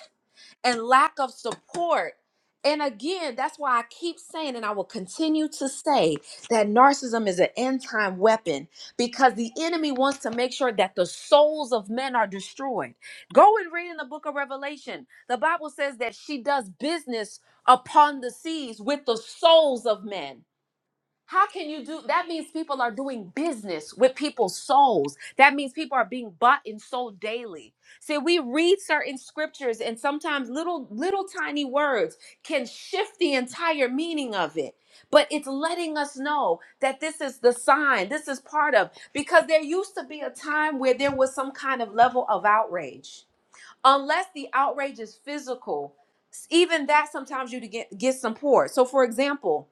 Speaker 7: and lack of support. And again, that's why I keep saying, and I will continue to say, that narcissism is an end time weapon because the enemy wants to make sure that the souls of men are destroyed. Go and read in the book of Revelation. The Bible says that she does business upon the seas with the souls of men. How can you do that? Means people are doing business with people's souls. That means people are being bought and sold daily. See, we read certain scriptures, and sometimes little, little tiny words can shift the entire meaning of it. But it's letting us know that this is the sign, this is part of, because there used to be a time where there was some kind of level of outrage. Unless the outrage is physical, even that sometimes you get, get some support. So, for example,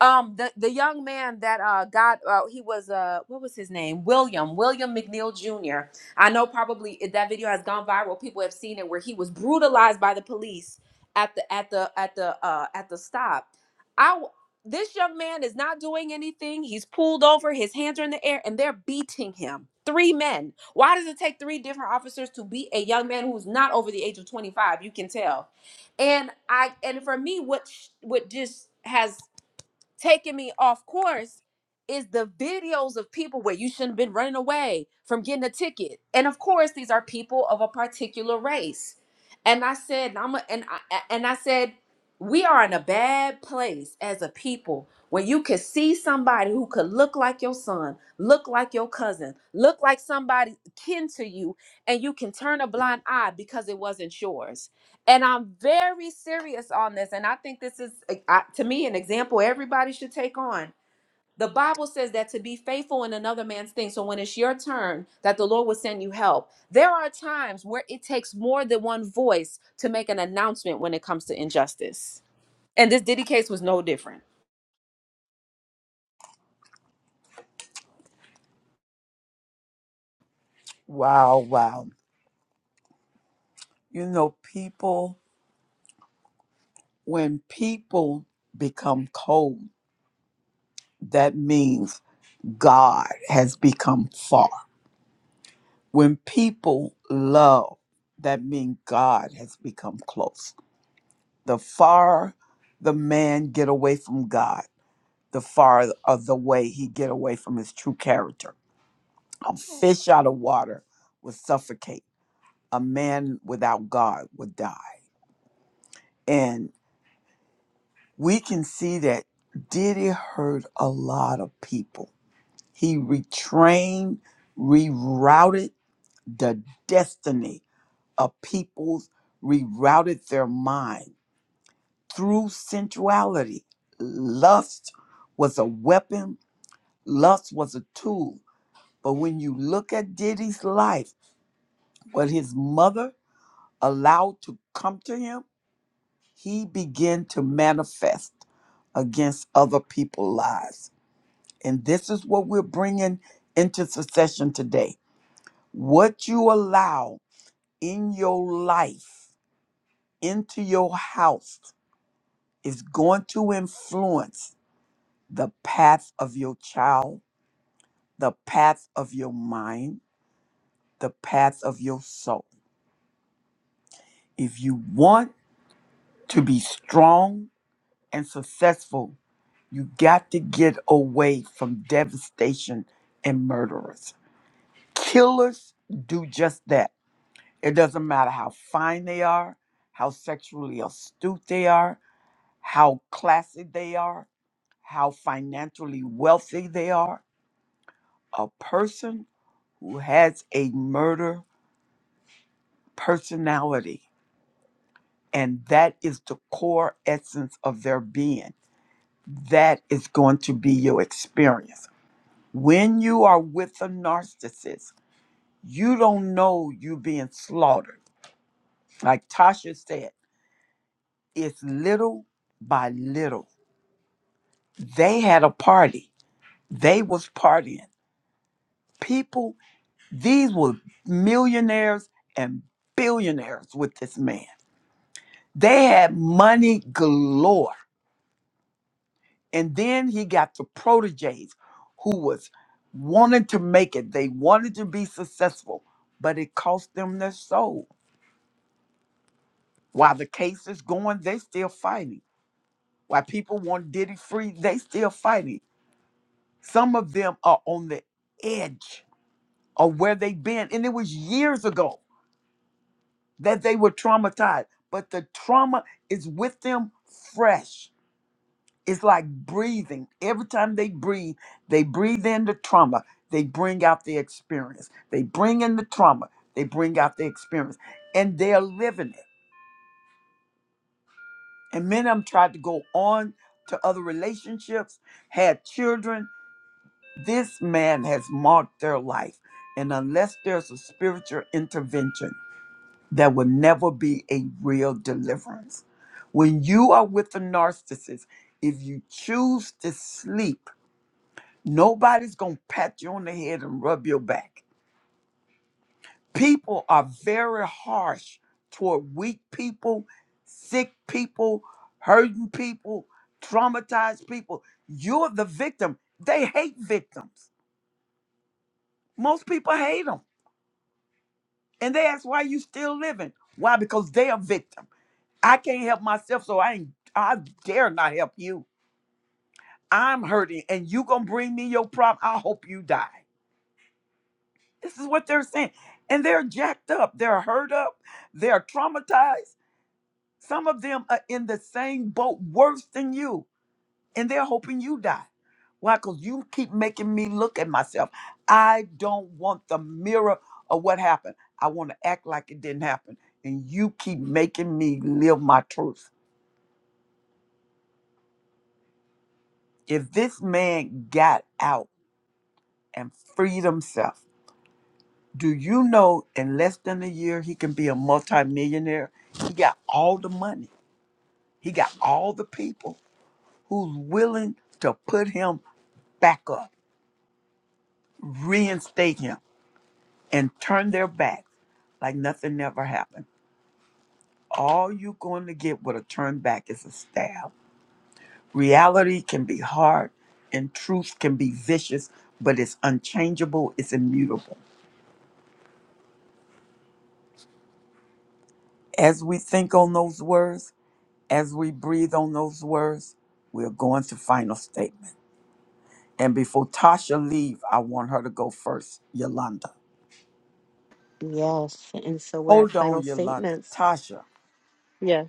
Speaker 7: um the the young man that uh got uh, he was uh what was his name william william mcneil jr i know probably it- that video has gone viral people have seen it where he was brutalized by the police at the at the at the uh at the stop i w- this young man is not doing anything he's pulled over his hands are in the air and they're beating him three men why does it take three different officers to beat a young man who's not over the age of 25 you can tell and i and for me what sh- what just has taking me off course is the videos of people where you shouldn't have been running away from getting a ticket. And of course, these are people of a particular race. And I said, and I'm a, and I and I said, we are in a bad place as a people when you could see somebody who could look like your son, look like your cousin, look like somebody kin to you, and you can turn a blind eye because it wasn't yours and I'm very serious on this. And I think this is, uh, I- to me, an example everybody should take on. The Bible says that to be faithful in another man's thing. So when it's your turn, that the Lord will send you help. There are times where it takes more than one voice to make an announcement when it comes to injustice. And this Diddy case was no different.
Speaker 1: Wow, wow. You know, people, when people become cold, that means God has become far. When people love, that means God has become close. The far the man get away from God, the far of the way he get away from his true character. A fish out of water would suffocate. A man without God would die. And we can see that Diddy hurt a lot of people. He retrained, rerouted the destiny of peoples rerouted their mind through sensuality. Lust was a weapon, lust was a tool. But when you look at Diddy's life, what his mother allowed to come to him, he began to manifest against other people's lives. And this is what we're bringing into succession today. What you allow in your life, into your house, is going to influence the path of your child, the path of your mind, the path of your soul. If you want to be strong and successful, you got to get away from devastation and murderers. Killers do just that. It doesn't matter how fine they are, how sexually astute they are, how classy they are, how financially wealthy they are. A person who has a murder personality, and that is the core essence of their being. That is going to be your experience. When you are with a narcissist, you don't know you being slaughtered. Like Tasha said, it's little by little. They had a party. They was partying. People, these were millionaires and billionaires with this man. They had money galore And then he got the proteges who was wanting to make it. They wanted to be successful, but it cost them their soul. While the case is going, they still fighting. While people want Diddy free, they still fighting. Some of them are on the edge of where they've been. And it was years ago that they were traumatized, but the trauma is with them fresh It's like breathing. Every time they breathe, they breathe in the trauma. They bring out the experience. They bring in the trauma. They bring out the experience. And they're living it. And many of them tried to go on to other relationships, had children. This man has marked their life. And unless there's a spiritual intervention, there will never be a real deliverance. When you are with a narcissist, if you choose to sleep, Nobody's going to pat you on the head and rub your back. People are very harsh toward weak people, sick people, hurting people, traumatized people. You're the victim. They hate victims. Most people hate them. And they ask why you still living. Why? Because they're a victim. I can't help myself, so I ain't I dare not help you. I'm hurting and you gonna bring me your problem. I hope you die. This is what they're saying. And they're jacked up, they're hurt up, they're traumatized. Some of them are in the same boat, worse than you, and they're hoping you die. Why? Because you keep making me look at myself. I don't want the mirror of what happened. I want to act like it didn't happen. And you keep making me live my truth. If this man got out and freed himself, do you know in less than a year he can be a multimillionaire? He got all the money. He got all the people who's willing to put him back up, reinstate him, and turn their back like nothing ever happened. All you're going to get with a turn back is a stab. Reality can be hard and truth can be vicious, but it's unchangeable, it's immutable. As we think on those words, as we breathe on those words, we're going to final statement. And before Tasha leave, I want her to go first, Yolanda.
Speaker 3: yes, and so we're at
Speaker 1: Hold on,
Speaker 3: final
Speaker 1: Yolanda.
Speaker 3: statements.
Speaker 1: Tasha,
Speaker 3: Yes.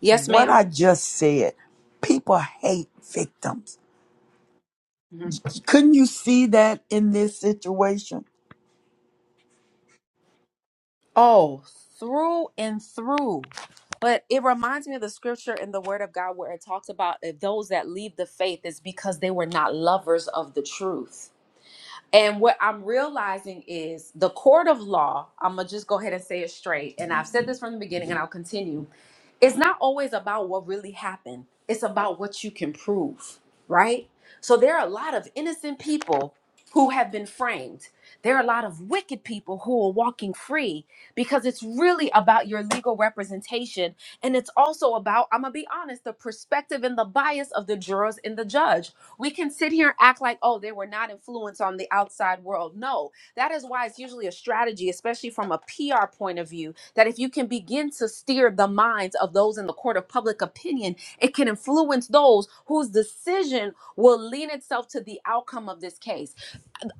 Speaker 7: Yes,
Speaker 1: what
Speaker 7: madam
Speaker 1: I just said, people hate victims. Couldn't you see that in this situation?
Speaker 7: Oh, through and through. But it reminds me of the scripture in the Word of God where it talks about that those that leave the faith is because they were not lovers of the truth. And what I'm realizing is the court of law, I'm going to just go ahead and say it straight. And I've said this from the beginning and I'll continue it's not always about what really happened it's about what you can prove right so there are a lot of innocent people who have been framed there are a lot of wicked people who are walking free because it's really about your legal representation and it's also about i'm gonna be honest the perspective and the bias of the jurors and the judge we can sit here and act like oh they were not influenced on the outside world no that is why it's usually a strategy especially from a pr point of view that if you can begin to steer the minds of those in the court of public opinion, it can influence those whose decision will lean itself to the outcome of this case.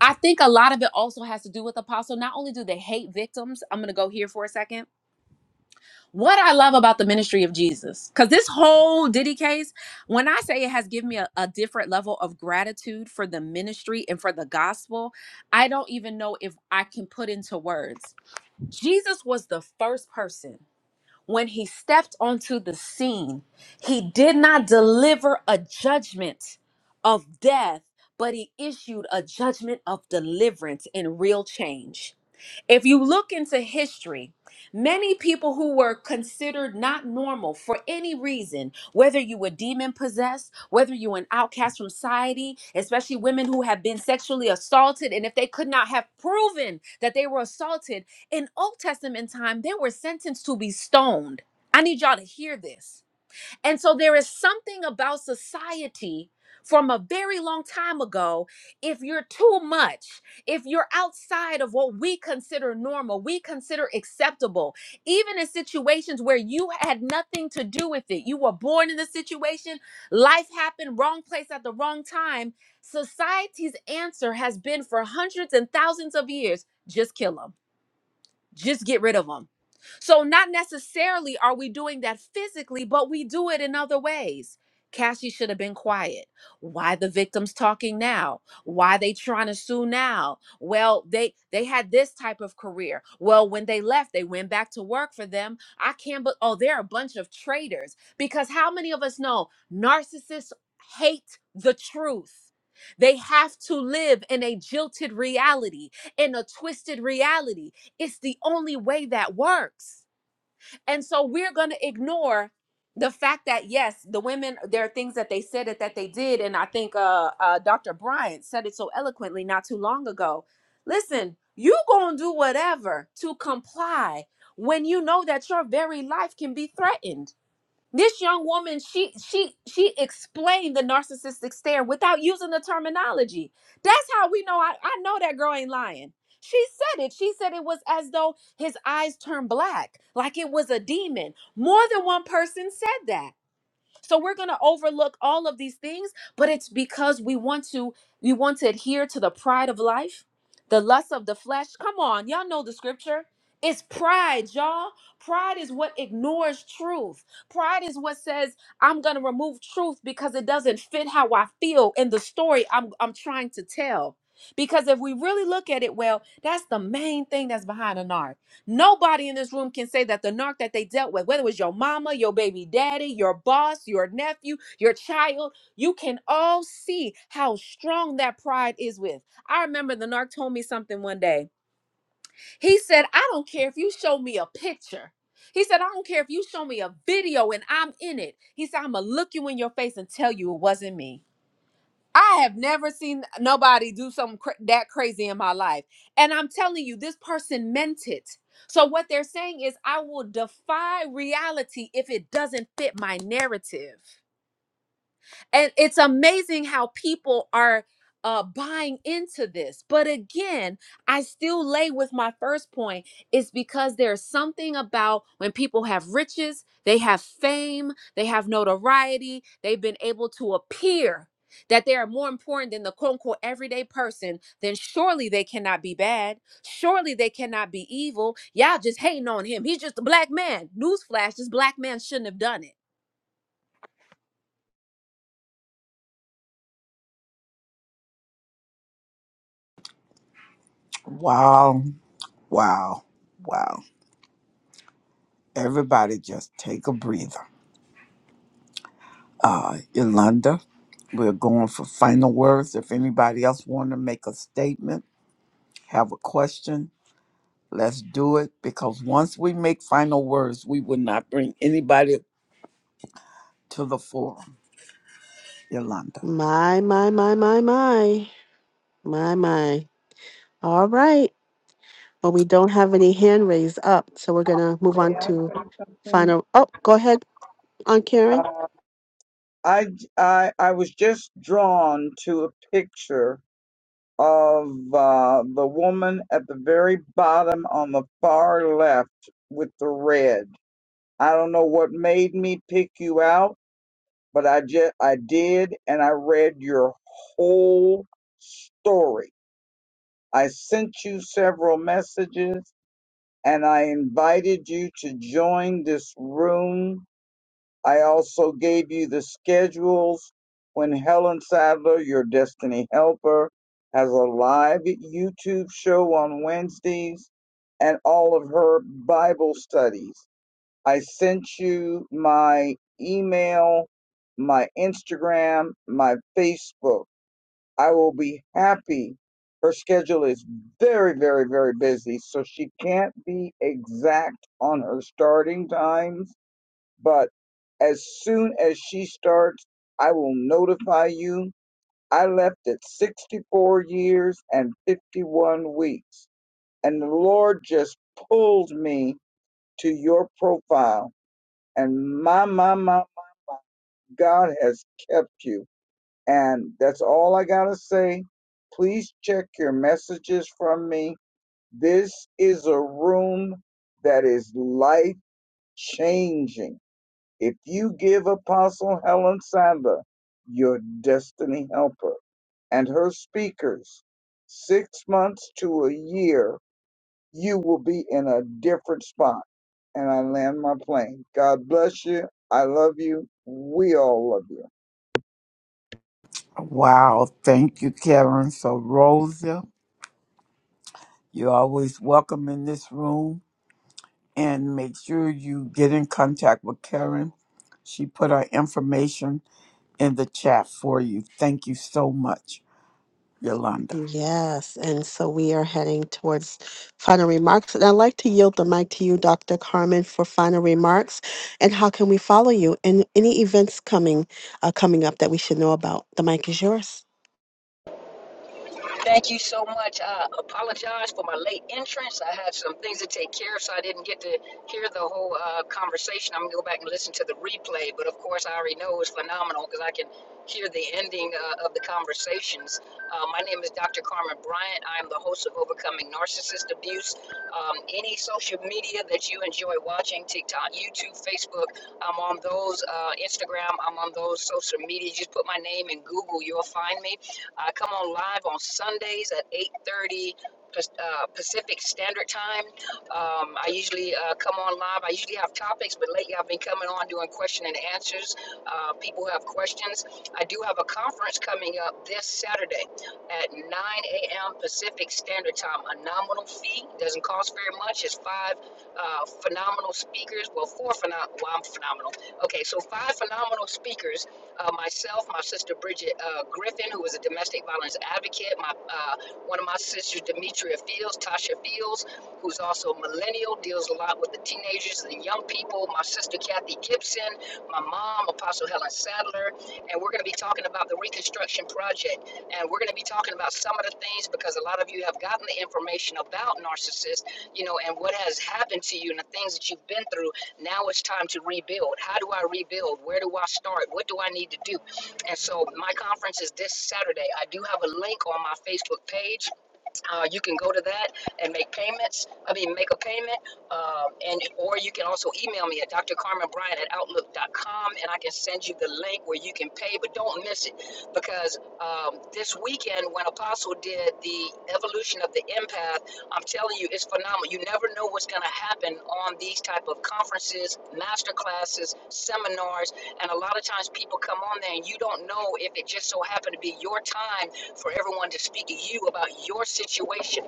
Speaker 7: I think a lot of it also has to do with apostle. Not only do they hate victims, I'm going to go here for a second. What I love about the ministry of Jesus, because this whole Diddy case, when I say it has given me a, a different level of gratitude for the ministry and for the gospel, I don't even know if I can put into words. Jesus was the first person when he stepped onto the scene, he did not deliver a judgment of death, but he issued a judgment of deliverance and real change. If you look into history, many people who were considered not normal for any reason, whether you were demon possessed, whether you were an outcast from society, especially women who have been sexually assaulted, and if they could not have proven that they were assaulted in Old Testament time, they were sentenced to be stoned. I need y'all to hear this and so there is something about society from a very long time ago. If you're too much, if you're outside of what we consider normal, we consider acceptable, even in situations where you had nothing to do with it, you were born in the situation, life happened, wrong place at the wrong time. Society's answer has been for hundreds and thousands of years just kill them just get rid of them. So, not necessarily are we doing that physically, but we do it in other ways. Cassie should have been quiet. Why the victims talking now? Why they trying to sue now? Well, they they had this type of career. Well, when they left, they went back to work for them. I can't but oh, they're a bunch of traitors because how many of us know narcissists hate the truth. They have to live in a jilted reality, in a twisted reality it's the only way that works. And so we're going to ignore the fact that yes, the women there are things that they said it that they did, and I think uh, uh, Dr. Bryant said it so eloquently not too long ago. Listen, you gonna do whatever to comply when you know that your very life can be threatened. This young woman, she she she explained the narcissistic stare without using the terminology. That's how we know I, I know that girl ain't lying. She said it. She said it was as though his eyes turned black, like it was a demon. More than one person said that. So we're going to overlook all of these things, but it's because we want to we want to adhere to the pride of life, the lust of the flesh. Come on, y'all know the scripture. It's pride, y'all. Pride is what ignores truth. Pride is what says, I'm going to remove truth because it doesn't fit how I feel in the story I'm, I'm trying to tell. Because if we really look at it well, that's the main thing that's behind an art. Nobody in this room can say that the narc that they dealt with, whether it was your mama, your baby daddy, your boss, your nephew, your child, you can all see how strong that pride is with. I remember the narc told me something one day. He said, I don't care if you show me a picture. He said, I don't care if you show me a video and I'm in it. He said, I'm going to look you in your face and tell you it wasn't me. I have never seen nobody do something cra- that crazy in my life. And I'm telling you, this person meant it. So, what they're saying is, I will defy reality if it doesn't fit my narrative. And it's amazing how people are uh, buying into this. But again, I still lay with my first point. It's because there's something about when people have riches, they have fame, they have notoriety, they've been able to appear that they are more important than the quote unquote everyday person, then surely they cannot be bad. Surely they cannot be evil. Y'all just hating on him. He's just a black man. Newsflash, this black man shouldn't have done it
Speaker 1: Wow, wow, wow. Everybody just take a breather. Yolanda, we're going for final words. If anybody else want to make a statement, have a question, let's do it. Because once we make final words, we will not bring anybody to the forum. Yolanda.
Speaker 3: My, my, my, my, my, my, my. All right. But we don't have any hand raised up, so we're gonna move on to final. Oh, go ahead, on Karen.
Speaker 5: Uh, I, I, I was just drawn to a picture of uh, the woman at the very bottom on the far left with the red. I don't know what made me pick you out but I just I did and I read your whole story. I sent you several messages and I invited you to join this room. I also gave you the schedules when Helen Sadler, your destiny helper, has a live YouTube show on Wednesdays and all of her Bible studies. I sent you my email, my Instagram, my Facebook. I will be happy. Her schedule is very, very, very busy, so she can't be exact on her starting times. But as soon as she starts, I will notify you. I left at 64 years and 51 weeks, and the Lord just pulled me to your profile and my, my, my, my, my, God has kept you. And that's all I got to say. Please check your messages from me. This is a room that is life changing. If you give Apostle Helen Sadler, your destiny helper, and her speakers six months to a year you will be in a different spot. And I land my plane. God bless you. I love you. We all love you.
Speaker 1: Wow, thank you, Karen. So, Rosa, you're always welcome in this room. And make sure you get in contact with Karen. She put her information in the chat for you. Thank you so much, Yolanda.
Speaker 3: Yes, and so we are heading towards final remarks, and I'd like to yield the mic to you, Dr. Carmen, for final remarks. And how can we follow you? And any events coming, uh, coming up that we should know about? The mic is yours.
Speaker 11: Thank you so much. I apologize for my late entrance. I had some things to take care of, so I didn't get to hear the whole uh, conversation. I'm going to go back and listen to the replay, but of course, I already know it's phenomenal because I can hear the ending uh, of the conversations. Uh, my name is Dr. Carmen Bryant. I am the host of Overcoming Narcissist Abuse. Um, any social media that you enjoy watching, TikTok, YouTube, Facebook, I'm on those, uh, Instagram, I'm on those social media. Just put my name in Google, you'll find me. I come on live on Sundays at 8:30 uh, Pacific Standard Time. Um, I usually uh, come on live. I usually have topics, but lately I've been coming on doing question and answers. Uh, people have questions. I do have a conference coming up this Saturday at 9 a.m. Pacific Standard Time. A nominal fee doesn't cost very much. It's five uh, phenomenal speakers. Well, four phenomenal. Well, I'm phenomenal. Okay, so five phenomenal speakers uh, myself, my sister Bridget uh, Griffin, who is a domestic violence advocate, my uh, one of my sisters, Demetria Fields, Tasha Fields, who's also a millennial, deals a lot with the teenagers and the young people, my sister Kathy Gibson, my mom, Apostle Helen Sadler, and we're going to be talking about the Reconstruction Project. And we're going to be talking about some of the things because a lot of you have gotten the information about narcissists, you know, and what has happened to you and the things that you've been through now it's time to rebuild. How do I rebuild? Where do I start? What do I need to do? And so my conference is this Saturday. I do have a link on my Facebook page uh, you can go to that and make payments. I mean, make a payment, um, and or you can also email me at drcarmenbryan at outlook dot com, and I can send you the link where you can pay. But don't miss it because um, this weekend when Apostle did the evolution of the empath, I'm telling you, it's phenomenal. You never know what's going to happen on these type of conferences, master classes, seminars, and a lot of times people come on there and you don't know if it just so happened to be your time for everyone to speak to you about your situation.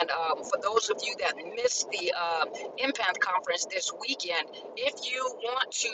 Speaker 11: And um, for those of you that missed the um Impact Conference this weekend, if you want to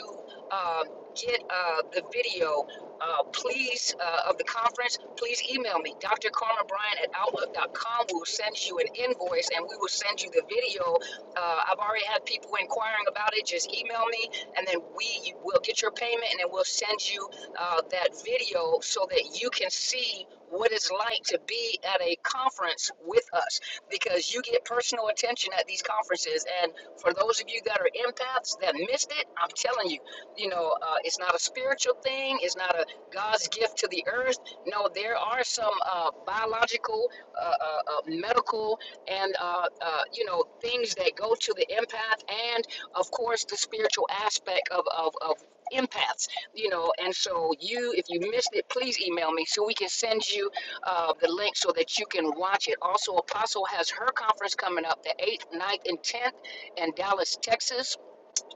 Speaker 11: um get uh, the video, uh, please, uh, of the conference, please email me, Dr. Carmen Bryant at Outlook.com. We will send you an invoice and we will send you the video. Uh, I've already had people inquiring about it. Just email me and then we will get your payment and then we'll send you uh, that video so that you can see what it's like to be at a conference with us because you get personal attention at these conferences. And for those of you that are empaths that missed it, I'm telling you, you know, uh, it's not a spiritual thing, it's not a God's gift to the earth. No, there are some uh, biological, uh, uh, uh, medical, and, uh, uh, you know, things that go to the empath and, of course, the spiritual aspect of, of, of empaths you know and so you if you missed it please email me so we can send you uh, the link so that you can watch it also apostle has her conference coming up the 8th ninth, and 10th in dallas texas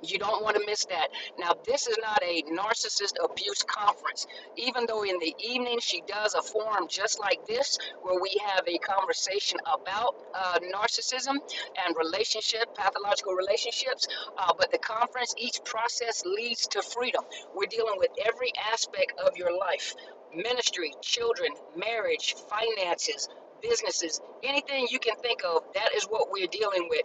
Speaker 11: you don't want to miss that. Now, this is not a narcissist abuse conference. Even though in the evening she does a forum just like this, where we have a conversation about uh, narcissism and relationship, pathological relationships, uh, but the conference, each process leads to freedom. We're dealing with every aspect of your life ministry, children, marriage, finances. Businesses, anything you can think of, that is what we're dealing with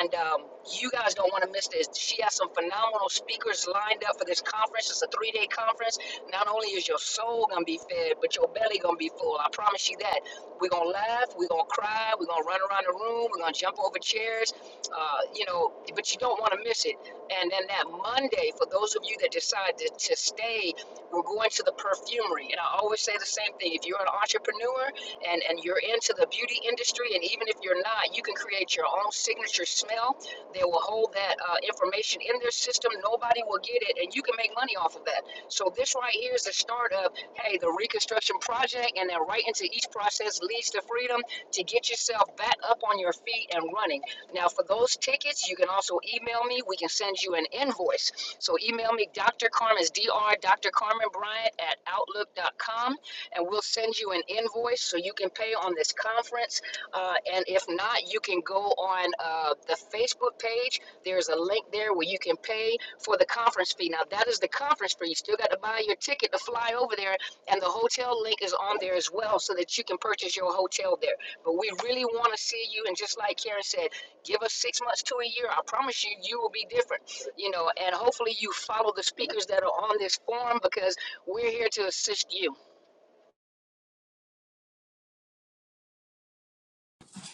Speaker 11: and um, you guys don't want to miss this. She has some phenomenal speakers lined up for this conference. It's a three-day conference. Not only is your soul gonna be fed, but your belly gonna be full. I promise you that. We're gonna laugh. We're gonna cry. We're gonna run around the room. We're gonna jump over chairs. Uh, you know, but you don't want to miss it. And then that Monday, for those of you that decide to, to stay, we're going to the perfumery. And I always say the same thing. If you're an entrepreneur and, and you're into the beauty industry, and even if you're not, you can create your own signature smell. They will hold that uh, information in their system. Nobody will get it, and you can make money off of that. So this right here is the start of, hey, the reconstruction project, and then right into each process leads to freedom to get yourself back up on your feet and running. Now, for those tickets, you can also email me. We can send you an invoice. So email me, Dr. Carmen's dr Dr. Carmen Bryant at outlook.com and we'll send you an invoice so you can pay on this conference. Uh, and if not, you can go on uh, the Facebook page. There's a link there where you can pay for the conference fee. Now, that is the conference fee. You still got to buy your ticket to fly over there, and the hotel link is on there as well so that you can purchase your hotel there. But we really want to see you. And just like Karen said, give us six months to a year. I promise you, you will be different. You know, and hopefully you follow the speakers that are on this forum because we're here to assist you.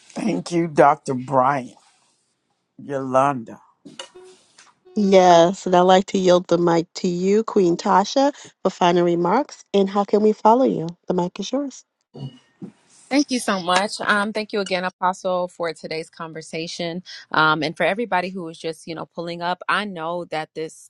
Speaker 1: Thank you, Dr. Brian. Yolanda.
Speaker 3: Yes, and I'd like to yield the mic to you, Queen Tasha, for final remarks. And how can we follow you? The mic is yours.
Speaker 7: Thank you so much. Um, thank you again, Apostle, for today's conversation. Um, and for everybody who was just, you know, pulling up, I know that this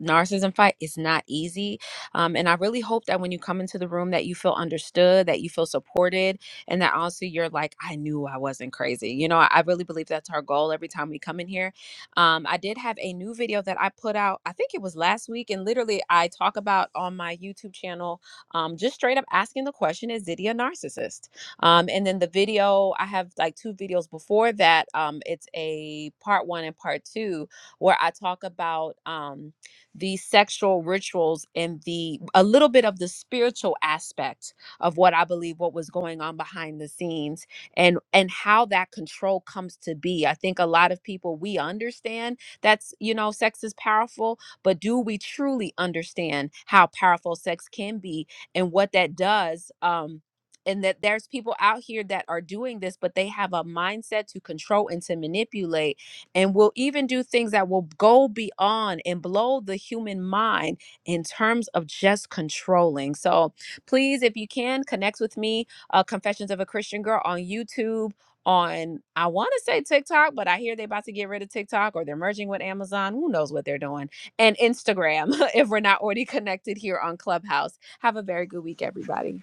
Speaker 7: narcissism fight it's not easy um, and i really hope that when you come into the room that you feel understood that you feel supported and that also you're like i knew i wasn't crazy you know i, I really believe that's our goal every time we come in here um, i did have a new video that i put out i think it was last week and literally i talk about on my youtube channel um, just straight up asking the question is diddy a narcissist um, and then the video i have like two videos before that um, it's a part one and part two where i talk about um, the sexual rituals and the a little bit of the spiritual aspect of what I believe what was going on behind the scenes and and how that control comes to be. I think a lot of people we understand that's you know sex is powerful, but do we truly understand how powerful sex can be and what that does um and that there's people out here that are doing this but they have a mindset to control and to manipulate and will even do things that will go beyond and blow the human mind in terms of just controlling. So please, if you can, connect with me, uh, Confessions of a Christian Girl on YouTube. On, I want to say TikTok, but I hear they're about to get rid of TikTok or they're merging with Amazon. Who knows what they're doing? And Instagram, if we're not already connected here on Clubhouse. Have a very good week, everybody.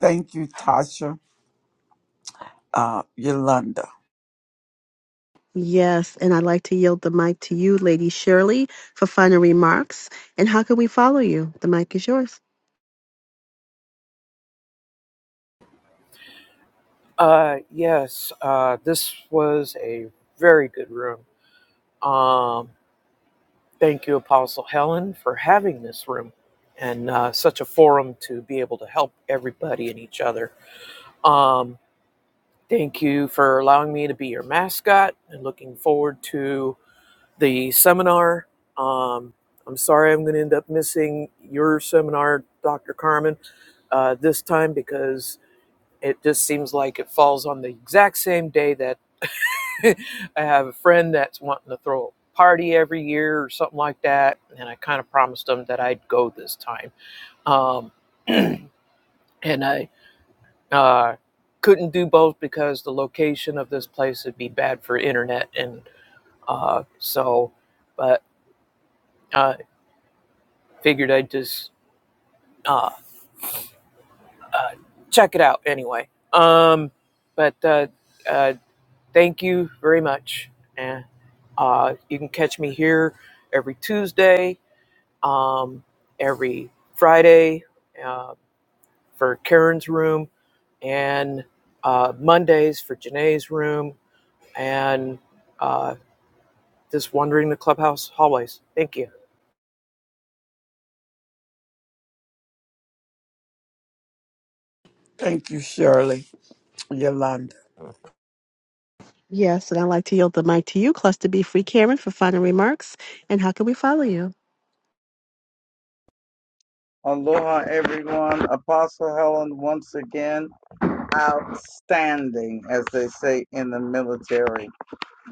Speaker 1: Thank you, Tasha. Uh, Yolanda.
Speaker 3: Yes, and I'd like to yield the mic to you, Lady Shirley, for final remarks. And how can we follow you? The mic is yours.
Speaker 4: Uh, yes, uh, this was a very good room. Um, thank you, Apostle Helen, for having this room and uh, such a forum to be able to help everybody and each other. Um, thank you for allowing me to be your mascot and looking forward to the seminar. Um, I'm sorry I'm going to end up missing your seminar, Dr. Carmen, uh, this time because it just seems like it falls on the exact same day that I have a friend that's wanting to throw a party every year or something like that. And I kind of promised them that I'd go this time. Um, and I Uh, couldn't do both because the location of this place would be bad for internet, and uh, so, but uh, figured I'd just uh, uh, check it out anyway. Um, but uh, uh, thank you very much, and uh, you can catch me here every Tuesday, um, every Friday uh, for Karen's room, and uh, Mondays for Janae's room, and uh, this wandering the clubhouse hallways. Thank you.
Speaker 1: Thank you, Shirley. Yolanda.
Speaker 3: Yes, and I'd like to yield the mic to you, Cluster B Free Karen, for final remarks. And how can we follow you?
Speaker 5: Aloha, everyone. Apostle Helen, once again, outstanding, as they say in the military.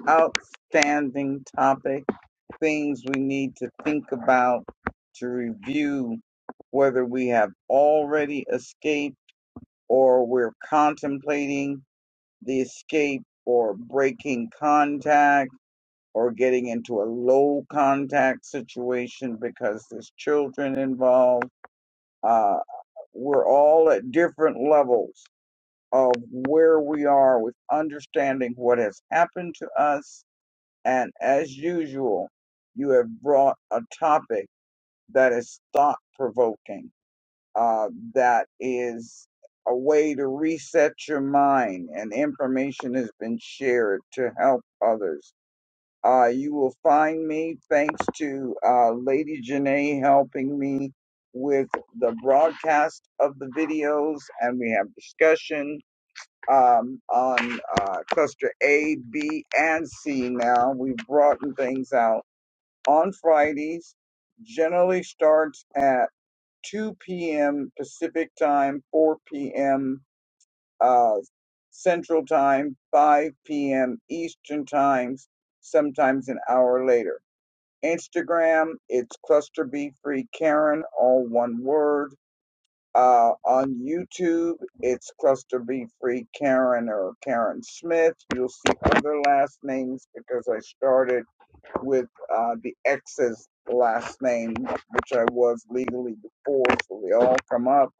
Speaker 5: Outstanding topic, things we need to think about to review whether we have already escaped or we're contemplating the escape or breaking contact or getting into a low contact situation because there's children involved. Uh, we're all at different levels of where we are with understanding what has happened to us. And as usual, you have brought a topic that is thought provoking, uh, that is a way to reset your mind, and information has been shared to help others uh, you will find me thanks to uh, Lady Janae helping me with the broadcast of the videos, and we have discussion um, on uh, cluster A, B, and C. Now we've broadened things out on Fridays. Generally starts at 2 p.m. Pacific time, 4 p.m. Uh, Central time, 5 p.m. Eastern times, sometimes an hour later. Instagram, it's Cluster B Free Karen, all one word. Uh, on YouTube, it's Cluster B Free Karen or Karen Smith. You'll see other last names because I started with uh, the ex's last name, which I was legally before, so they all come up.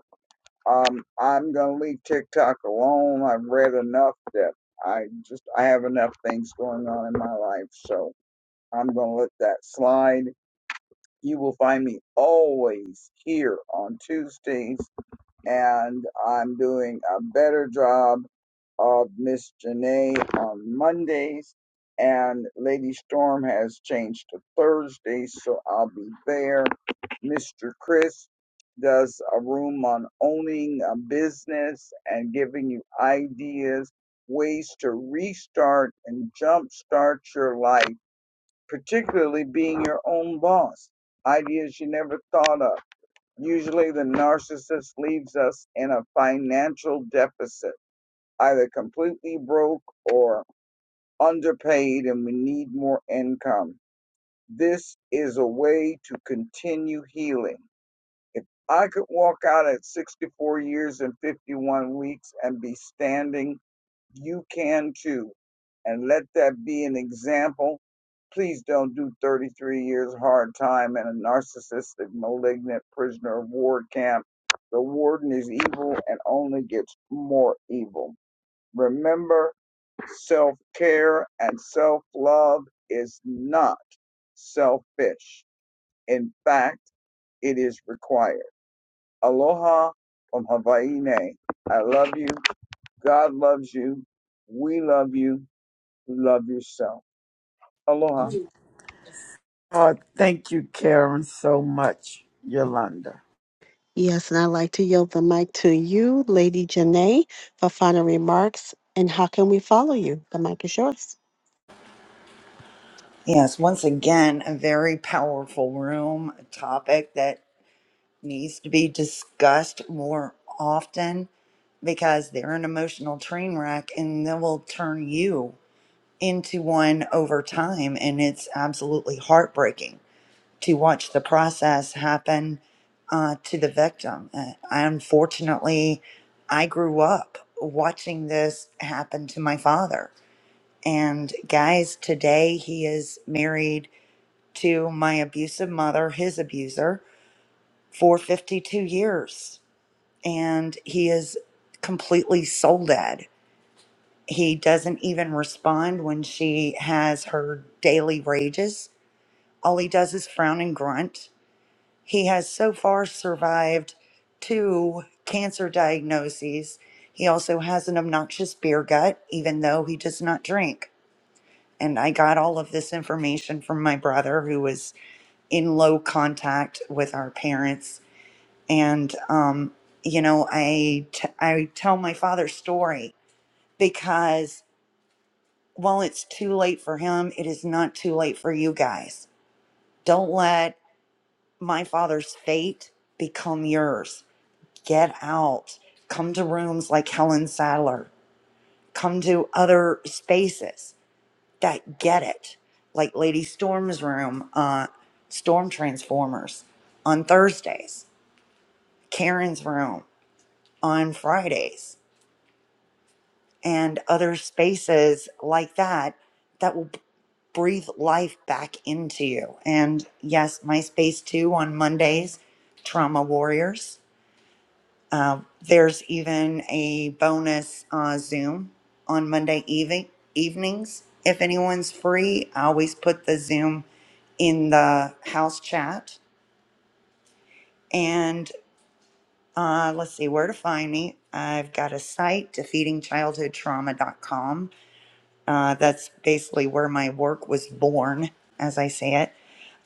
Speaker 5: Um, I'm gonna leave TikTok alone. I've read enough that I just I have enough things going on in my life, so I'm gonna let that slide you will find me always here on Tuesdays, and I'm doing a better job of Miss Janae on Mondays, and Lady Storm has changed to Thursdays, so I'll be there. Mr. Chris does a room on owning a business and giving you ideas, ways to restart and jumpstart your life particularly being your own boss, ideas you never thought of. Usually, the narcissist leaves us in a financial deficit, either completely broke or underpaid, and we need more income. This is a way to continue healing. If I could walk out at 64 years and 51 weeks and be standing you can too. And let that be an example. Please don't do 33 years hard time in a narcissistic, malignant prisoner of war camp. The warden is evil and only gets more evil. Remember, self care and self love is not selfish. In fact, it is required. Aloha from Hawaii. I love you. God loves you. We love you Love yourself. Aloha.
Speaker 1: Uh, thank you, Karen, so much, Yolanda.
Speaker 3: Yes, and I'd like to yield the mic to you, Lady Janae, for final remarks. And how can we follow you? The mic is yours.
Speaker 6: Yes, once again, a very powerful room, a topic that needs to be discussed more often because they're an emotional train wreck and they will turn you into one over time. And it's absolutely heartbreaking to watch the process happen uh, to the victim. Uh, unfortunately, I grew up watching this happen to my father. And guys, today he is married to my abusive mother, his abuser, for 52 years. And he is completely soul dead. He doesn't even respond when she has her daily rages All he does is frown and grunt. He has so far survived two cancer diagnoses. He also has an obnoxious beer gut, even though he does not drink. And I got all of this information from my brother, who was in low contact with our parents. And, um, you know, I, t- I tell my father's story because while it's too late for him, it is not too late for you guys. Don't let my father's fate become yours. Get out. Come to rooms like Helen Sadler. Come to other spaces that get it, like Lady Storm's room, uh, Storm Transformers on Thursdays, Karen's room on Fridays, and other spaces like that that will b- breathe life back into you. And yes, my space too on Mondays, Trauma Warriors Uh, there's even a bonus uh, Zoom on Monday evening evenings. If anyone's free, I always put the Zoom in the house chat. And uh, let's see where to find me. I've got a site, defeatingchildhoodtrauma.com. Uh, that's basically where my work was born, as I say it.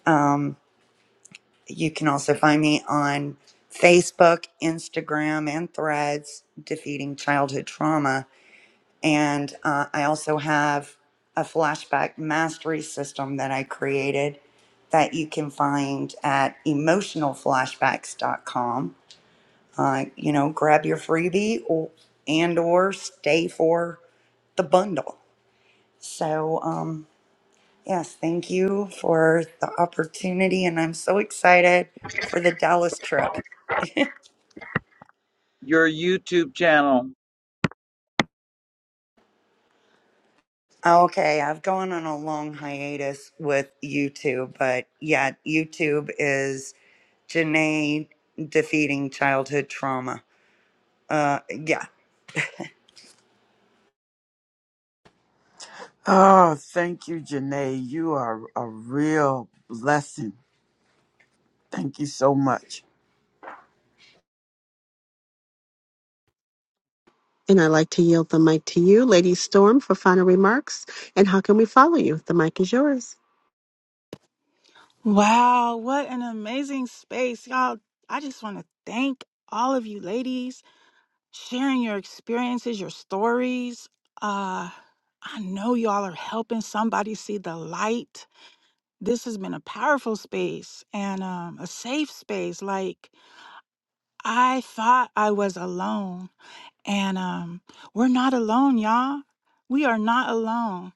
Speaker 6: Um, you can also find me on Facebook, Instagram, and Threads, Defeating Childhood Trauma And uh, I also have a flashback mastery system that I created that you can find at emotionalflashbacks.com. Uh, you know, grab your freebie or, and or stay for the bundle. So, um, yes, thank you for the opportunity. And I'm so excited for the Dallas trip.
Speaker 5: Your YouTube channel.
Speaker 6: Okay, I've gone on a long hiatus with YouTube, but yeah, YouTube is Janae defeating childhood trauma. Uh, yeah,
Speaker 1: Oh, thank you, Janae. You are a real blessing. Thank you so much.
Speaker 3: And I'd like to yield the mic to you, Lady Storm, for final remarks. And how can we follow you? The mic is yours.
Speaker 8: Wow, what an amazing space. Y'all, I just want to thank all of you ladies sharing your experiences, your stories. Uh I know y'all are helping somebody see the light. This has been a powerful space and um, a safe space. Like I thought I was alone. And um, we're not alone, y'all. We are not alone.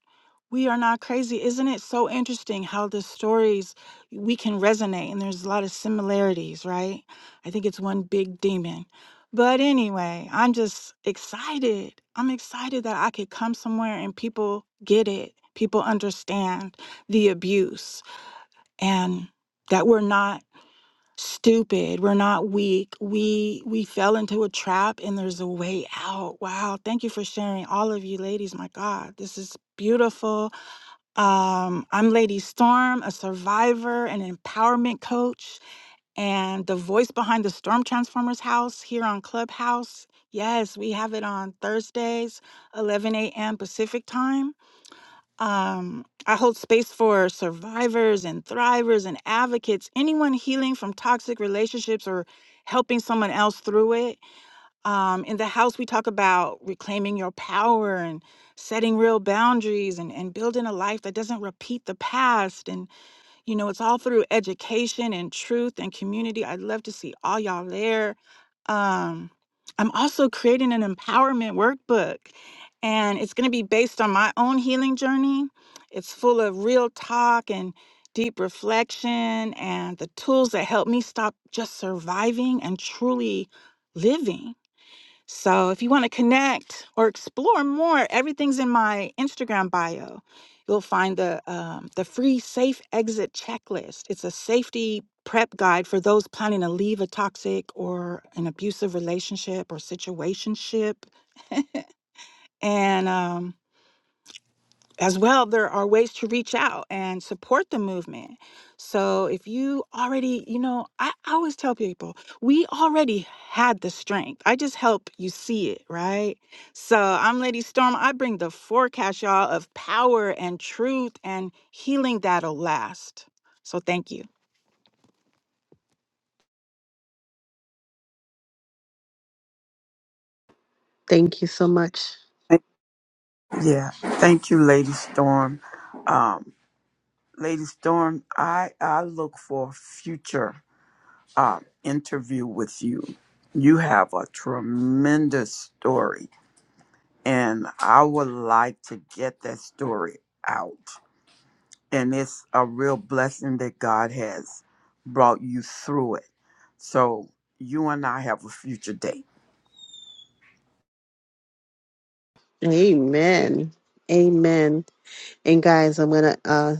Speaker 8: We are not crazy. Isn't it so interesting how the stories we can resonate and there's a lot of similarities, right? I think it's one big demon. But anyway, I'm just excited. I'm excited that I could come somewhere and people get it. People understand the abuse and that we're not stupid we're not weak we we fell into a trap and there's a way out wow thank you for sharing all of you ladies my god this is beautiful um i'm lady storm a survivor an empowerment coach and the voice behind the storm transformers house here on clubhouse yes we have it on thursdays 11 a.m pacific time um, I hold space for survivors and thrivers and advocates, anyone healing from toxic relationships or helping someone else through it. Um, in the house, we talk about reclaiming your power and setting real boundaries and, and building a life that doesn't repeat the past. And you know, it's all through education and truth and community. I'd love to see all y'all there. Um, I'm also creating an empowerment workbook, and it's going to be based on my own healing journey. It's full of real talk and deep reflection and the tools that help me stop just surviving and truly living. So if you want to connect or explore more, everything's in my Instagram bio. You'll find the um, the free safe exit checklist. It's a safety prep guide for those planning to leave a toxic or an abusive relationship or situationship. And um, as well, there are ways to reach out and support the movement. So if you already, you know, I I always tell people, we already had the strength. I just help you see it, right? So I'm Lady Storm. I bring the forecast, y'all, of power and truth and healing that'll last. So thank you.
Speaker 3: Thank you so much.
Speaker 1: Thank- Yeah, thank you, Lady Storm. Um, Lady Storm, I I look for a future uh, interview with you. You have a tremendous story, and I would like to get that story out. And it's a real blessing that God has brought you through it. So you and I have a future date.
Speaker 3: Amen. Amen. And guys, I'm gonna uh,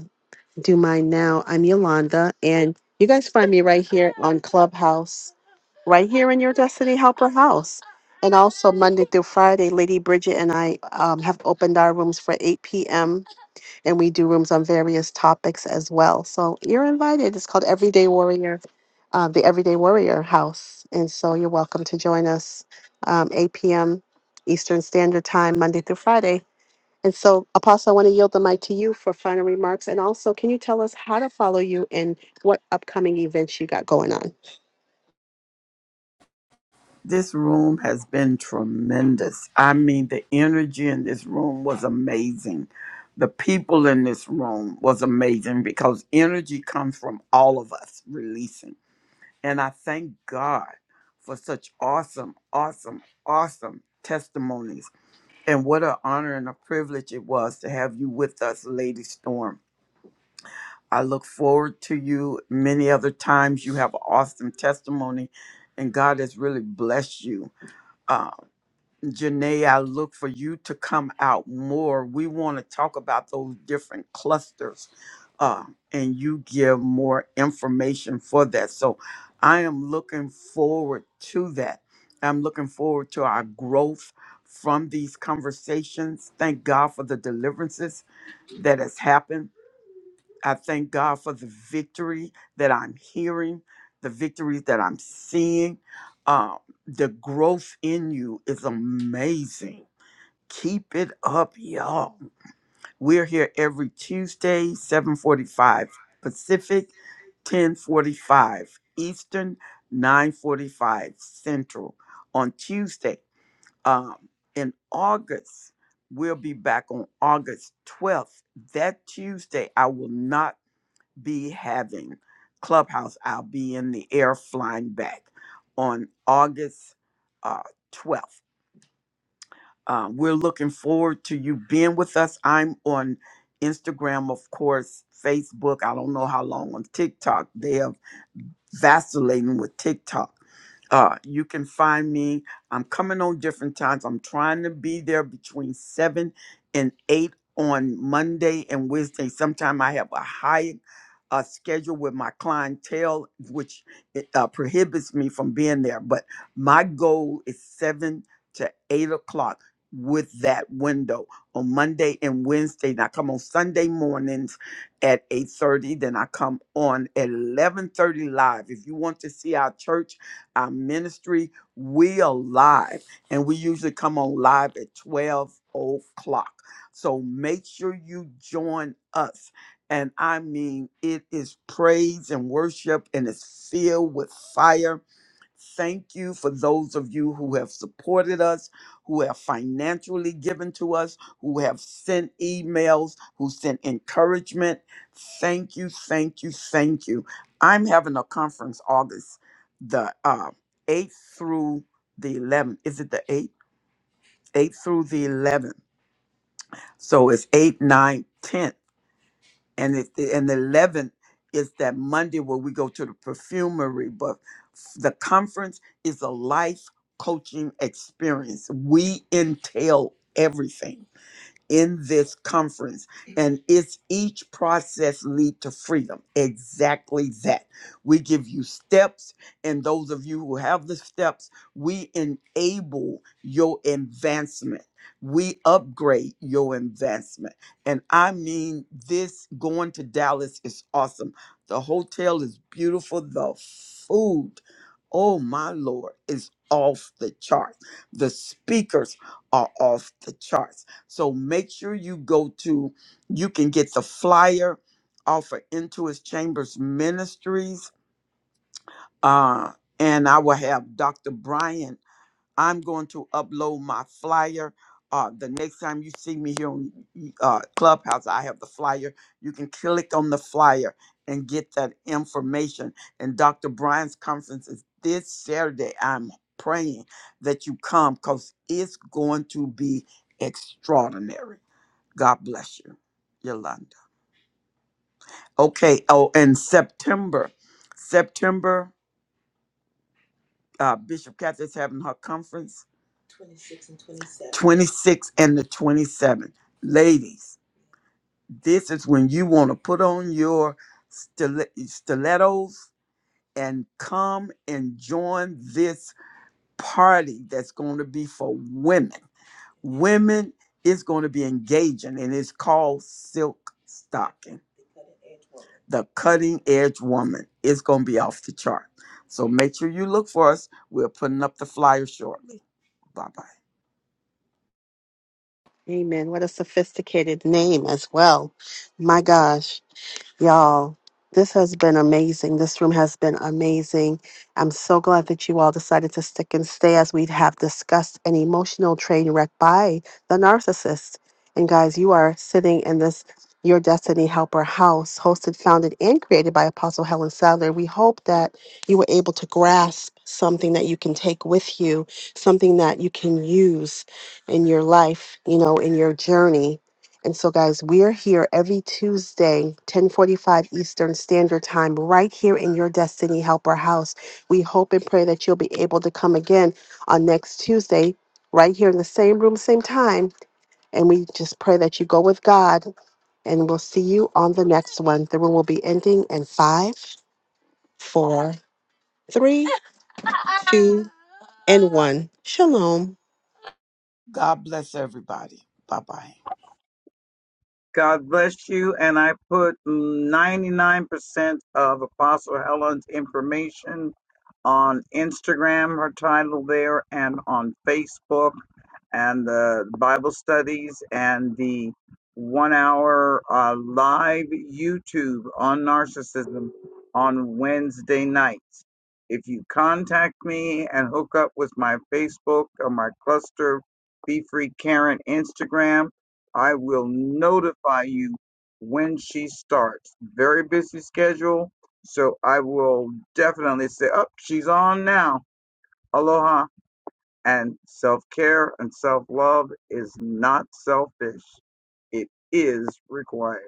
Speaker 3: do mine now. I'm Yolanda, and you guys find me right here on Clubhouse, right here in your Destiny Helper house. And also Monday through Friday, Lady Bridget and I um, have opened our rooms for 8 p.m. and we do rooms on various topics as well. So you're invited. It's called Everyday Warrior, uh, the Everyday Warrior House, and so you're welcome to join us um, 8 p.m. Eastern Standard Time, Monday through Friday. And so, Apostle, I want to yield the mic to you for final remarks. And also, can you tell us how to follow you and what upcoming events you got going on?
Speaker 1: This room has been tremendous. I mean, the energy in this room was amazing. The people in this room was amazing because energy comes from all of us releasing. And I thank God for such awesome, awesome, awesome testimonies. And what an honor and a privilege it was to have you with us, Lady Storm. I look forward to you many other times. You have an awesome testimony, and God has really blessed you uh, Janae, I look for you to come out more. We want to talk about those different clusters uh, and you give more information for that. So I am looking forward to that. I'm looking forward to our growth from these conversations. Thank God for the deliverances that has happened. I thank God for the victory that I'm hearing, the victories that I'm seeing. Uh, the growth in you is amazing Keep it up, y'all. We're here every Tuesday, 745 Pacific, 1045 Eastern, 945 Central. On Tuesday, um, in August, we'll be back on August 12th. That Tuesday, I will not be having Clubhouse. I'll be in the air flying back on August uh, 12th. Um, we're looking forward to you being with us. I'm on Instagram, of course, Facebook. I don't know how long on TikTok. They have vacillating with TikTok. Uh, you can find me. I'm coming on different times. I'm trying to be there between seven and eight on Monday and Wednesday. Sometime I have a high uh, schedule with my clientele, which it, uh, prohibits me from being there. But my goal is seven to eight o'clock with that window on Monday and Wednesday. Now come on Sunday mornings at 8.30 then i come on at 11.30 live if you want to see our church our ministry we are live and we usually come on live at 12 o'clock so make sure you join us and i mean it is praise and worship and it's filled with fire Thank you for those of you who have supported us, who have financially given to us, who have sent emails, who sent encouragement. Thank you, thank you, thank you. I'm having a conference August the uh, 8th through the 11th. Is it the 8th? 8th through the 11th. So it's 8, 9, 10 and it, and the eleventh is that Monday where we go to the perfumery. But f- the conference is a life coaching experience. We entail everything in this conference and it's each process lead to freedom exactly that we give you steps and those of you who have the steps we enable your advancement we upgrade your advancement and i mean this going to dallas is awesome the hotel is beautiful the food oh my lord is off the chart the speakers are off the charts so make sure you go to, you can get the flyer off of Into His Chambers Ministries. Uh, and I will have Dr. Brian. I'm going to upload my flyer. Uh, the next time you see me here on uh, Clubhouse, I have the flyer. You can click on the flyer and get that information. And Dr. Brian's conference is this Saturday. I'm praying that you come because it's going to be extraordinary. God bless you, Yolanda. Okay. Oh, and September, September, uh, Bishop Catherine's having her conference. 26 and 27. 26 and the 27. Ladies, this is when you want to put on your stile- stilettos and come and join this party that's going to be for women. Women is going to be engaging, and it's called Silk Stocking. the cutting edge woman is going to be off the chart. So make sure you look for us. We're putting up the flyer shortly. Bye bye.
Speaker 3: Amen. What a sophisticated name as well. My gosh. Y'all, this has been amazing. This room has been amazing. I'm so glad that you all decided to stick and stay as we have discussed an emotional train wreck by the narcissist. And guys, you are sitting in this Your Destiny Helper house, hosted, founded, and created by Apostle Helen Sadler. We hope that you were able to grasp something that you can take with you, something that you can use in your life, you know, in your journey and so, guys, we're here every Tuesday, 1045 Eastern Standard Time, right here in your Destiny Helper house. We hope and pray that you'll be able to come again on next Tuesday, right here in the same room, same time. And we just pray that you go with God, and we'll see you on the next one. The room will be ending in five, four, three, two, and one. Shalom.
Speaker 1: God bless everybody. Bye bye.
Speaker 5: God bless you. And I put 99% of Apostle Helen's information on Instagram, her title there, and on Facebook, and the Bible studies, and the one hour uh, live YouTube on narcissism on Wednesday nights. If you contact me and hook up with my Facebook or my cluster, Be Free Karen Instagram, I will notify you when she starts. Very busy schedule. So I will definitely say, oh, she's on now. Aloha. And self care and self love is not selfish, it is required.